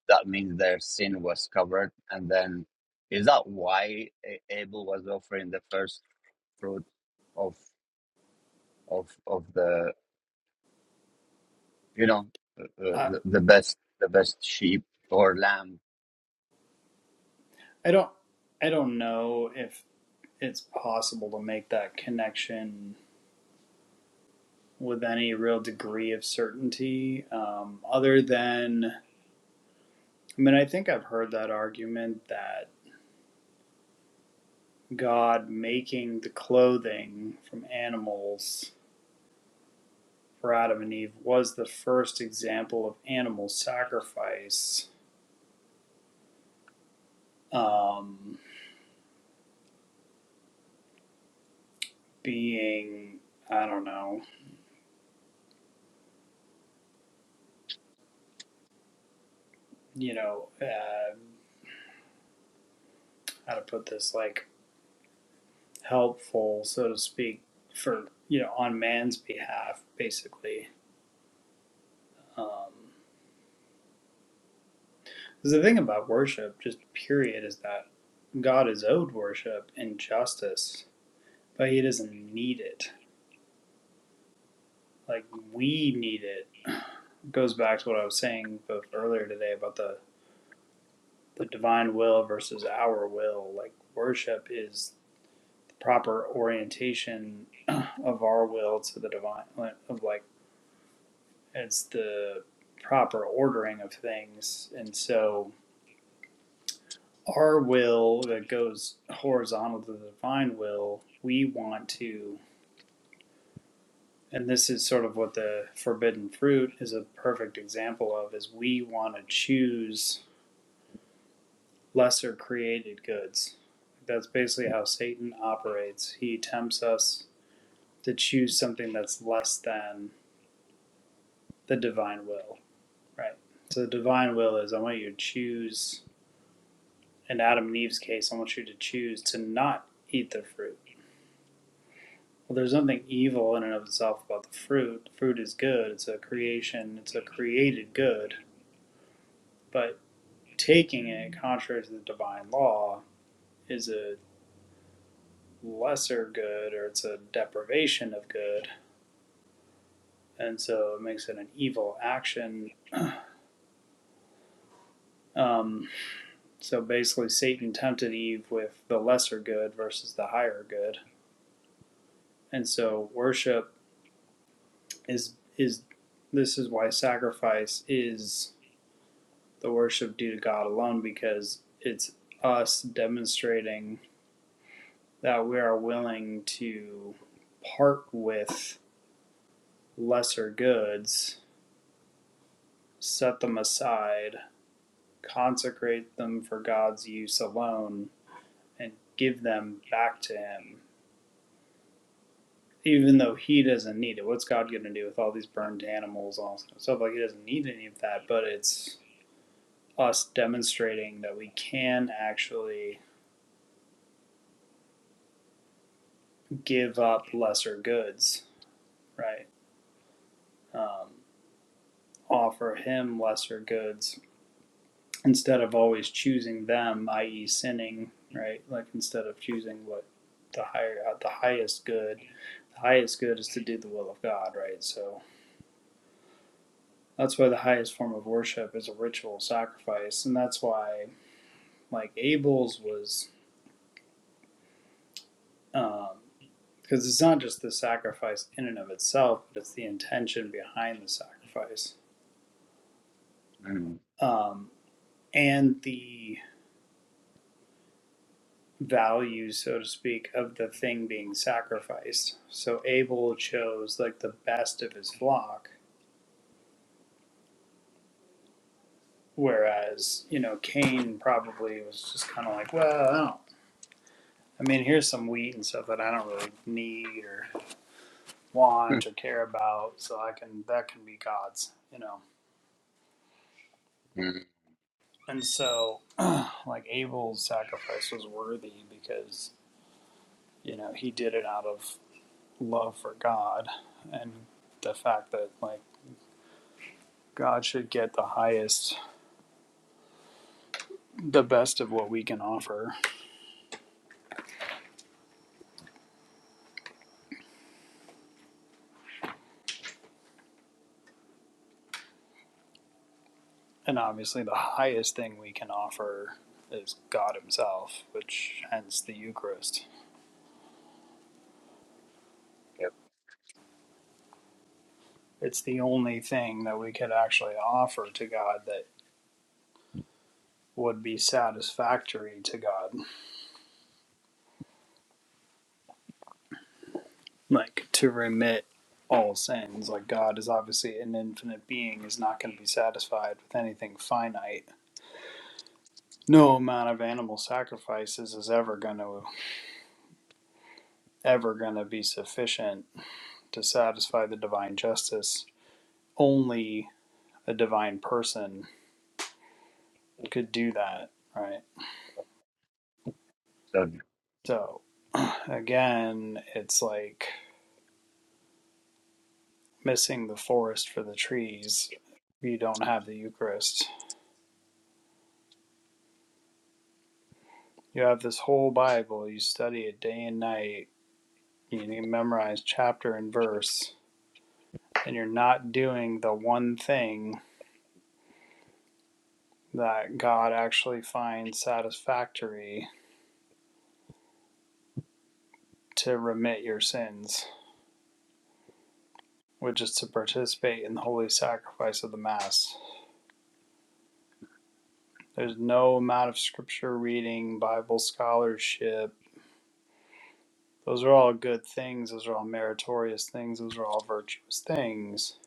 A: That means their sin was covered. And then, is that why A- Abel was offering the first fruit of of of the you know uh, uh,
C: I,
A: the, the best the best sheep or lamb?
C: I don't, I don't know if it's possible to make that connection with any real degree of certainty, um, other than, I mean, I think I've heard that argument that God making the clothing from animals for Adam and Eve was the first example of animal sacrifice um, being, I don't know, you know, uh, how to put this, like helpful, so to speak, for, you know, on man's behalf, basically. Um, Because the thing about worship, just period, is that God is owed worship and justice, but he doesn't need it. Like we need it. (sighs) it goes back to what I was saying both earlier today about the, the divine will versus our will. Like worship is the proper orientation (clears throat) of our will to the divine, like, of like, it's the proper ordering of things. And so our will that goes horizontal to the divine will, we want to, and this is sort of what the forbidden fruit is a perfect example of, is we want to choose lesser created goods. That's basically how Satan operates. He tempts us to choose something that's less than the divine will, right? So the divine will is I want you to choose, in Adam and Eve's case, I want you to choose to not eat the fruit Well, there's nothing evil in and of itself about the fruit. The Fruit is good. It's a creation. It's a created good. But taking it contrary to the divine law is a lesser good or it's a deprivation of good. And so it makes it an evil action. (clears throat) um, so basically, Satan tempted Eve with the lesser good versus the higher good. And so worship is is this is why sacrifice is the worship due to God alone because it's us demonstrating that we are willing to part with lesser goods, set them aside, consecrate them for God's use alone, and give them back to Him. Even though He doesn't need it. What's God going to do with all these burned animals, all this kind of stuff? Like, He doesn't need any of that, but it's us demonstrating that we can actually give up lesser goods, right? um, offer him lesser goods instead of always choosing them, i.e., sinning, right? Like instead of choosing what the higher, uh, the highest good, the highest good is to do the will of God, right? So that's why the highest form of worship is a ritual sacrifice, and that's why like Abel's was. Um, because it's not just the sacrifice in and of itself, but it's the intention behind the sacrifice
A: Mm.
C: um, and the values, so to speak, of the thing being sacrificed. So Abel chose like the best of his flock, whereas, you know, Cain probably was just kind of like, well, I don't. I mean, here's some wheat and stuff that I don't really need or
A: Mm.
C: want or care about, so I can that can be God's, you know.
A: Mm. (laughs)
C: And so, like Abel's sacrifice was worthy because you know he did it out of love for God, and the fact that like God should get the highest the best of what we can offer. And obviously, the highest thing we can offer is God Himself, which hence the Eucharist.
A: Yep.
C: It's the only thing that we could actually offer to God that would be satisfactory to God, like to remit all sins. Like, God is obviously an infinite being, is not going to be satisfied with anything finite. No amount of animal sacrifices is ever going to ever going to be sufficient to satisfy the divine justice only a divine person could do that, right?
A: So,
C: So again, it's like missing the forest for the trees. You don't have the Eucharist. You have this whole Bible, you study it day and night, you need to memorize chapter and verse, and you're not doing the one thing that God actually finds satisfactory to remit your sins, which is to participate in the holy sacrifice of the Mass. There's no amount of scripture reading, Bible scholarship. Those are all good things. Those are all meritorious things. Those are all virtuous things.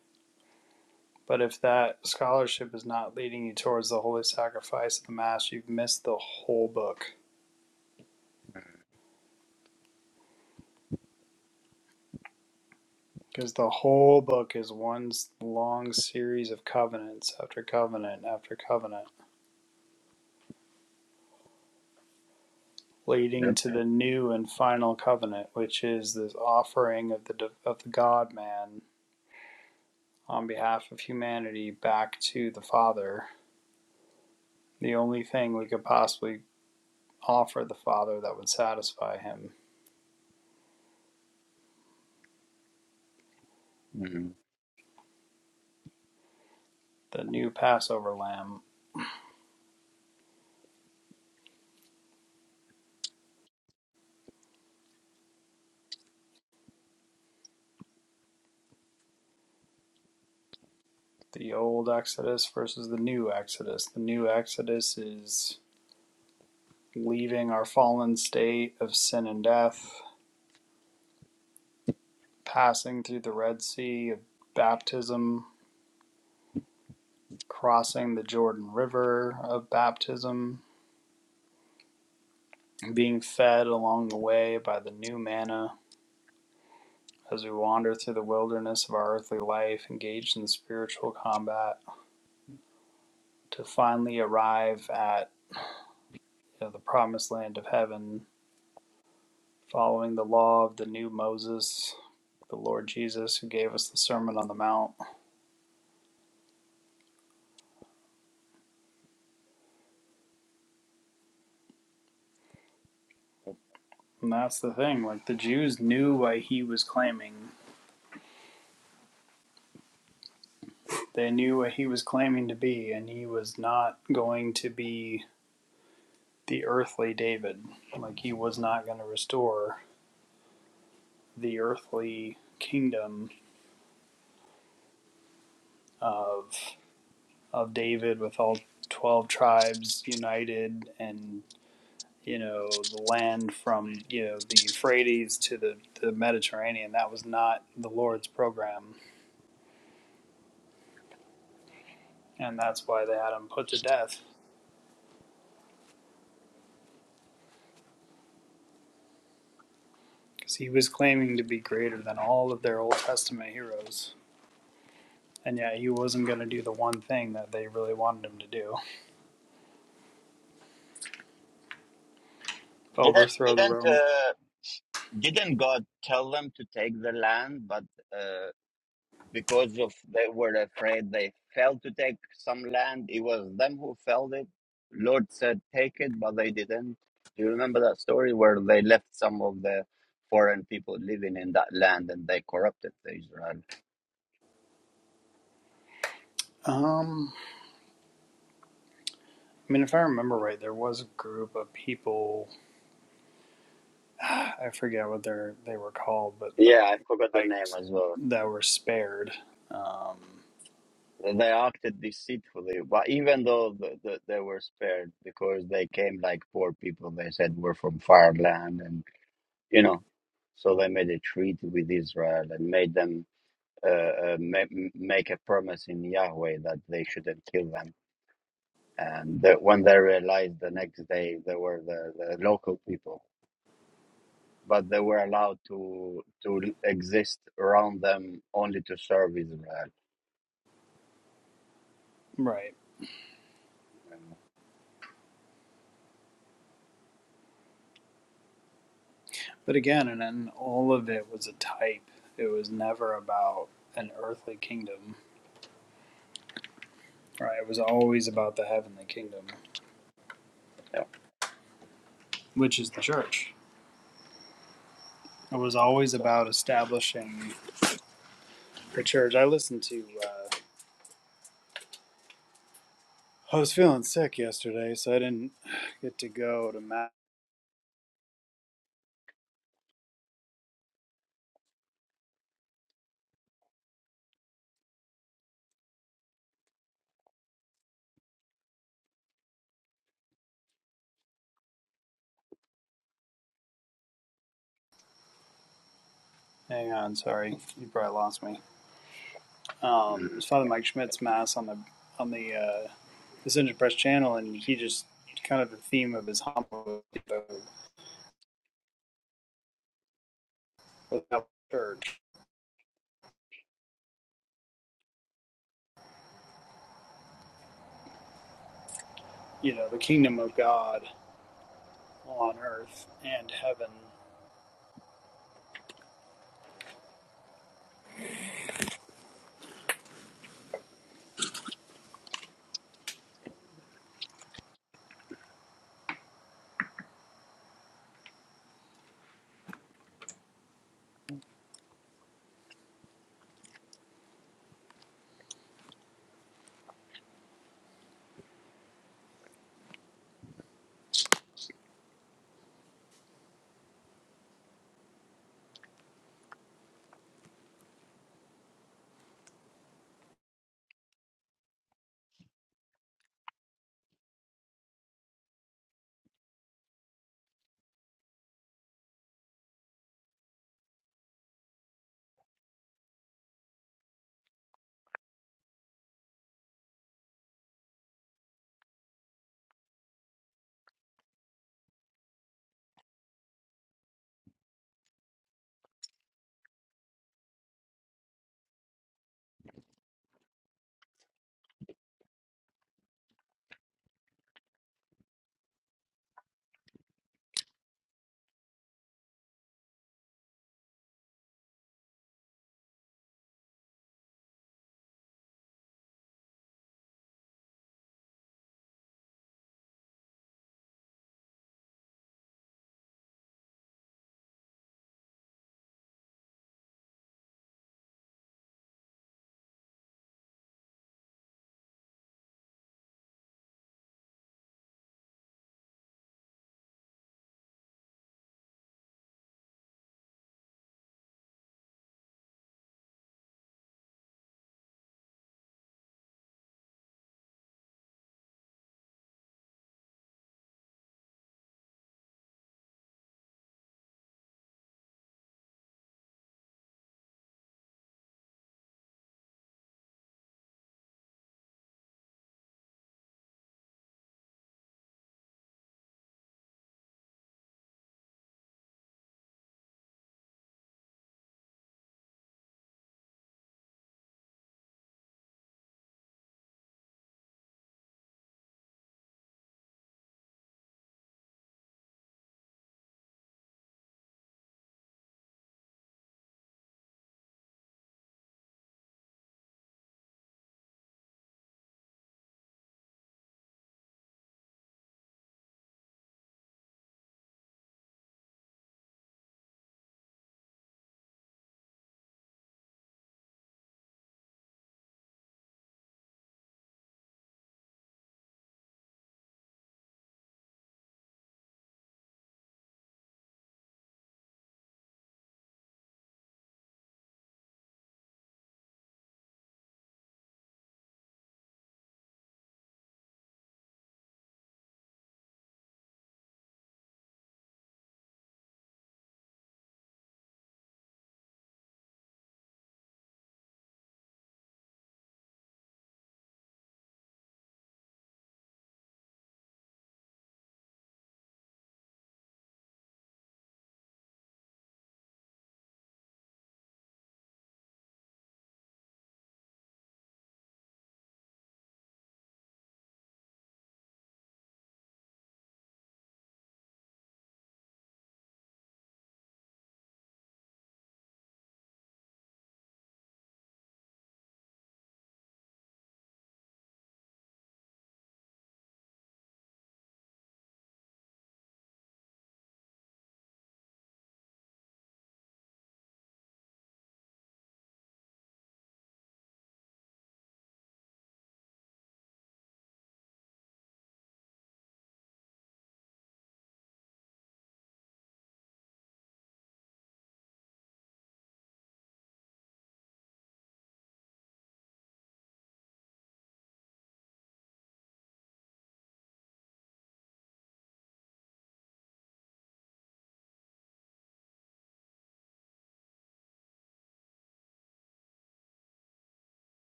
C: But if that scholarship is not leading you towards the holy sacrifice of the Mass, you've missed the whole book. Because the whole book is one long series of covenants after covenant after covenant, leading
A: yep.
C: to the new and final covenant, which is this offering of the of the God Man on behalf of humanity back to the Father, the only thing we could possibly offer the Father that would satisfy him
A: Mm.
C: the new Passover lamb, the old Exodus versus the new Exodus. The new Exodus is leaving our fallen state of sin and death, passing through the Red Sea of baptism, crossing the Jordan River of baptism, being fed along the way by the new manna as we wander through the wilderness of our earthly life, engaged in the spiritual combat, to finally arrive at you know, the promised land of heaven, following the law of the new Moses, the Lord Jesus, who gave us the Sermon on the Mount. And that's the thing, like the Jews knew what he was claiming. They knew what he was claiming to be, and he was not going to be the earthly David. Like he was not going to restore the earthly kingdom of of David with all 12 tribes united and you know the land from you know the Euphrates to the, the Mediterranean that was not the Lord's program and that's why they had him put to death because he was claiming to be greater than all of their Old Testament heroes and yeah, he wasn't going to do the one thing that they really wanted him to do
A: Didn't
C: overthrow the
A: didn't
C: Rome
A: uh, didn't God tell them to take the land, but? uh, because of they were afraid they failed to take some land. It was them who failed it. Lord said, "Take it," but they didn't. Do you remember that story where they left some of the foreign people living in that land and they corrupted the Israel?
C: um I mean if I remember right there was a group of people I forget what they're they were called, but
A: Yeah,
C: uh,
A: I forgot the
C: like
A: name as well.
C: that were spared. Um,
A: They acted deceitfully, but even though the, the, they were spared because they came like poor people, they said we're from far land, and you know, so they made a treaty with Israel and made them uh, uh, ma- make a promise in Yahweh that they shouldn't kill them. And that when they realized the next day they were the, the local people, but they were allowed to to exist around them only to serve Israel.
C: right.
A: And,
C: But again, and then all of it was a type. It was never about an earthly kingdom. Right. It was always about the heavenly kingdom,
A: yeah.
C: which is the church. It was always
A: So,
C: about establishing the church. I listened to. Uh, I was feeling sick yesterday, so I didn't get to go to Matt. Hang on, sorry, you probably lost me. um, it
A: mm,
C: was Father
A: yeah.
C: Mike Schmidt's mass on the on the uh, Ascension Press channel, and he just kind of the theme of his homily without church, you know, the kingdom of God on earth and heaven.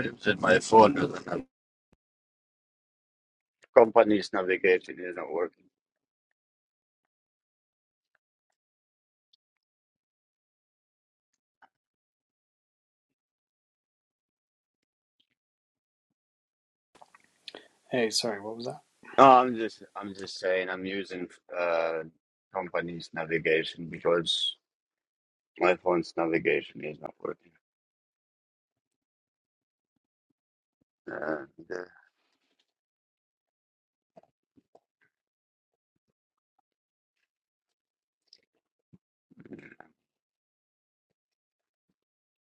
A: It's in my phone. Company's navigation is not working.
C: Hey, sorry, what was that?
A: No, I'm just I'm just saying I'm using uh, company's navigation because my phone's navigation is not working. Uh,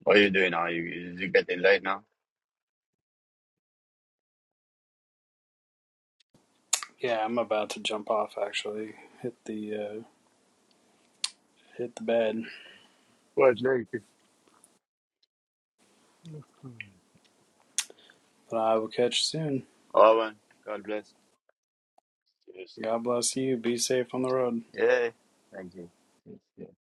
A: What are you doing now? You, you you getting late now?
C: Yeah, I'm about to jump off. Actually, hit the uh, hit the bed,
A: Quite late. you.
C: but I will catch you soon.
A: Oh, man. God bless. Yes. sir.
C: God bless you. Be safe on the road.
A: Yeah. Thank you. Yes, yeah.